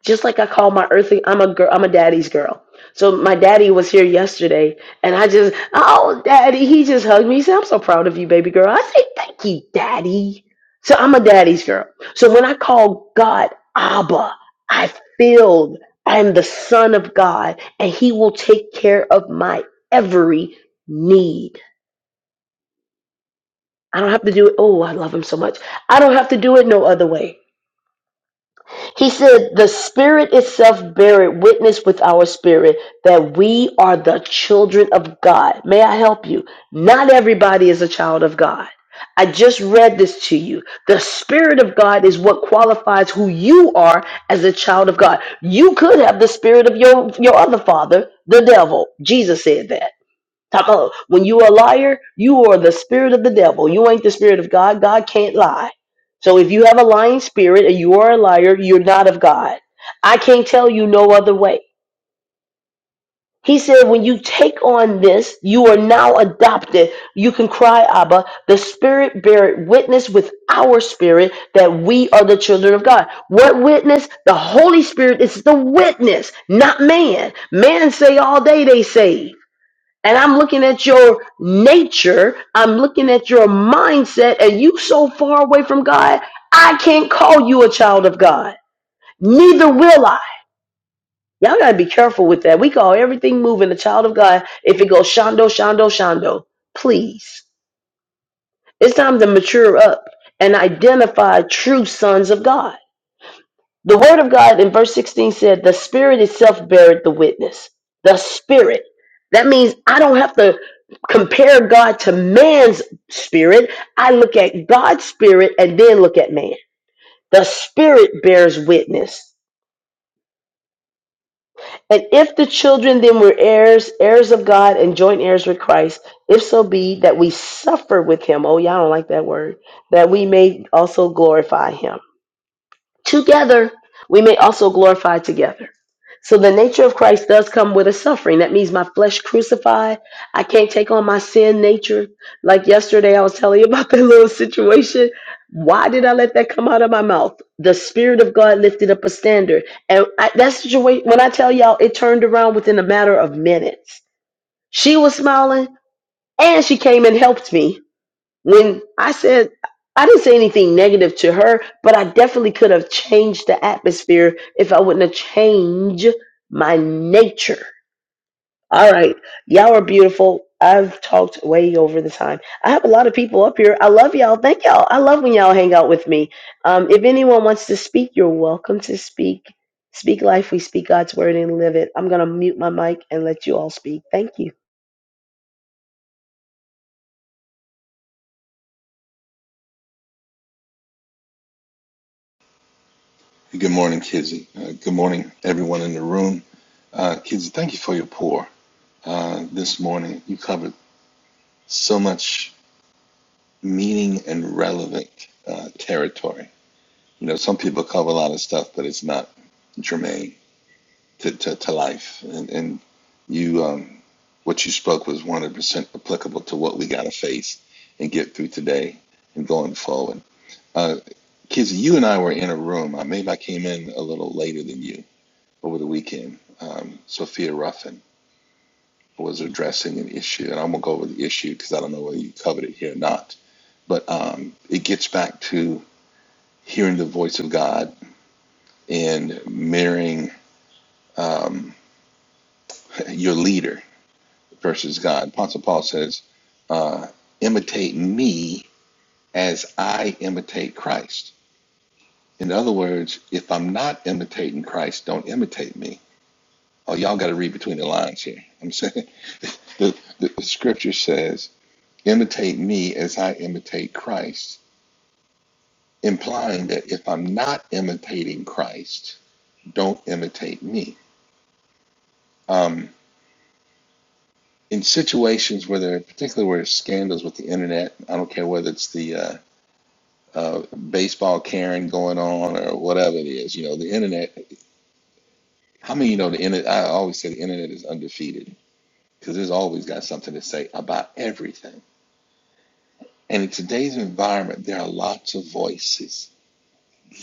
just like I call my earthly, I'm a girl, I'm a daddy's girl. So my daddy was here yesterday, and I just, oh, daddy, he just hugged me. He said, I'm so proud of you, baby girl. I say, thank you, daddy. So I'm a daddy's girl. So when I call God Abba, I feel I'm the son of God, and He will take care of my every need. I don't have to do it. Oh, I love Him so much. I don't have to do it no other way. He said, The Spirit itself beareth witness with our spirit that we are the children of God. May I help you? Not everybody is a child of God. I just read this to you. The Spirit of God is what qualifies who you are as a child of God. You could have the spirit of your, your other father, the devil. Jesus said that. Talk about when you are a liar, you are the spirit of the devil. You ain't the spirit of God. God can't lie. So if you have a lying spirit and you are a liar, you're not of God. I can't tell you no other way. He said, when you take on this, you are now adopted. You can cry, Abba. The Spirit bear witness with our spirit that we are the children of God. What witness? The Holy Spirit is the witness, not man. Man say all day they saved and I'm looking at your nature, I'm looking at your mindset, and you so far away from God, I can't call you a child of God. Neither will I. Y'all gotta be careful with that. We call everything moving a child of God if it goes shondo, shondo, shondo. Please. It's time to mature up and identify true sons of God. The word of God in verse 16 said, The Spirit itself beareth the witness. The Spirit. That means I don't have to compare God to man's spirit. I look at God's spirit and then look at man. The Spirit bears witness. And if the children then were heirs, heirs of God and joint heirs with Christ, if so be that we suffer with him. Oh, y'all don't like that word. That we may also glorify him. Together, we may also glorify together. So the nature of Christ does come with a suffering. That means my flesh crucified. I can't take on my sin nature. Like yesterday, I was telling you about [laughs] that little situation. Why did I let that come out of my mouth? The Spirit of God lifted up a standard. And I, that situation, when I tell y'all, it turned around within a matter of minutes. She was smiling and she came and helped me when I said I didn't say anything negative to her, but I definitely could have changed the atmosphere if I wouldn't have changed my nature. All right, y'all are beautiful. I've talked way over the time. I have a lot of people up here. I love y'all. Thank y'all. I love when y'all hang out with me. Um, if anyone wants to speak, you're welcome to speak. Speak life. We speak God's word and live it. I'm gonna mute my mic and let you all speak. Thank you. Good morning, Kizzy. Uh, good morning, everyone in the room. Uh, Kizzy, thank you for your pour uh, this morning. You covered so much meaning and relevant uh, territory. You know, some people cover a lot of stuff, but it's not germane to, to, to life. And, and you, um, what you spoke was 100% applicable to what we got to face and get through today and going forward. Uh, Kizzy, you and I were in a room. Uh, Maybe I came in a little later than you over the weekend. Um, Sophia Ruffin was addressing an issue, and I'm gonna go over the issue because I don't know whether you covered it here or not. But um, it gets back to hearing the voice of God and mirroring um, [laughs] your leader versus God. Apostle Paul says, uh, "Imitate me as I imitate Christ." In other words, if I'm not imitating Christ, don't imitate me. Oh, y'all got to read between the lines here. I'm saying [laughs] the, the, the scripture says imitate me as I imitate Christ, implying that if I'm not imitating Christ, don't imitate me. Um, in situations where there, particularly where there's scandals with the internet, I don't care whether it's the uh, uh, baseball Karen going on or whatever it is, you know, the internet. How many of you know the internet? I always say the internet is undefeated because there's always got something to say about everything. And in today's environment, there are lots of voices,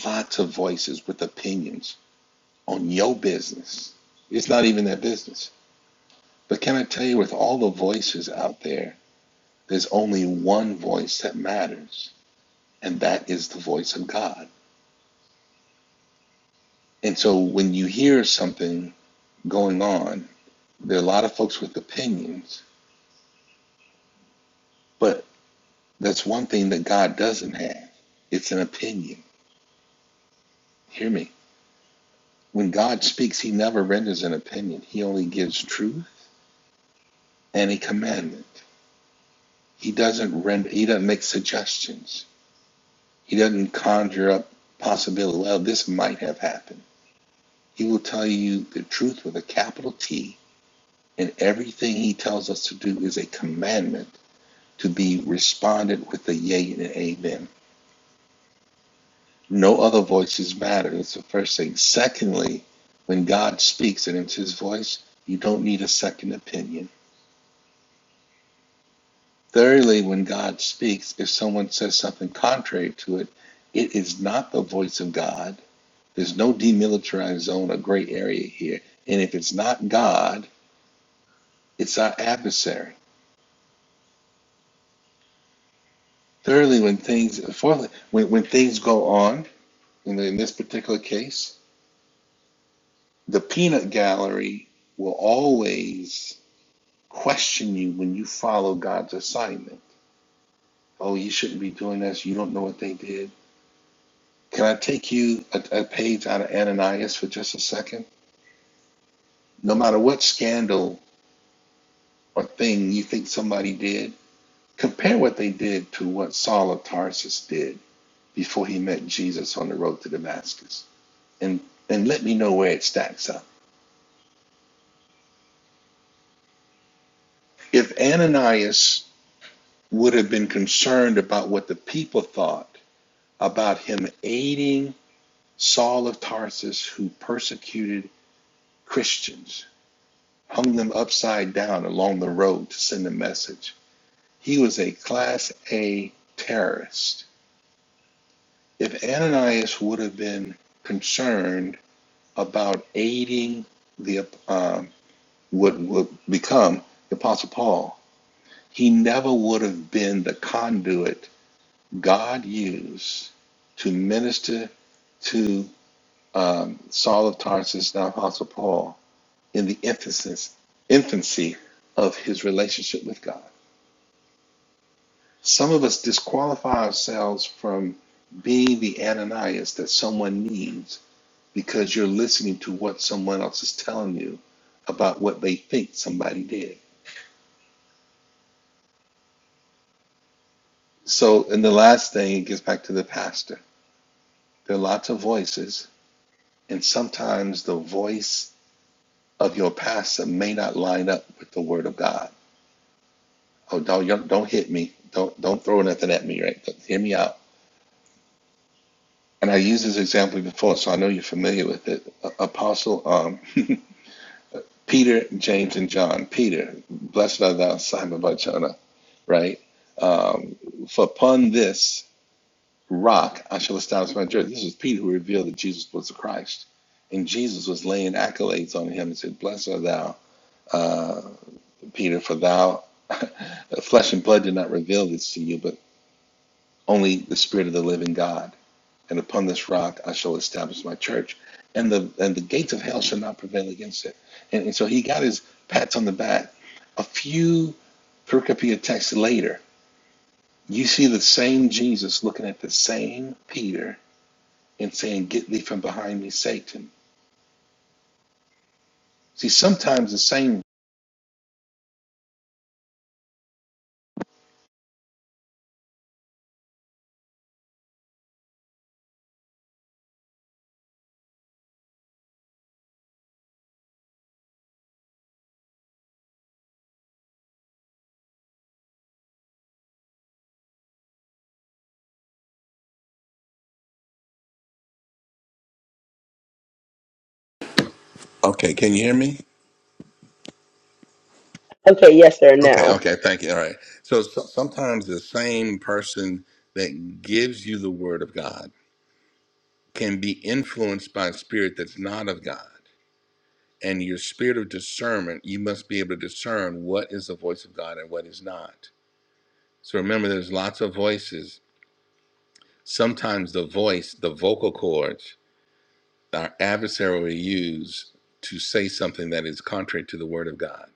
lots of voices with opinions on your business. It's not even their business. But can I tell you, with all the voices out there, there's only one voice that matters, and that is the voice of God. And so when you hear something going on, there are a lot of folks with opinions, but that's one thing that God doesn't have. It's an opinion. Hear me. When God speaks, he never renders an opinion. He only gives truth and a commandment. He doesn't render he doesn't make suggestions. He doesn't conjure up possibility. Well, this might have happened. He will tell you the truth with a capital T, and everything he tells us to do is a commandment to be responded with a yea and an amen. No other voices matter. It's the first thing. Secondly, when God speaks and it's his voice, you don't need a second opinion. Thirdly, when God speaks, if someone says something contrary to it, it is not the voice of God There's no demilitarized zone or gray area here. And if it's not God, it's our adversary. Thirdly, when things fourthly, when, when things go on, in, the, in this particular case, the peanut gallery will always question you when you follow God's assignment. Oh, you shouldn't be doing this. You don't know what they did. Can I take you a, a page out of Ananias for just a second? No matter what scandal or thing you think somebody did, Compare what they did to what Saul of Tarsus did before he met Jesus on the road to Damascus, and and let me know where it stacks up. If Ananias would have been concerned about what the people thought about him aiding Saul of Tarsus, who persecuted Christians, hung them upside down along the road to send a message, he was a class A terrorist. If Ananias would have been concerned about aiding the um, what would become the Apostle Paul. He never would have been the conduit God used to minister to um, Saul of Tarsus, now Apostle Paul, in the infancy, infancy of his relationship with God. Some of us disqualify ourselves from being the Ananias that someone needs because you're listening to what someone else is telling you about what they think somebody did. So, and the last thing, it gets back to the pastor. There are lots of voices, and sometimes the voice of your pastor may not line up with the word of God. Oh, don't don't hit me. Don't don't throw nothing at me. Right? Hear me out. And I used this example before, so I know you're familiar with it. Apostle um, [laughs] Peter, James, and John. Peter, blessed art thou, Simon Bar Jonah right? Um, for upon this rock I shall establish my church. This was Peter who revealed that Jesus was the Christ. And Jesus was laying accolades on him and said, Blessed art thou, uh, Peter, for thou, [laughs] flesh and blood did not reveal this to you, but only the Spirit of the living God. And upon this rock I shall establish my church. And the, and the gates of hell shall not prevail against it. And, and so he got his pats on the back. A few pericope texts later, You see the same Jesus looking at the same Peter and saying, Get thee from behind me, Satan. See, sometimes the same. Okay, can you hear me? Okay, yes, sir. Okay, Now. okay, thank you. All right. So, so sometimes the same person that gives you the word of God can be influenced by a spirit that's not of God. And your spirit of discernment, you must be able to discern what is the voice of God and what is not. So remember, there's lots of voices. Sometimes the voice, the vocal cords. our adversary will use to say something that is contrary to the word of God.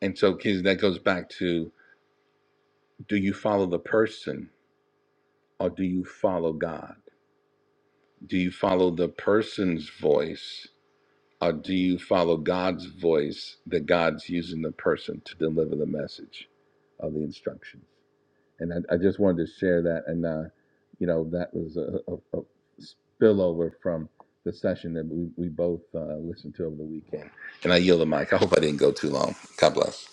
And so kids, that goes back to do you follow the person or do you follow God? Do you follow the person's voice or do you follow God's voice that God's using the person to deliver the message of the instruction? and I, I just wanted to share that. And uh, you know, that was a, a, a spillover from the session that we, we both uh, listened to over the weekend. And I yield the mic. I hope I didn't go too long. God bless.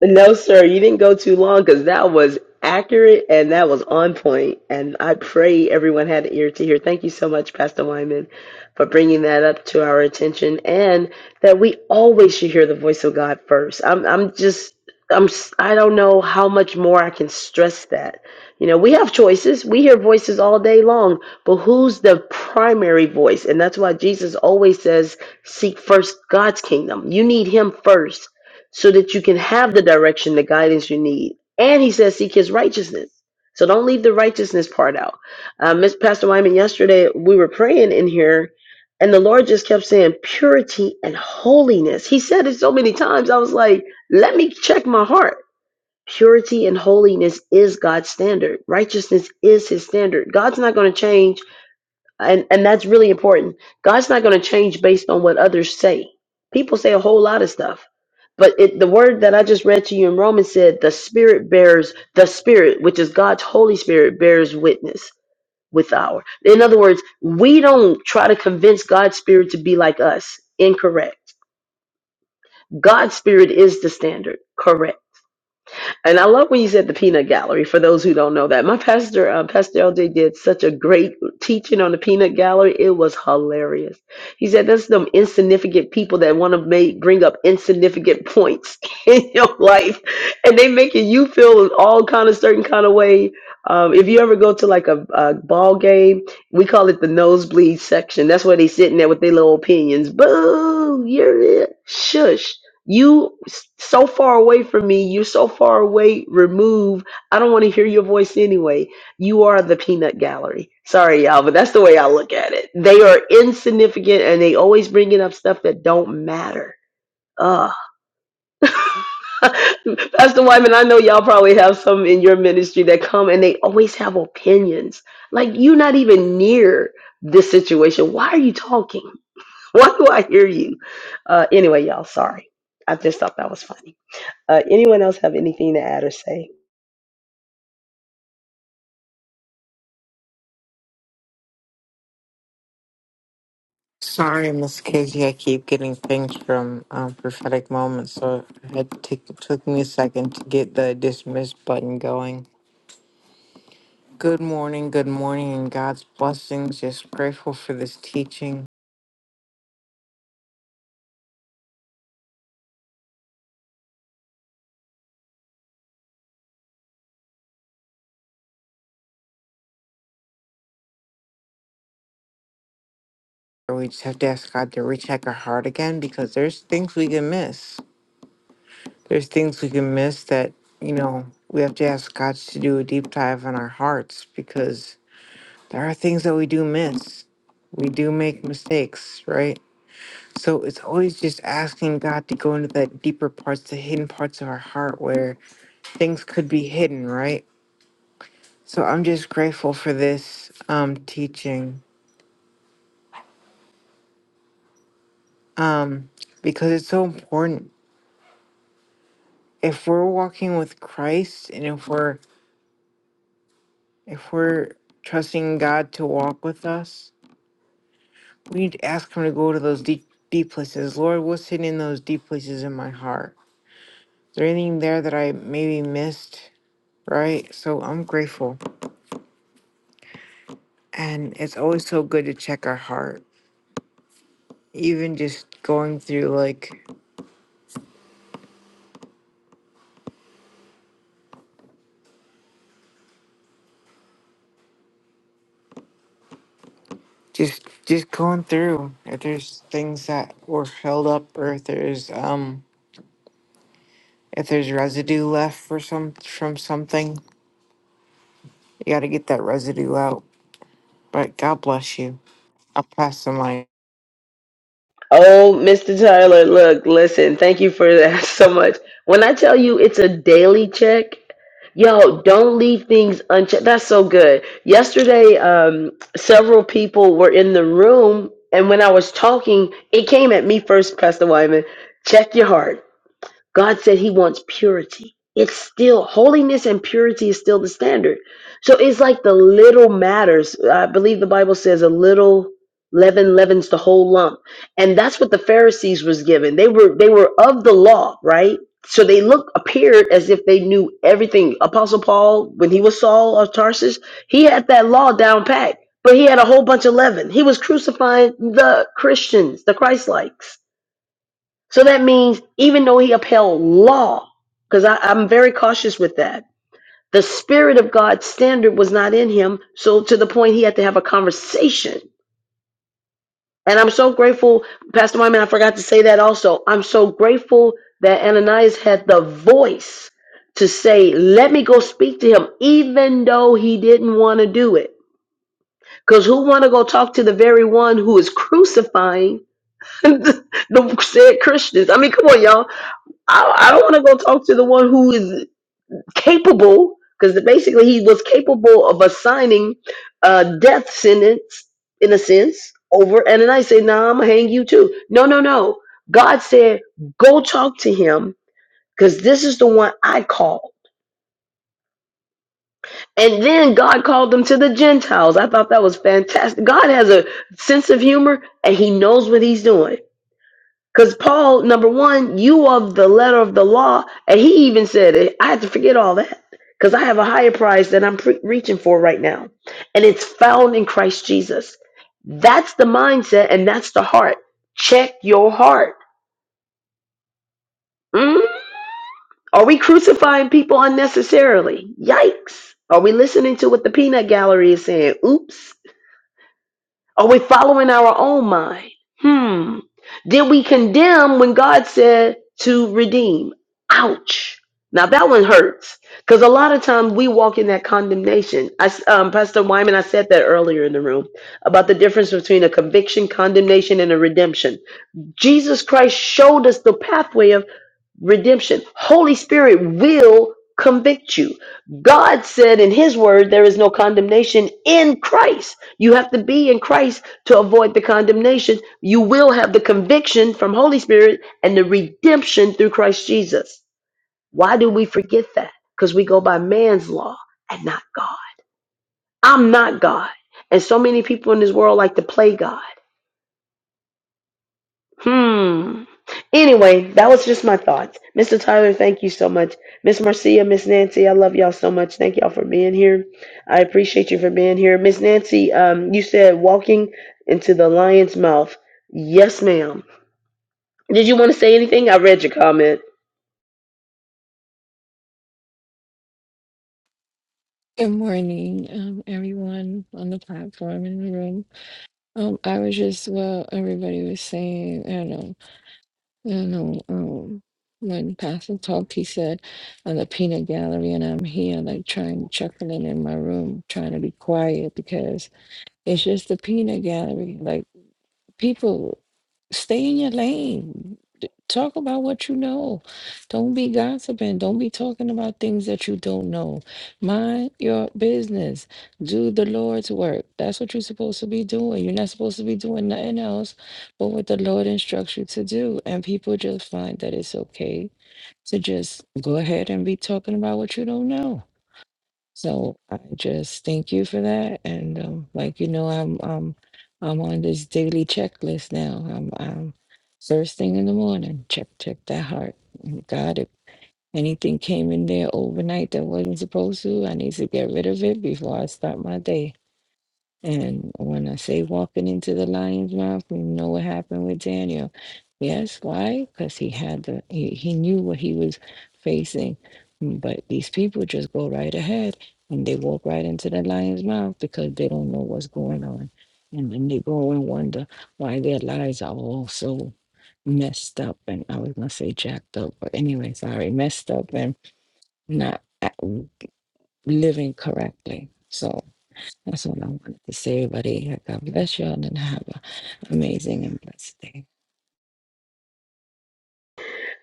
No, sir, you didn't go too long because that was accurate and that was on point. And I pray everyone had an ear to hear. Thank you so much, Pastor Wyman, for bringing that up to our attention and that we always should hear the voice of God first. I'm, I'm just, I'm, s- I don't know how much more I can stress that. You know, we have choices. We hear voices all day long, but who's the primary voice? And that's why Jesus always says, seek first God's kingdom. You need Him first so that you can have the direction, the guidance you need. And he says, seek his righteousness. So don't leave the righteousness part out. Uh, Miss Pastor Wyman, yesterday we were praying in here, and the Lord just kept saying purity and holiness. He said it so many times. I was like, let me check my heart. Purity and holiness is God's standard. Righteousness is his standard. God's not going to change and and that's really important. God's not going to change based on what others say. People say a whole lot of stuff, but it, the word that I just read to you in Romans said, "The Spirit bears the Spirit, which is God's Holy Spirit, bears witness with our." In other words, we don't try to convince God's Spirit to be like us. Incorrect. God's Spirit is the standard. Correct. And I love when you said the peanut gallery. For those who don't know that, my pastor, uh, Pastor LJ, did such a great teaching on the peanut gallery. It was hilarious. He said, "That's them insignificant people that want to make bring up insignificant points [laughs] in your life, and they making you feel all kind of certain kind of way." Um, if you ever go to like a, a ball game, we call it the nosebleed section. That's where they sitting there with their little opinions. Boo! You're it. Shush you s- so far away from me you're so far away remove i don't want to hear your voice anyway you are the peanut gallery sorry y'all but that's the way i look at it they are insignificant and they always bringing up stuff that don't matter Ugh. [laughs] Pastor Wyman, I know y'all probably have some in your ministry that come and they always have opinions. Like you're not even near this situation. Why are you talking? [laughs] Why do I hear you? Uh, anyway, y'all, sorry. I just thought that was funny. Uh, anyone else have anything to add or say? Sorry, Miss Casey. I keep getting things from um, prophetic moments, so it had t- took me a second to get the dismiss button going. Good morning, good morning, and God's blessings. Just grateful for this teaching. We just have to ask God to recheck our heart again because there's things we can miss. There's things we can miss that you know we have to ask God to do a deep dive on our hearts because there are things that we do miss. We do make mistakes, right? So it's always just asking God to go into that deeper parts, the hidden parts of our heart where things could be hidden, right? So I'm just grateful for this um, teaching um, because it's so important. If we're walking with Christ and if we're if we're trusting God to walk with us, we need to ask Him to go to those deep deep places. Lord, what's hidden in those deep places in my heart? Is there anything there that I maybe missed? Right? So I'm grateful. And it's always so good to check our heart. Even just going through like just just going through if there's things that were filled up or if there's um if there's residue left for some from something, you gotta get that residue out. But God bless you. I'll pass the mic. Oh, Mr. Tyler, look, listen, thank you for that [laughs] so much. When I tell you it's a daily check, yo, don't leave things unchecked. That's so good. Yesterday, um, several people were in the room, and when I was talking, it came at me first, Pastor Wyman. Check your heart God said he wants purity. It's still holiness and purity is still the standard. So it's like the little matters. I believe the Bible says a little leaven leavens the whole lump. And that's what the Pharisees was given. They were they were of the law, right? So they look appeared as if they knew everything. Apostle Paul, when he was Saul of Tarsus, he had that law down pat, but he had a whole bunch of leaven. He was crucifying the Christians, the Christ so that means even though he upheld law, because I'm very cautious with that, the spirit of God's standard was not in him. So to the point he had to have a conversation. And I'm so grateful, Pastor Wyman, I forgot to say that also. I'm so grateful that Ananias had the voice to say, let me go speak to him, even though he didn't want to do it. Because who want to go talk to the very one who is crucifying [laughs] the said Christians? I mean, come on, y'all I, I don't want to go talk to the one who is capable, because basically he was capable of assigning a death sentence, in a sense, over. And then I say, nah, I'm going to hang you too. No, no, no. God said, go talk to him, because this is the one I call. And then God called them to the Gentiles. I thought that was fantastic. God has a sense of humor, and he knows what he's doing Because Paul, number one, you of the letter of the law, and he even said it. I had to forget all that because I have a higher prize that I'm pre- reaching for right now, and it's found in Christ Jesus. That's the mindset, and that's the heart. Check your heart. Mm? Are we crucifying people unnecessarily? Yikes! Are we listening to what the peanut gallery is saying? Oops. Are we following our own mind? Hmm. Did we condemn when God said to redeem? Ouch. Now that one hurts because a lot of times we walk in that condemnation. I, s- um, Pastor Wyman, I said that earlier in the room about the difference between a conviction, condemnation, and a redemption. Jesus Christ showed us the pathway of redemption. Holy Spirit will convict you. God said in his word there is no condemnation in Christ. You have to be in Christ to avoid the condemnation. You will have the conviction from Holy Spirit and the redemption through Christ Jesus. Why do we forget that? Cuz we go by man's law and not God. I'm not God. And so many people in this world like to play God. Hmm. Anyway, that was just my thoughts. Mr. Tyler, thank you so much. Miss Marcia, Miss Nancy, I love y'all so much. Thank y'all for being here. I appreciate you for being here. Miss Nancy, um, you said walking into the lion's mouth. Yes, ma'am. Did you want to say anything? I read your comment. Good morning, um, everyone on the platform in the room. Um, I was just well, everybody was saying, I don't know, I don't know. Um, when Pastor talked, he said, "On the peanut gallery," and I'm here, like trying chuckling in my room, trying to be quiet because it's just the peanut gallery. Like people stay in your lane. D- Talk about what you know. Don't be gossiping. Don't be talking about things that you don't know. Mind your business. Do the Lord's work. That's what you're supposed to be doing. You're not supposed to be doing nothing else but what the Lord instructs you to do. And people just find that it's okay to just go ahead and be talking about what you don't know. So I just thank you for that. And um, like you know, I'm um I'm on this daily checklist now. I'm I'm first thing in the morning, check check that heart. And God, if anything came in there overnight that wasn't supposed to, I need to get rid of it before I start my day. And when I say walking into the lion's mouth, we know what happened with Daniel. Yes, why? Because he had the he, he knew what he was facing. Mm, But these people just go right ahead and they walk right into the lion's mouth because they don't know what's going on. And then they go and wonder why their lives are all so messed up and I was gonna say jacked up, but anyway, sorry, messed up and not uh, living correctly. So that's all I wanted to say, everybody. God bless y'all and have an amazing and blessed day.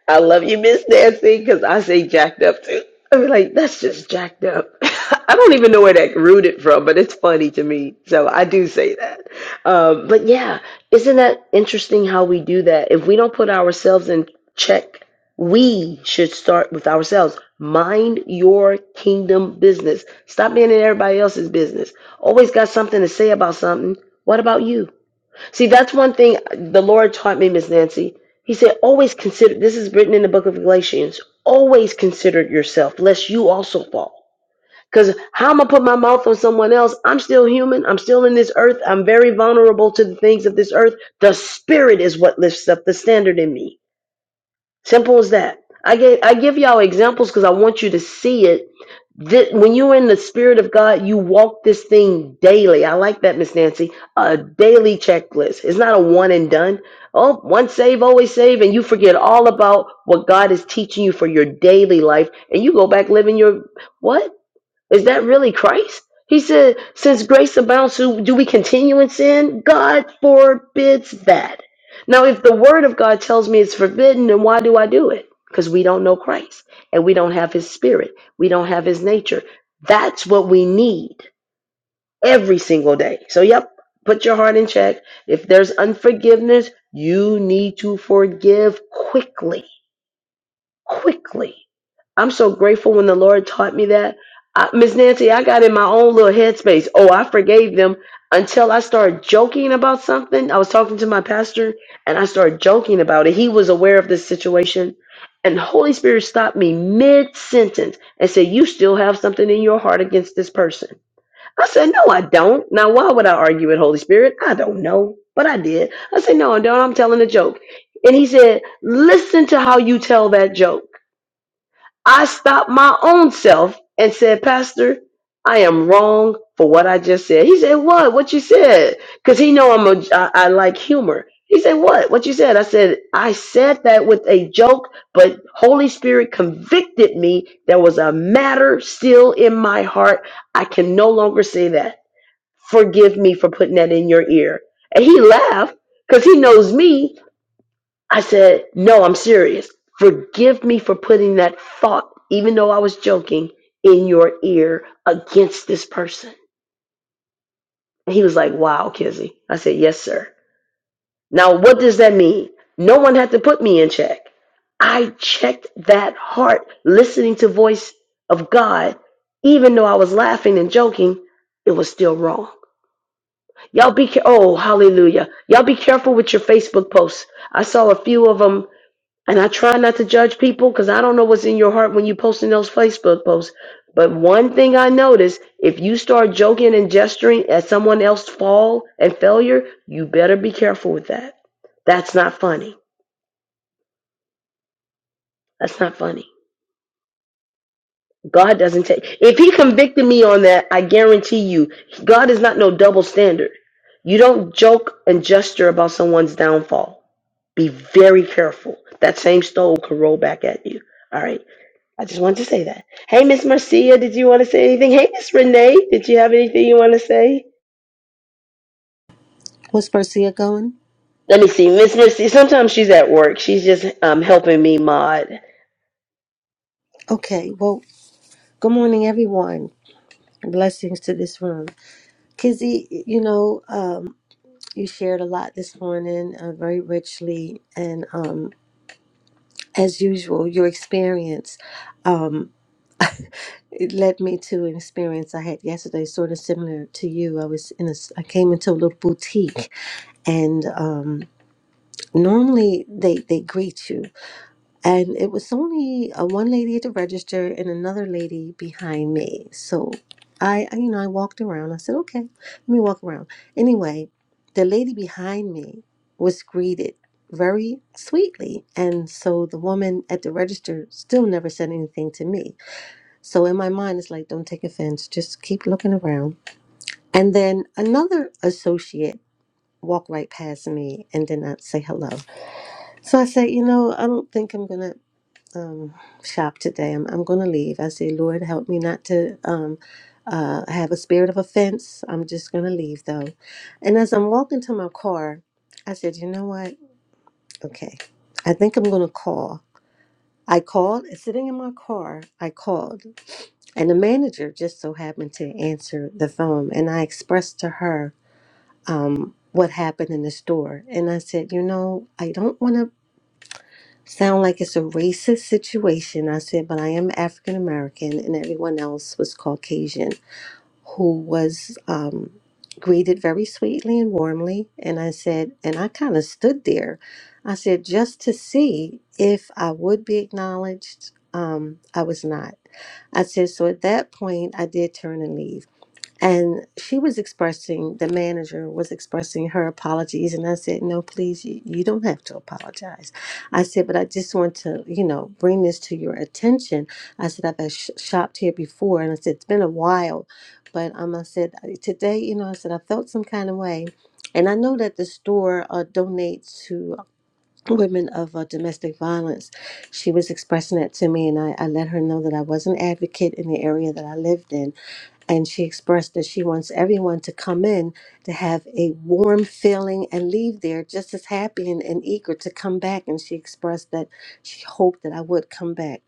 I love you, Miss Nancy, because I say jacked up too. I be like, that's just jacked up. [laughs] I don't even know where that rooted from, but it's funny to me. So I do say that. Um, but yeah, isn't that interesting how we do that? If we don't put ourselves in check, we should start with ourselves. Mind your kingdom business. Stop being in everybody else's business. Always got something to say about something. What about you? See, that's one thing the Lord taught me, Miss Nancy. He said, always consider, this is written in the book of Galatians, always consider yourself, lest you also fall. Because how am I put my mouth on someone else? I'm still human. I'm still in this earth. I'm very vulnerable to the things of this earth. The spirit is what lifts up the standard in me. Simple as that. I gave I give y'all examples because I want you to see it. Thi- when you're in the spirit of God, you walk this thing daily. I like that, Miss Nancy. A daily checklist. It's not a one and done. Oh, once save, always save, and you forget all about what God is teaching you for your daily life, and you go back living your what? Is that really Christ? He said, Since grace abounds, so do we continue in sin? God forbids that. Now, if the word of God tells me it's forbidden, then why do I do it? Because we don't know Christ and we don't have his spirit, we don't have his nature. That's what we need every single day. So, yep, put your heart in check. If there's unforgiveness, you need to forgive quickly quickly. I'm so grateful when the Lord taught me that. I, Miss Nancy, I got in my own little headspace. Oh, I forgave them until I started joking about something. I was talking to my pastor and I started joking about it. He was aware of this situation. And the Holy Spirit stopped me mid sentence and said, You still have something in your heart against this person. I said, No, I don't. Now, why would I argue with Holy Spirit? I don't know, but I did. I said, No, I don't. I'm telling a joke. And he said, Listen to how you tell that joke. I stopped my own self and said, Pastor, I am wrong for what I just said. He said, What? What you said? Because he know I'm a I, I like humor. He said, What? What you said? I said, I said that with a joke, but Holy Spirit convicted me. There was a matter still in my heart. I can no longer say that. Forgive me for putting that in your ear. And he laughed because he knows me. I said, No, I'm serious. Forgive me for putting that thought, even though I was joking, in your ear against this person. And he was like, Wow, Kizzy. I said, Yes, sir. Now, what does that mean? No one had to put me in check. I checked that heart, listening to voice of God, even though I was laughing and joking, it was still wrong. Y'all be care- oh hallelujah. Y'all be careful with your Facebook posts. I saw a few of them And I try not to judge people because I don't know what's in your heart when you posting those Facebook posts. But one thing I notice, if you start joking and gesturing at someone else's fall and failure, you better be careful with that. That's not funny. That's not funny. God doesn't take if he convicted me on that, I guarantee you, God is not no double standard. You don't joke and gesture about someone's downfall. Be very careful. That same stone can roll back at you. All right. I just wanted to say that. Hey, Miss Marcia, did you want to say anything? Hey, Miss Renee, did you have anything you want to say? Was Marcia going? Let me see, Miss Marcia. Sometimes she's at work. She's just um, helping me mod. Okay, well, good morning, everyone. Blessings to this room. Kizzy, you know, um, you shared a lot this morning, uh, very richly, and um, as usual, your experience um, it led me to an experience I had yesterday, sort of similar to you. I was in a, s- I came into a little boutique, and um, normally they they greet you, And it was only uh, one lady at the register and another lady behind me. So I, I, you know, I walked around. I said, okay, let me walk around. Anyway, the lady behind me was greeted very sweetly. And so the woman at the register still never said anything to me. So in my mind, it's like, don't take offense, just keep looking around. And then another associate walked right past me and did not say hello. So I said, you know, I don't think I'm going to um, shop today. I'm, I'm going to leave. I say, Lord, help me not to um, uh, have a spirit of offense. I'm just going to leave, though. And as I'm walking to my car, I said, you know what? Okay, I think I'm going to call. I called, sitting in my car, I called, and the manager just so happened to answer the phone. And I expressed to her um, what happened in the store. And I said, you know, I don't want to Sound like it's a racist situation. I said, but I am African American, and everyone else was Caucasian, who was um, greeted very sweetly and warmly. And I said, and I kind of stood there. I said, just to see if I would be acknowledged. Um, I was not. I said, so at that point, I did turn and leave. And she was expressing, the manager was expressing her apologies. And I said, No, please, you, you don't have to apologize. I said, But I just want to, you know, bring this to your attention. I said, I've been sh- shopped here before. And I said, It's been a while. But um, I said, "I- Today, you know, I said, I felt some kind of way. And I know that the store uh, donates to women of uh, domestic violence. She was expressing that to me, and I, I let her know that I was an advocate in the area that I lived in and she expressed that she wants everyone to come in to have a warm feeling and leave there just as happy and, and eager to come back. And she expressed that she hoped that I would come back.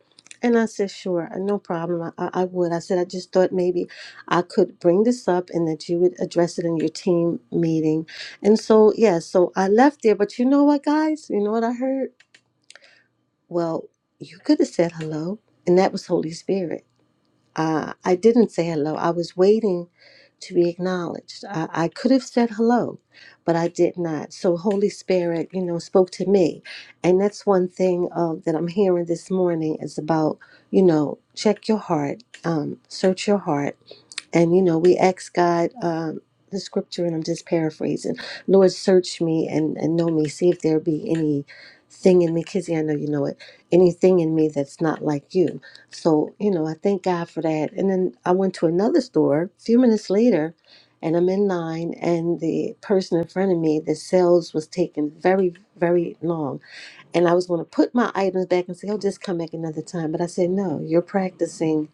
And I said, sure, uh, no problem. I, I I would. I said, I just thought maybe I could bring this up and that you would address it in your team meeting. And so, yeah, so I left there. But you know what, guys? You know what I heard? Well, you could have said hello, and that was Holy Spirit uh, I didn't say hello. I was waiting to be acknowledged. I, I could have said hello, but I did not. So Holy Spirit, you know, spoke to me, and that's one thing uh, that I'm hearing this morning is about, you know, check your heart, um, search your heart and you know, we ask God um, the scripture, and I'm just paraphrasing. Lord, search me and, and know me. See if there be any thing in me, Kizzy. I know you know it. Anything in me that's not like you. So you know, I thank God for that. And then I went to another store a few minutes later, and I'm in line, and the person in front of me, the sales was taking very, very long. And I was going to put my items back and say, "Oh, just come back another time." But I said, "No, you're practicing."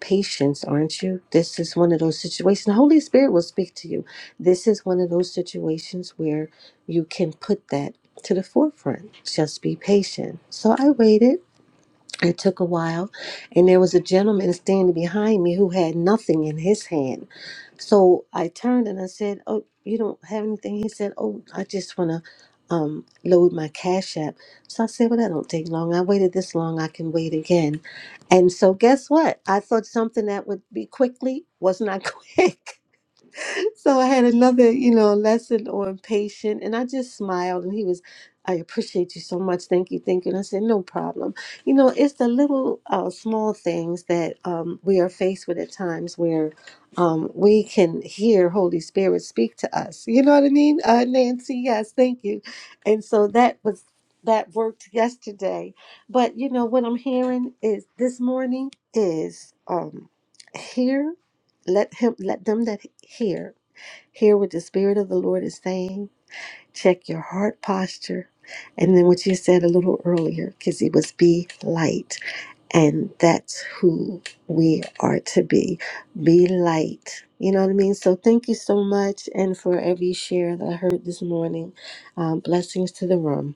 patience, aren't you? This is one of those situations. The Holy Spirit will speak to you. This is one of those situations where you can put that to the forefront. Just be patient. So I waited it took a while, and there was a gentleman standing behind me who had nothing in his hand. So I turned and I said, "Oh, you don't have anything?" He said, "Oh, I just want to um, load my cash app." So I said, "Well, that don't take long. I waited this long. I can wait again." And so, guess what? I thought something that would be quickly was not [laughs] quick. So I had another, you know, lesson on patient, and I just smiled, and he was, I appreciate you so much. Thank you, thank you. And I said, no problem. You know, it's the little, uh, small things that um, we are faced with at times where um, we can hear Holy Spirit speak to us. You know what I mean, uh, Nancy? Yes, thank you. And so that was that worked yesterday, but you know what I'm hearing is this morning is um, here. Let him let them that hear Hear what the Spirit of the Lord is saying. Check your heart posture. And then what you said a little earlier, because it was be light. And that's who we are to be. Be light. You know what I mean? So thank you so much. And for every share that I heard this morning, um, blessings to the room.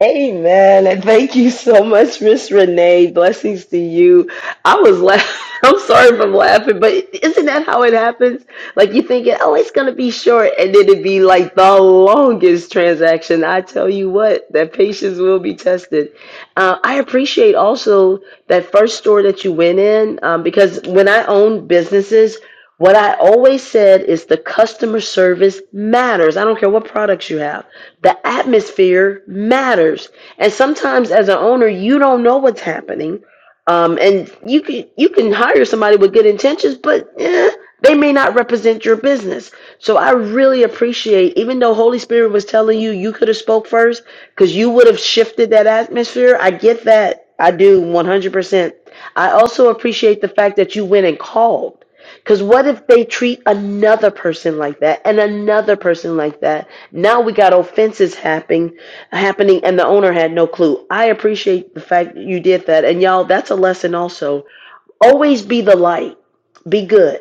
Amen. And thank you so much, Miss Renee. Blessings to you. I was laughing. [laughs] I'm sorry if I'm laughing, but isn't that how it happens? Like you thinking, oh, it's gonna be short, and then it'd be like the longest transaction. I tell you what, that patience will be tested. Uh, I appreciate also that first store that you went in um, because when I own businesses. What I always said is the customer service matters. I don't care what products you have. The atmosphere matters. And sometimes as an owner, you don't know what's happening. Um, and you can you can hire somebody with good intentions, but eh, they may not represent your business. So I really appreciate, even though Holy Spirit was telling you you could have spoke first, because you would have shifted that atmosphere. I get that. I do 100%. I also appreciate the fact that you went and called. Because what if they treat another person like that and another person like that? Now we got offenses happening, happening, and the owner had no clue. I appreciate the fact that you did that, and y'all, that's a lesson also. Always be the light. Be good.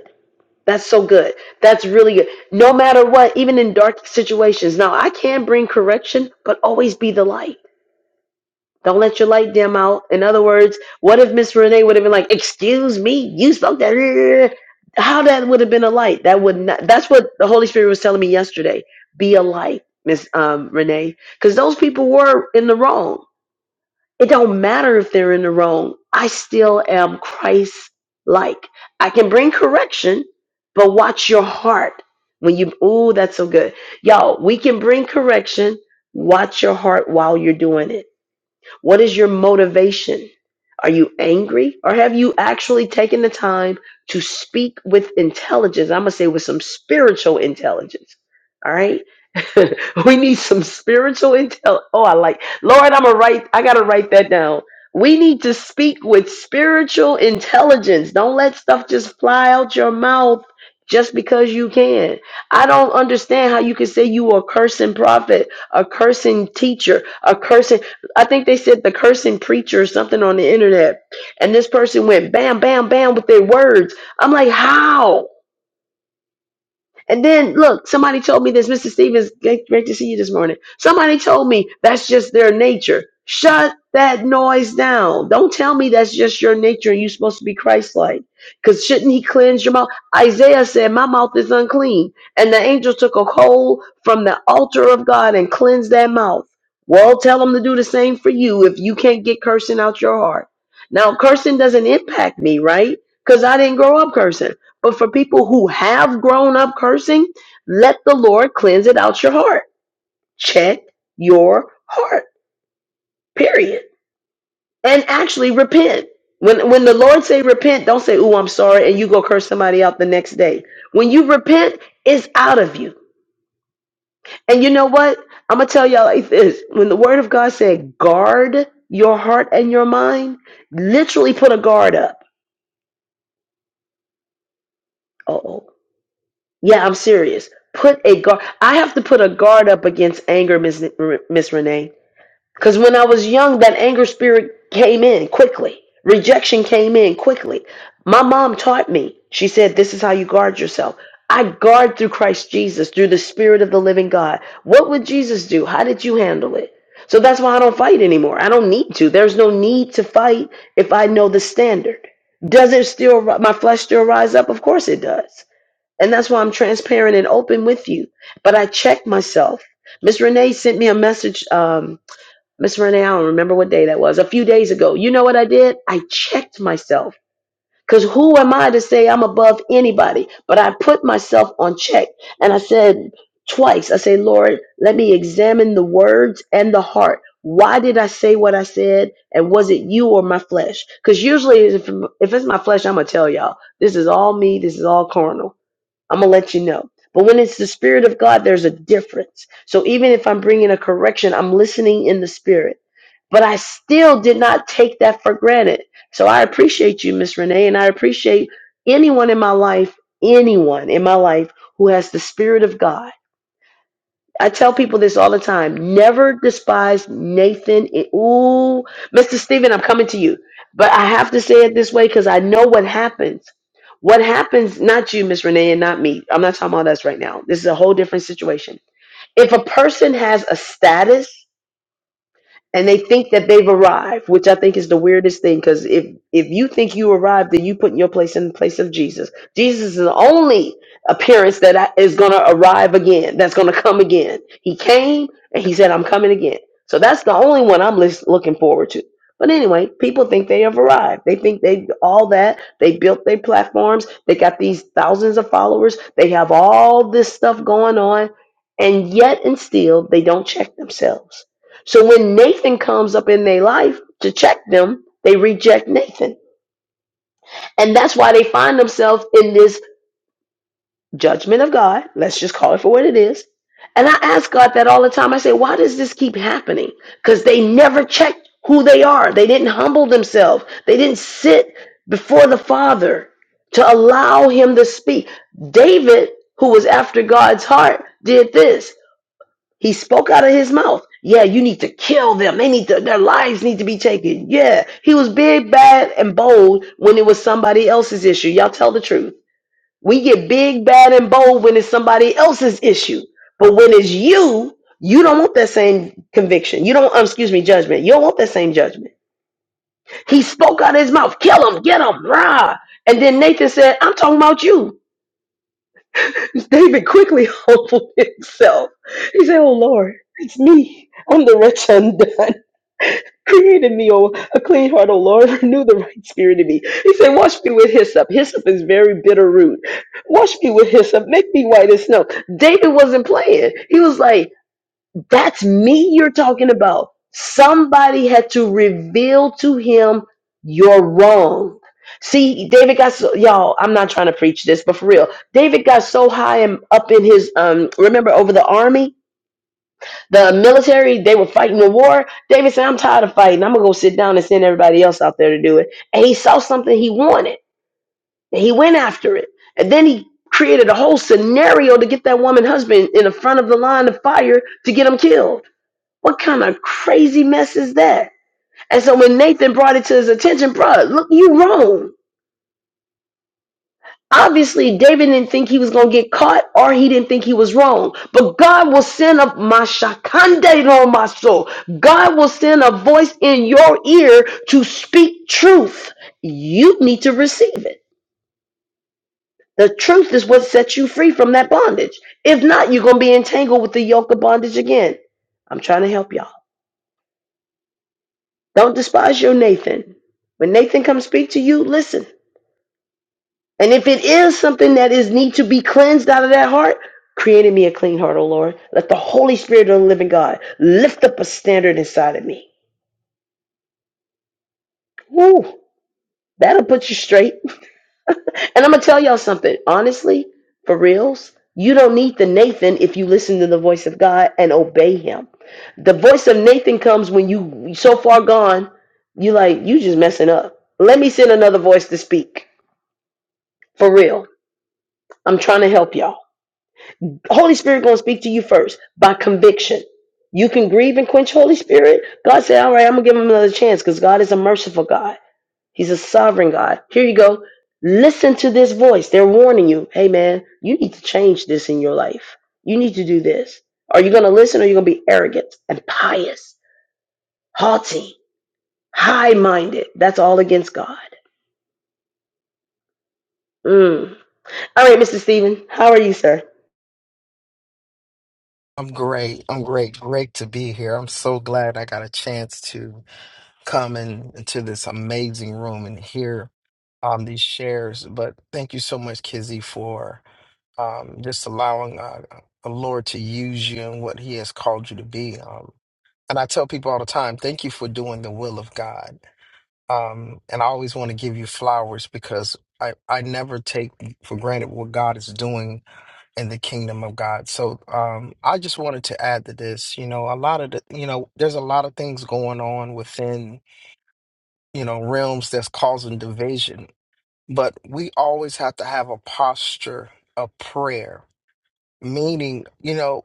That's so good. That's really good. No matter what, even in dark situations. Now I can bring correction, but always be the light. Don't let your light dim out. In other words, what if Miss Renee would have been like, "Excuse me, you spoke that." [laughs] How that would have been a light? That would not. That's what the Holy Spirit was telling me yesterday. Be a light, Miss um, Renee, because those people were in the wrong. It don't matter if they're in the wrong. I still am Christ-like. I can bring correction, but watch your heart when you. Oh, that's so good, y'all. We can bring correction. Watch your heart while you're doing it what is your motivation? Are you angry or have you actually taken the time to speak with intelligence? I'm going to say with some spiritual intelligence. All right. [laughs] we need some spiritual intel. Oh, I like, Lord, I'm going to write, I got to write that down. We need to speak with spiritual intelligence. Don't let stuff just fly out your mouth just because you can. I don't understand how you can say you are a cursing prophet, a cursing teacher, a cursing. I think they said the cursing preacher or something on the internet. And this person went bam, bam, bam with their words. I'm like, how? And then look, somebody told me this. Mr. Stevens, great, great to see you this morning. Somebody told me that's just their nature. Shut that noise down. Don't tell me that's just your nature and you're supposed to be Christ like. Because shouldn't he cleanse your mouth? Isaiah said, My mouth is unclean. And the angel took a coal from the altar of God and cleansed that mouth. Well, tell him to do the same for you if you can't get cursing out your heart. Now, cursing doesn't impact me, right? Because I didn't grow up cursing. But for people who have grown up cursing, let the Lord cleanse it out your heart. Check your heart. Period. And actually repent. When when the Lord say repent, don't say, "Ooh, I'm sorry," and you go curse somebody out the next day. When you repent, it's out of you. And you know what? I'm gonna tell y'all like this. When the Word of God said, "Guard your heart and your mind," literally put a guard up. Uh oh. Yeah, I'm serious. Put a guard. I have to put a guard up against anger, Miss N- Miss Renee. Because when I was young, that anger spirit came in quickly. Rejection came in quickly. My mom taught me. She said, "This is how you guard yourself." I guard through Christ Jesus, through the Spirit of the Living God. What would Jesus do? How did you handle it? So that's why I don't fight anymore. I don't need to. There's no need to fight if I know the standard. Does it still? My flesh still rise up? Of course it does and that's why I'm transparent and open with you. But I check myself. Miss Renee sent me a message. Um, Miss Renee, I don't remember what day that was, a few days ago. You know what I did? I checked myself. Because who am I to say I'm above anybody? But I put myself on check. And I said twice, I say, Lord, let me examine the words and the heart. Why did I say what I said? And was it you or my flesh? Because usually, if, if it's my flesh, I'm going to tell y'all this is all me, this is all carnal. I'm gonna let you know. But when it's the spirit of God, there's a difference. So even if I'm bringing a correction, I'm listening in the spirit. But I still did not take that for granted. So I appreciate you, Miss Renee, and I appreciate anyone in my life, anyone in my life who has the spirit of God I tell people this all the time. Never despise Nathan. It- Ooh, Mr. Stephen, I'm coming to you. But I have to say it this way because I know what happens. What happens, not you, Miss Renee, and not me. I'm not talking about us right now. This is a whole different situation. If a person has a status and they think that they've arrived, which I think is the weirdest thing. Because if if you think you arrived, then you put your place in the place of Jesus. Jesus is the only appearance that I- is going to arrive again. That's going to come again. He came and he said, "I'm coming again." So that's the only one I'm lis- looking forward to. But anyway, people think they have arrived. They think they all that. They built their platforms. They got these thousands of followers. They have all this stuff going on, and yet and still they don't check themselves so when Nathan comes up in their life to check them, they reject Nathan. And that's why they find themselves in this judgment of God. Let's just call it for what it is. And I ask God that all the time. I say, why does this keep happening? Because they never checked who they are. They didn't humble themselves. They didn't sit before the Father to allow him to speak. David, who was after God's heart, did this. He spoke out of his mouth. Yeah, you need to kill them. They need to, their lives need to be taken. Yeah, he was big, bad, and bold when it was somebody else's issue. Y'all tell the truth. We get big, bad, and bold when it's somebody else's issue. But when it's you, you don't want that same conviction. You don't, um, excuse me, judgment. You don't want that same judgment. He spoke out of his mouth. Kill him. Get him. Rah. And then Nathan said, I'm talking about you. Because David quickly [laughs] humbled himself. He said, Oh Lord, it's me. I'm the wretch undone. Created in me, O a clean heart, O Lord, [laughs] renew the right spirit in me. He said, Wash me with hyssop. Hyssop is very bitter root. Wash me with hyssop, make me white as snow. David wasn't playing. He was like, that's me you're talking about. Somebody had to reveal to him you're wrong. See, David got so y'all, I'm not trying to preach this, but for real. David got so high and up in his um remember over the army, the military, they were fighting the war. David said, I'm tired of fighting. I'm gonna go sit down and send everybody else out there to do it. And he saw something he wanted. And he went after it. And then he created a whole scenario to get that woman husband in the front of the line of fire to get him killed. What kind of crazy mess is that? And so when Nathan brought it to his attention, bruh, look, you wrong. Obviously, David didn't think he was going to get caught or he didn't think he was wrong. But God will send a mashakande no maso. God will send a voice in your ear to speak truth. You need to receive it. The truth is what sets you free from that bondage. If not, you're going to be entangled with the yoke of bondage again. I'm trying to help y'all. Don't despise your Nathan. When Nathan comes speak to you, listen. And if it is something that is need to be cleansed out of that heart, create in me a clean heart, O Lord. Let the Holy Spirit of the living God lift up a standard inside of me. Woo! That'll put you straight. [laughs] and I'm gonna tell y'all something. Honestly, for reals, you don't need the Nathan if you listen to the voice of God and obey him. The voice of Nathan comes when you so far gone, you like, you just messing up. Let me send another voice to speak. For real I'm trying to help y'all. Holy Spirit gonna speak to you first by conviction. You can grieve and quench Holy Spirit. God said, "All right, I'm gonna give him another chance because God is a merciful God. He's a sovereign God." Here you go. Listen to this voice. They're warning you. Hey, man, you need to change this in your life. You need to do this. Are you gonna listen, or are you gonna be arrogant and pious, haughty, high-minded? That's all against God. Mm. All right, Mr. Stephen, how are you, sir? I'm great. I'm great. Great to be here. I'm so glad I got a chance to come in, into this amazing room and hear um, these shares. But thank you so much, Kizzy, for um, just allowing uh, the Lord to use you and what He has called you to be. Um, and I tell people all the time, thank you for doing the will of God. Um, and I always want to give you flowers because I, I never take for granted what God is doing in the kingdom of God. So um, I just wanted to add to this, you know, a lot of the, you know, there's a lot of things going on within, you know, realms that's causing division, but we always have to have a posture of prayer, meaning, you know,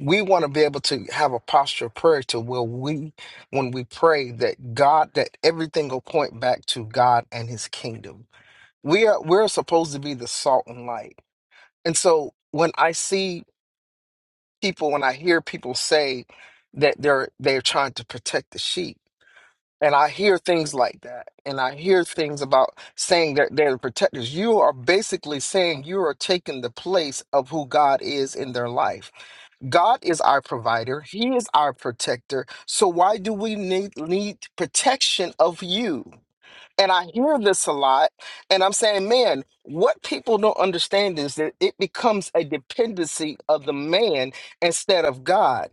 we want to be able to have a posture of prayer to where we, when we pray that God, that everything will point back to God and his kingdom. We are, we're supposed to be the salt and light. And so when I see people when I hear people say that they're they're trying to protect the sheep. And I hear things like that. And I hear things about saying that they're the protectors. You are basically saying you are taking the place of who God is in their life. God is our provider. He is our protector. So why do we need need protection of you? And I hear this a lot. And I'm saying, man, what people don't understand is that it becomes a dependency of the man instead of God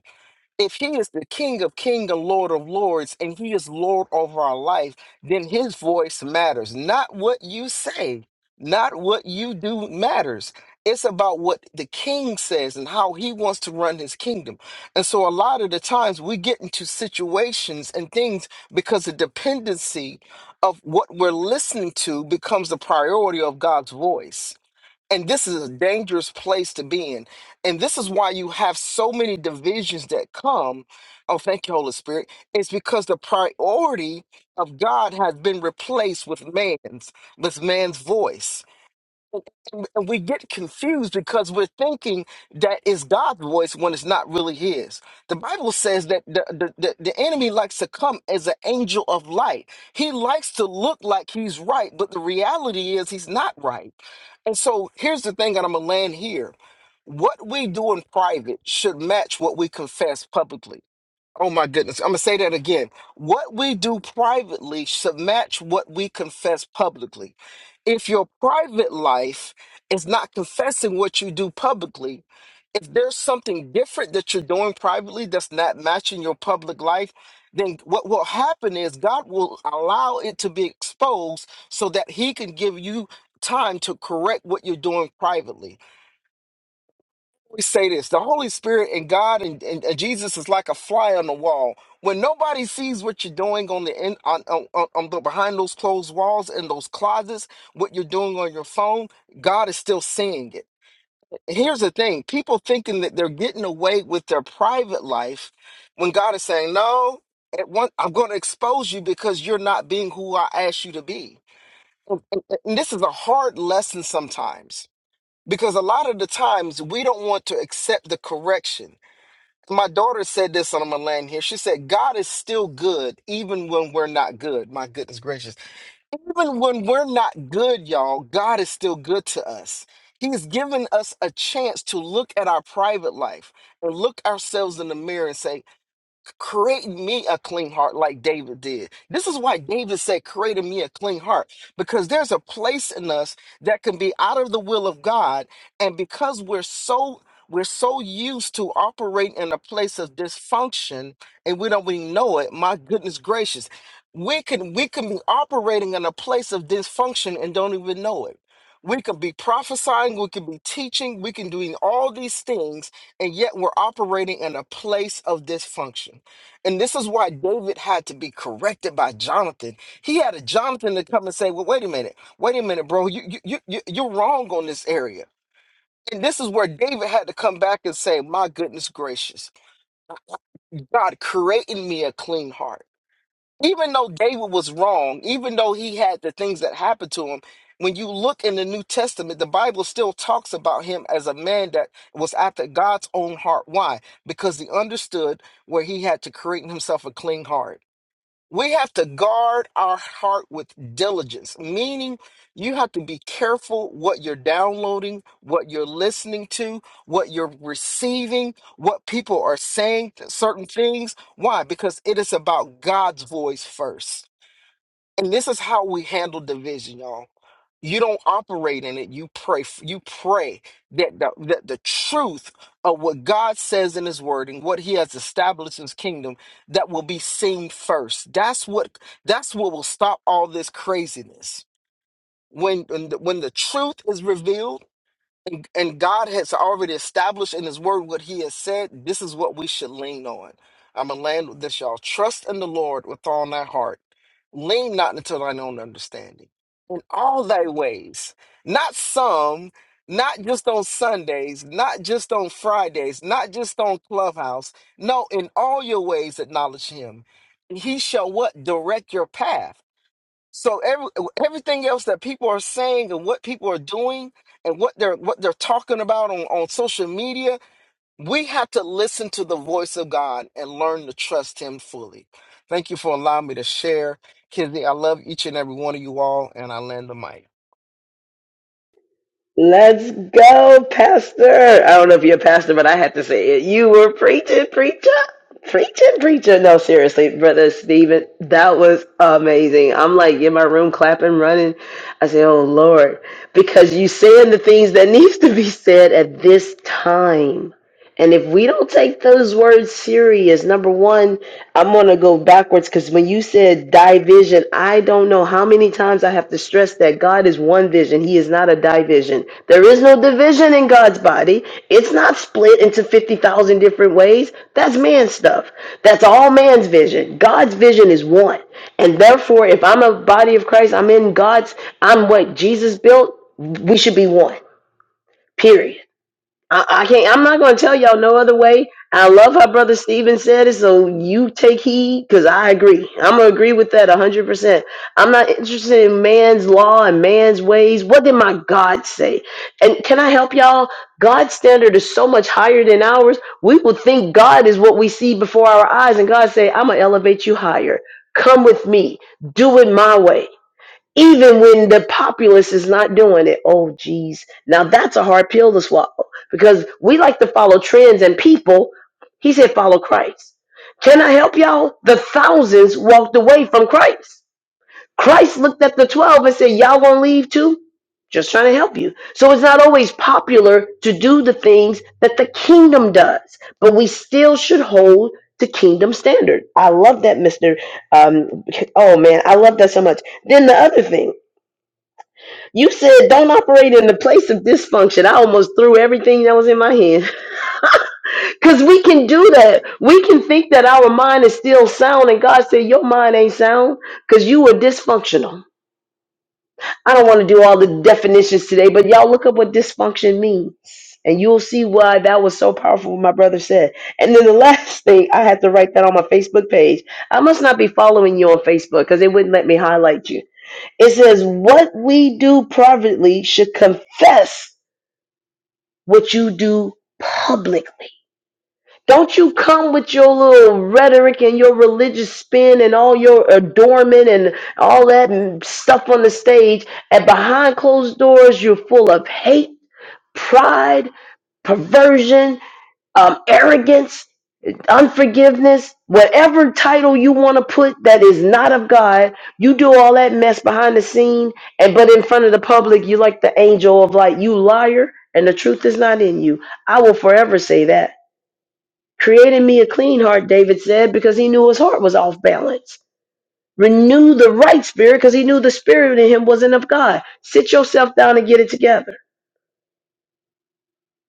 if he is the king of Kings and lord of lords and he is lord over our life then his voice matters not what you say not what you do matters it's about what the king says and how he wants to run his kingdom and so a lot of the times we get into situations and things because the dependency of what we're listening to becomes the priority of god's voice and this is a dangerous place to be in. And this is why you have so many divisions that come. Oh, thank you, Holy Spirit. It's because the priority of God has been replaced with man's, with man's voice and we get confused because we're thinking that it's God's voice when it's not really His. The Bible says that the, the, the, the enemy likes to come as an angel of light. He likes to look like he's right, but the reality is he's not right. And so here's the thing, and I'm going to land here. What we do in private should match what we confess publicly Oh my goodness. I'm going to say that again. What we do privately should match what we confess publicly. If your private life is not confessing what you do publicly, if there's something different that you're doing privately that's not matching your public life, then what will happen is God will allow it to be exposed so that He can give you time to correct what you're doing privately always say this the Holy Spirit and God and, and, and Jesus is like a fly on the wall. When nobody sees what you're doing on the in, on, on, on on the behind those closed walls and those closets, what you're doing on your phone, God is still seeing it. Here's the thing people thinking that they're getting away with their private life when God is saying, No, at one, I'm going to expose you because you're not being who I asked you to be. And, and and this is a hard lesson sometimes because a lot of the times we don't want to accept the correction. My daughter said this on my land here. She said, God is still good even when we're not good. My goodness gracious. Even when we're not good, y'all, God is still good to us. He's given us a chance to look at our private life and look ourselves in the mirror and say, create in me a clean heart like David did. This is why David said, created me a clean heart, because there's a place in us that can be out of the will of God. And because we're so we're so used to operating in a place of dysfunction and we don't even know it, my goodness gracious. We can we can be operating in a place of dysfunction and don't even know it. We can be prophesying, we can be teaching, we can doing all these things, and yet we're operating in a place of dysfunction. And this is why David had to be corrected by Jonathan. He had a Jonathan to come and say, "Well, wait a minute, wait a minute, bro, you you you you- you're wrong on this area." And this is where David had to come back and say, "My goodness gracious, God creating me a clean heart." Even though David was wrong, even though he had the things that happened to him, when you look in the New Testament, the Bible still talks about him as a man that was after God's own heart. Why? Because he understood where he had to create in himself a clean heart. We have to guard our heart with diligence, meaning you have to be careful what you're downloading, what you're listening to, what you're receiving, what people are saying, certain things. Why? Because it is about God's voice first. And this is how we handle division, y'all you don't operate in it you pray f- you pray that the, that the truth of what god says in his word and what he has established in his kingdom that will be seen first that's what that's what will stop all this craziness when when the, when the truth is revealed and, and God has already established in His Word what He has said. This is what we should lean on. I'm going to land with this, y'all. Trust in the Lord with all thy heart. Lean not unto thine own understanding. In all thy ways, not some, not just on Sundays, not just on Fridays, not just on Clubhouse. No, in all your ways, acknowledge Him. He shall what? Direct your path. So every, everything else that people are saying and what people are doing and what they're what they're talking about on, on social media, we have to listen to the voice of God and learn to trust him fully. Thank you for allowing me to share. Kizzy, I love each and every one of you all, and I land the mic. Let's go, Pastor. I don't know if you're a pastor, but I had to say it. You were preaching, preacher. Preaching, preacher. No, seriously, Brother Stephen, that was amazing. I'm like in my room clapping, running. I say, oh, Lord, because you saying the things that needs to be said at this time and if we don't take those words serious, number one, I'm going to go backwards because when you said division, I don't know how many times I have to stress that God is one vision. He is not a division. There is no division in God's body. It's not split into 50,000 different ways. That's man stuff. That's all man's vision. God's vision is one. And therefore, if I'm a body of Christ, I'm in God's, I'm what Jesus built, we should be one, period. I, I can't. I'm not going to tell y'all no other way. I love how Brother Steven said it, so you take heed because I agree. I'm going to agree with that 100%. I'm not interested in man's law and man's ways. What did my God say? And can I help y'all? God's standard is so much higher than ours. We will think God is what we see before our eyes, and God say, I'm going to elevate you higher. Come with me. Do it my way even when the populace is not doing it. Oh, geez. Now that's a hard pill to swallow because we like to follow trends and people. He said, follow Christ. Can I help y'all? The thousands walked away from Christ. Christ looked at the 12 and said, Y'all gonna leave too? Just trying to help you. So it's not always popular to do the things that the kingdom does, but we still should hold to kingdom standard. I love that, Mr. Um, oh man, I love that so much. Then the other thing. You said don't operate in the place of dysfunction. I almost threw everything that was in my hand. [laughs] Because we can do that. We can think that our mind is still sound, and God said, Your mind ain't sound because you are dysfunctional. I don't want to do all the definitions today, but y'all look up what dysfunction means. And you'll see why that was so powerful, what my brother said. And then the last thing, I had to write that on my Facebook page. I must not be following you on Facebook because it wouldn't let me highlight you. It says, What we do privately should confess what you do publicly. Don't you come with your little rhetoric and your religious spin and all your adornment and all that stuff on the stage, and behind closed doors, you're full of hate, pride, perversion, um, arrogance unforgiveness, whatever title you want to put that is not of God, you do all that mess behind the scene, and but in front of the public, you like the angel of light, you liar, and the truth is not in you. I will forever say that. Create in me a clean heart, David said, because he knew his heart was off balance. Renew the right spirit because he knew the spirit in him wasn't of God. Sit yourself down and get it together.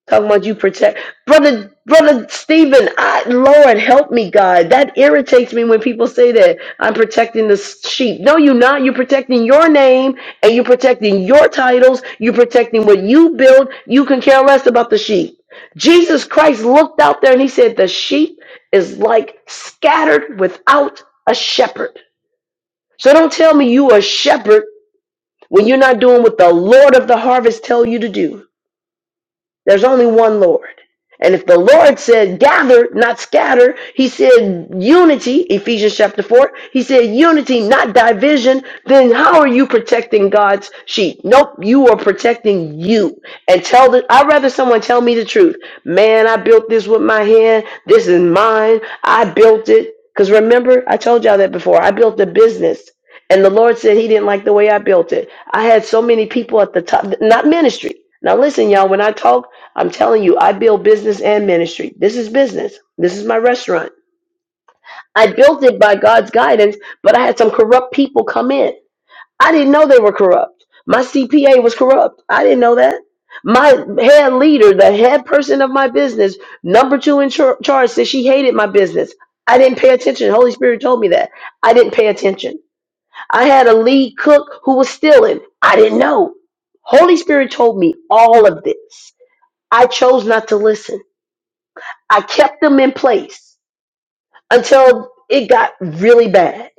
Talking about you protect brother brother Stephen, I Lord help me, God. That irritates me when people say that I'm protecting the sheep. No, you're not. You're protecting your name and you're protecting your titles. You're protecting what you build. You can care less about the sheep. Jesus Christ looked out there and he said, The sheep is like scattered without a shepherd. So don't tell me you are a shepherd when you're not doing what the Lord of the harvest tell you to do. There's only one Lord. And if the Lord said gather, not scatter, he said unity, Ephesians chapter 4, he said unity, not division, then how are you protecting God's sheep? Nope, you are protecting you. And tell the, I'd rather someone tell me the truth. Man, I built this with my hand. This is mine. I built it. Because remember, I told y'all that before. I built a business. And the Lord said he didn't like the way I built it. I had so many people at the top, not ministry. Now listen, y'all, when I talk, I'm telling you, I build business and ministry. This is business. This is my restaurant. I built it by God's guidance, but I had some corrupt people come in. I didn't know they were corrupt. My CPA was corrupt. I didn't know that. My head leader, the head person of my business, number two in char- charge, said she hated my business. I didn't pay attention. Holy Spirit told me that. I didn't pay attention. I had a lead cook who was stealing. I didn't know. Holy Spirit told me all of this. I chose not to listen. I kept them in place until it got really bad.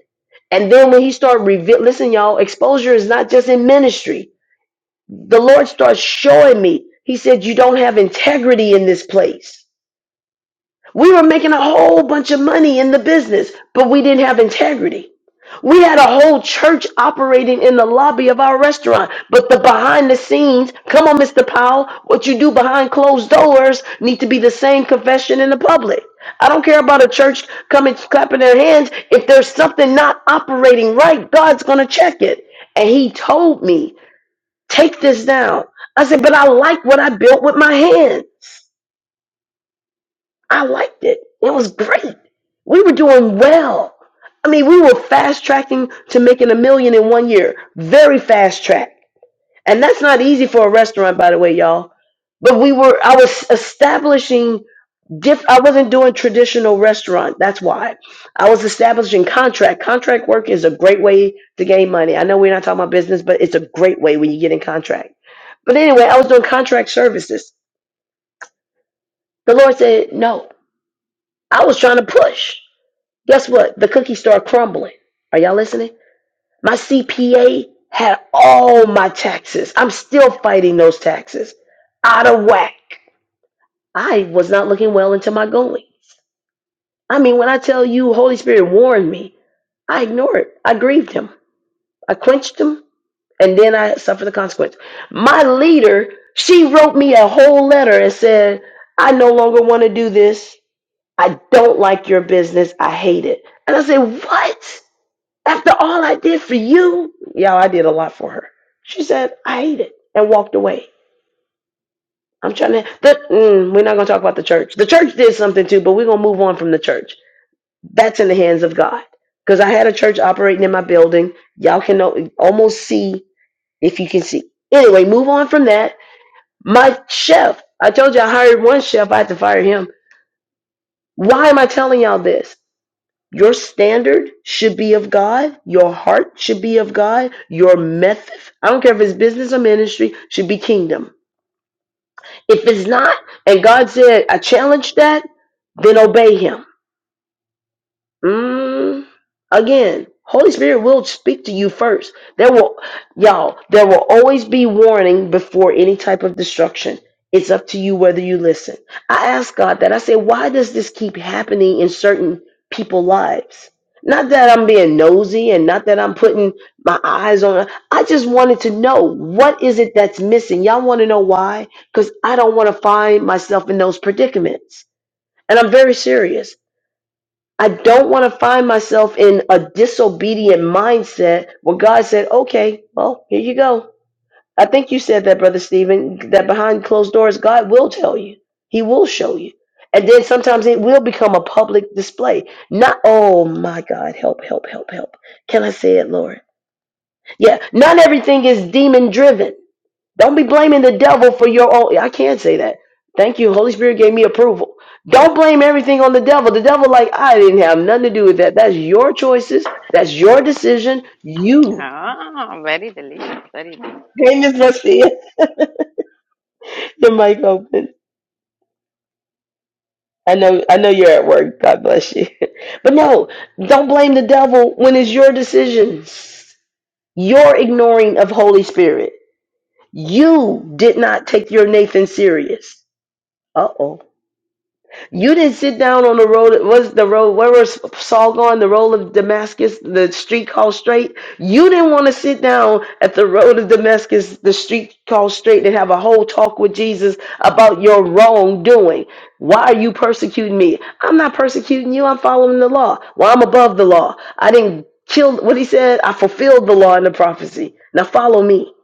And then when he started revealing, listen, y'all, exposure is not just in ministry. The Lord starts showing me. He said, You don't have integrity in this place. We were making a whole bunch of money in the business, but we didn't have integrity. We had a whole church operating in the lobby of our restaurant, but the behind the scenes, come on, Mr. Powell, what you do behind closed doors need to be the same confession in the public. I don't care about a church coming clapping their hands. If there's something not operating right, God's going to check it. And he told me, take this down. I said, but I like what I built with my hands. I liked it. It was great. We were doing well. I mean, we were fast tracking to making a million in one year. Very fast track. And that's not easy for a restaurant, by the way, y'all. But we were, I was establishing, diff, I wasn't doing traditional restaurant. That's why. I was establishing contract. Contract work is a great way to gain money. I know we're not talking about business, but it's a great way when you get in contract. But anyway, I was doing contract services. The Lord said, no, I was trying to push. Guess what? The cookie started crumbling. Are y'all listening? My CPA had all my taxes. I'm still fighting those taxes. Out of whack. I was not looking well into my goings. I mean, when I tell you Holy Spirit warned me, I ignored it. I grieved him. I quenched him, and then I suffered the consequence. My leader, she wrote me a whole letter and said, I no longer want to do this. I don't like your business. I hate it. And I said, What? After all I did for you, y'all, I did a lot for her. She said, I hate it and walked away. I'm trying to, the, mm, we're not going to talk about the church. The church did something too, but we're going to move on from the church. That's in the hands of God. Because I had a church operating in my building. Y'all can al- almost see if you can see. Anyway, move on from that. My chef, I told you I hired one chef, I had to fire him. Why am I telling y'all this? Your standard should be of God. Your heart should be of God. Your method, I don't care if it's business or ministry, should be kingdom. If it's not, and God said, I challenge that, then obey Him. Mm, again, Holy Spirit will speak to you first. There will, y'all, there will always be warning before any type of destruction. It's up to you whether you listen. I asked God that. I said, why does this keep happening in certain people's lives? Not that I'm being nosy and not that I'm putting my eyes on it. I just wanted to know what is it that's missing. Y'all want to know why? Because I don't want to find myself in those predicaments. And I'm very serious. I don't want to find myself in a disobedient mindset where God said, okay, well, here you go. I think you said that, Brother Stephen, that behind closed doors, God will tell you. He will show you. And then sometimes it will become a public display. Not, oh my God, help, help, help, help. Can I say it, Lord? Yeah, not everything is demon driven. Don't be blaming the devil for your own. I can't say that. Thank you. Holy Spirit gave me approval. Don't blame everything on the devil. The devil, like, I didn't have nothing to do with that. That's your choices. That's your decision. You. Ah, very delicious, very delicious. Hey, Miss Marcia, [laughs] the mic open. I know, I know you're at work. God bless you. [laughs] But no, don't blame the devil when it's your decisions. Your ignoring of Holy Spirit. You did not take your Nathan serious. Uh oh. You didn't sit down on the road. What's the road? Where was Saul going? The road of Damascus, the street called straight. You didn't want to sit down at the road of Damascus, the street called straight, and have a whole talk with Jesus about your wrongdoing. Why are you persecuting me? I'm not persecuting you. I'm following the law. Well, I'm above the law. I didn't kill what he said. I fulfilled the law and the prophecy. Now follow me.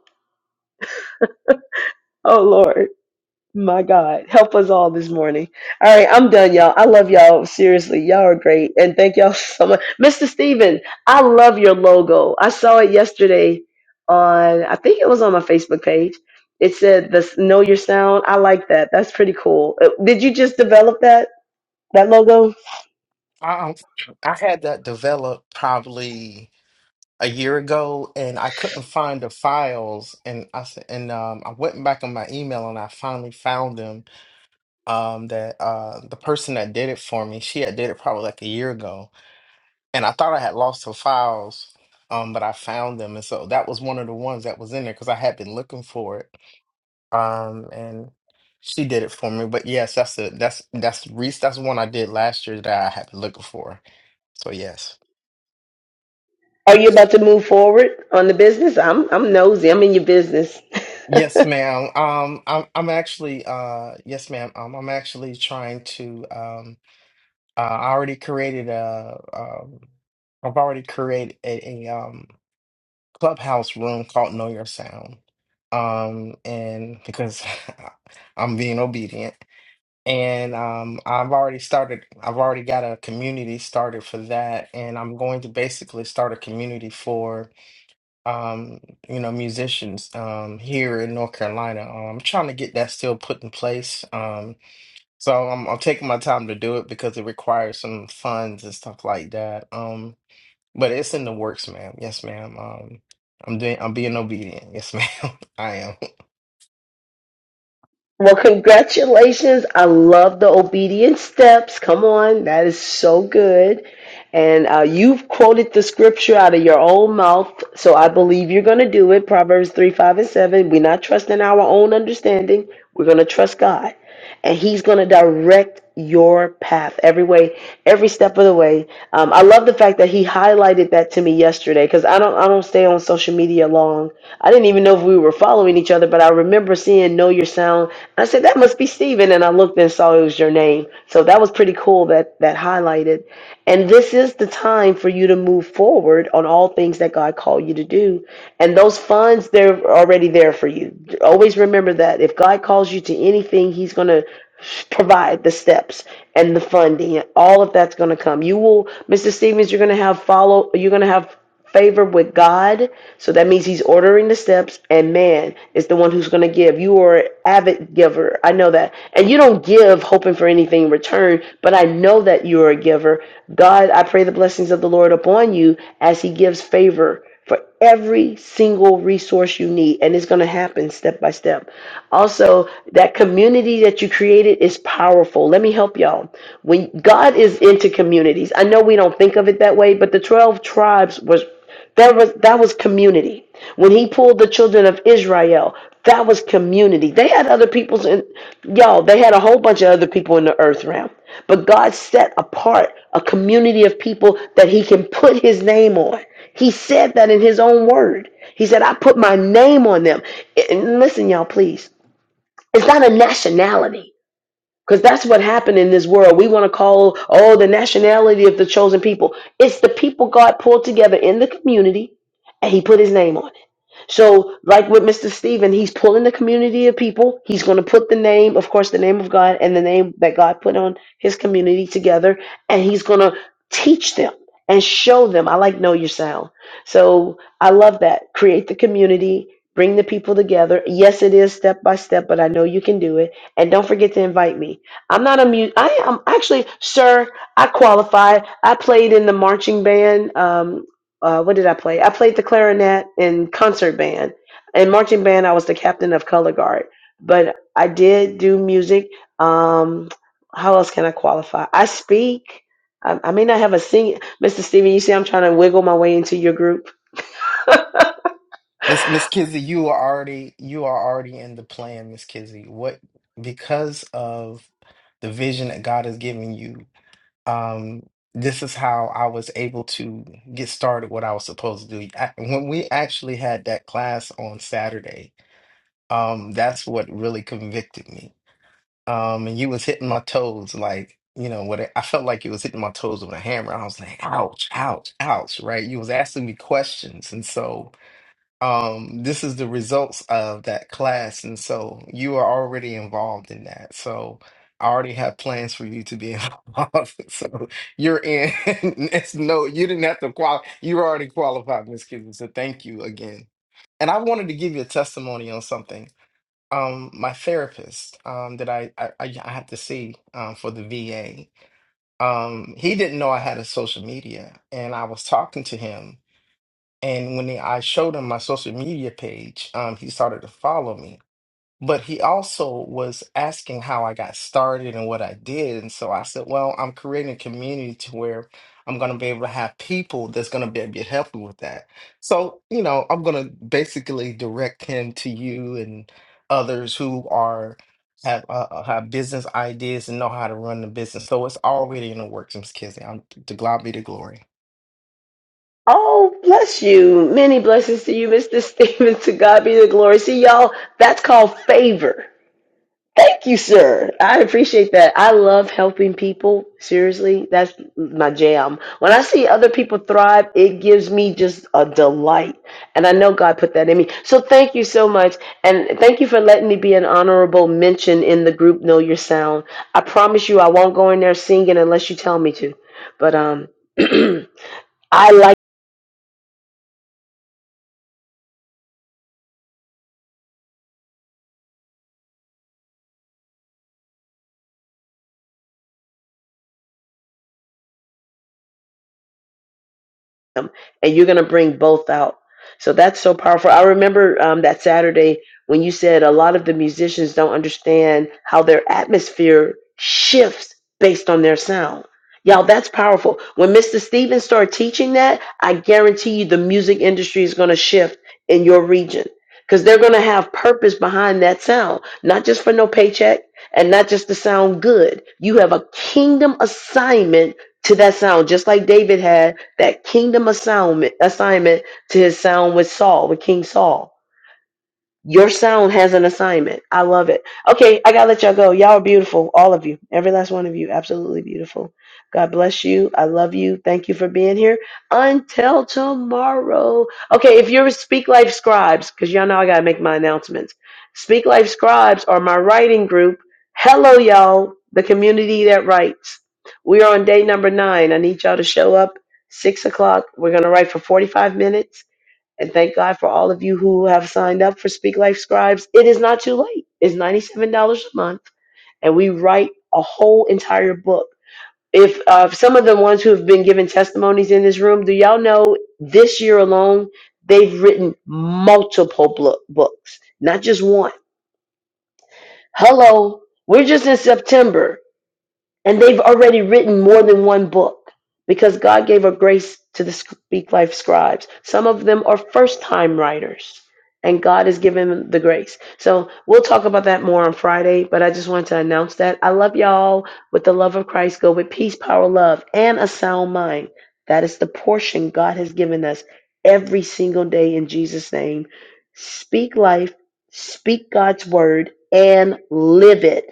Oh Lord. My God, help us all this morning. All right, I'm done, y'all. I love y'all. Seriously, y'all are great. And thank y'all [laughs] so much. Mr. Steven, I love your logo. I saw it yesterday on, I think it was on my Facebook page. It said, the Know Your Sound. I like that. That's pretty cool. Uh, Did you just develop that, that logo? I, I had that developed probably a year ago, and I couldn't find the files, and I s- and um, I went back on my email, and I finally found them um that uh the person that did it for me she had did it probably like a year ago and i thought i had lost her files um but i found them and so that was one of the ones that was in there because i had been looking for it um and she did it for me but yes that's the that's that's Reese that's the one i did last year that i had been looking for so yes Are you about to move forward on the business? I'm, I'm nosy. I'm in your business. yes ma'am um i'm i'm actually uh yes ma'am um, i'm actually trying to um uh, i already created a um I've already created a, a, um clubhouse room called Know Your Sound. Um, and because [laughs] I'm being obedient. And um, I've already started, I've already got a community started for that. And I'm going to basically start a community for, um, you know, musicians um, here in North Carolina. Um, I'm trying to get that still put in place. Um, so I'm, I'm taking my time to do it because it requires some funds and stuff like that. Um, but it's in the works, ma'am. Yes, ma'am. Um, I'm doing. I'm being obedient. Yes, ma'am. [laughs] I am. Well, congratulations. I love the obedient steps. Come on. That is so good. And uh, you've quoted the scripture out of your own mouth. So I believe you're going to do it. Proverbs 3, 5, and 7. We're not trusting our own understanding. We're going to trust God and he's going to direct your path every way every step of the way um, i love the fact that he highlighted that to me yesterday because i don't i don't stay on social media long i didn't even know if we were following each other but i remember seeing know your sound i said that must be steven and i looked and saw it was your name so that was pretty cool that that highlighted and this is the time for you to move forward on all things things that God called you to do. And those funds, they're already there for you. Always remember that. If God calls you to anything, He's going to provide the steps and the funding. All of that's going to come. You will, Mr. Stevens, you're going to have follow, you're going to have favor with God. So that means He's ordering the steps, and man is the one who's going to give. You are an avid giver. I know that. And you don't give hoping for anything in return, but I know that you are a giver. God, I pray the blessings of the Lord upon you as He gives favor for every single resource you need. And it's going to happen step by step. Also, that community that you created is powerful. Let me help y'all. When God is into communities, I know we don't think of it that way, but the 12 tribes was. There was that was community. When he pulled the children of Israel, that was community. They had other people's in y'all, they had a whole bunch of other people in the earth realm. But God set apart a community of people that he can put his name on. He said that in his own word. He said, I put my name on them. And listen, y'all, please. It's not a nationality. Because that's what happened in this world. We want to call, oh, the nationality of the chosen people. It's the people God pulled together in the community and he put his name on it. So, like with Mr. Stephen, he's pulling the community of people. He's going to put the name, of course, the name of God and the name that God put on his community together. And he's going to teach them and show them. I like Know Your Sound. So, I love that. Create the community, bring the people together. Yes, it is step by step, but I know you can do it and don't forget to invite me. I'm not a mu- I am actually, sir. I qualify. I played in the marching band. Um, uh, what did I play? I played the clarinet in concert band. In marching band, I was the captain of color guard. But I did do music. Um, how else can I qualify? I speak. I, I may not have a sing. Mr. Steven, you see, I'm trying to wiggle my way into your group. [laughs] Miss Miss Kizzy, you are already you are already in the plan, Miss Kizzy. What because of the vision that God has given you, um, this is how I was able to get started what I was supposed to do. I, when we actually had that class on Saturday, um, that's what really convicted me Um, and you was hitting my toes like, you know, what it, I felt like you was hitting my toes with a hammer. I was like, ouch, ouch, ouch, right? You was asking me questions. And so, um, this is the results of that class. And so you are already involved in that. So I already have plans for you to be [laughs] involved. So you're in. [laughs] It's no, you didn't have to qualify. You were already qualified, Miss Kitty. So thank you again. And I wanted to give you a testimony on something. Um, my therapist, um, that I I, I I had to see um, for the VA, um, he didn't know I had a social media, and I was talking to him, and when he, I showed him my social media page, um, he started to follow me, but he also was asking how I got started and what I did. And so I said, well, I'm creating a community to where I'm going to be able to have people that's going to be able to help me with that. So, you know, I'm going to basically direct him to you and others who are have uh, uh, have business ideas and know how to run the business. So it's already in the works, Miss Kizzy. I'm to God be the glory. Oh, bless you. Many blessings to you, Mr. [laughs] Stephen. To God be the glory. See, y'all, that's called favor. Thank you, sir. I appreciate that. I love helping people. Seriously, that's my jam. When I see other people thrive, it gives me just a delight. And I know God put that in me. So thank you so much. And thank you for letting me be an honorable mention in the group Know Your Sound. I promise you, I won't go in there singing unless you tell me to. But, um, [clears throat] I like. them and you're going to bring both out so that's so powerful i remember um, that saturday when you said a lot of the musicians don't understand how their atmosphere shifts based on their sound y'all that's powerful when mr stevens started teaching that i guarantee you the music industry is going to shift in your region because they're going to have purpose behind that sound not just for no paycheck and not just to sound good you have a kingdom assignment to that sound just like david had that kingdom assignment assignment to his sound with Saul, with King Saul. Your sound has an assignment. I love it. Okay, I gotta let y'all go. Y'all are beautiful, all of you, every last one of you, absolutely beautiful. God bless you. I love you. Thank you for being here. Until tomorrow. Okay, if you're Speak Life Scribes, because y'all know I gotta make my announcements. Speak Life Scribes are my writing group. Hello, y'all, the community that writes. We are on day number nine. I need y'all to show up six o'clock. We're gonna write for 45 minutes and thank God for all of you who have signed up for Speak Life Scribes. It is not too late. It's $97 a month, and we write a whole entire book. If uh, some of the ones who have been given testimonies in this room, do y'all know this year alone, they've written multiple blo- books, not just one. Hello, we're just in September. And they've already written more than one book because God gave a grace to the Speak Life scribes. Some of them are first time writers, and God has given them the grace. So we'll talk about that more on Friday, but I just wanted to announce that. I love y'all with the love of Christ. Go with peace, power, love, and a sound mind. That is the portion God has given us every single day in Jesus' name. Speak life, speak God's word, and live it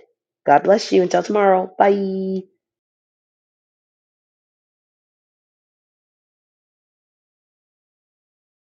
God bless you. Until tomorrow. Bye.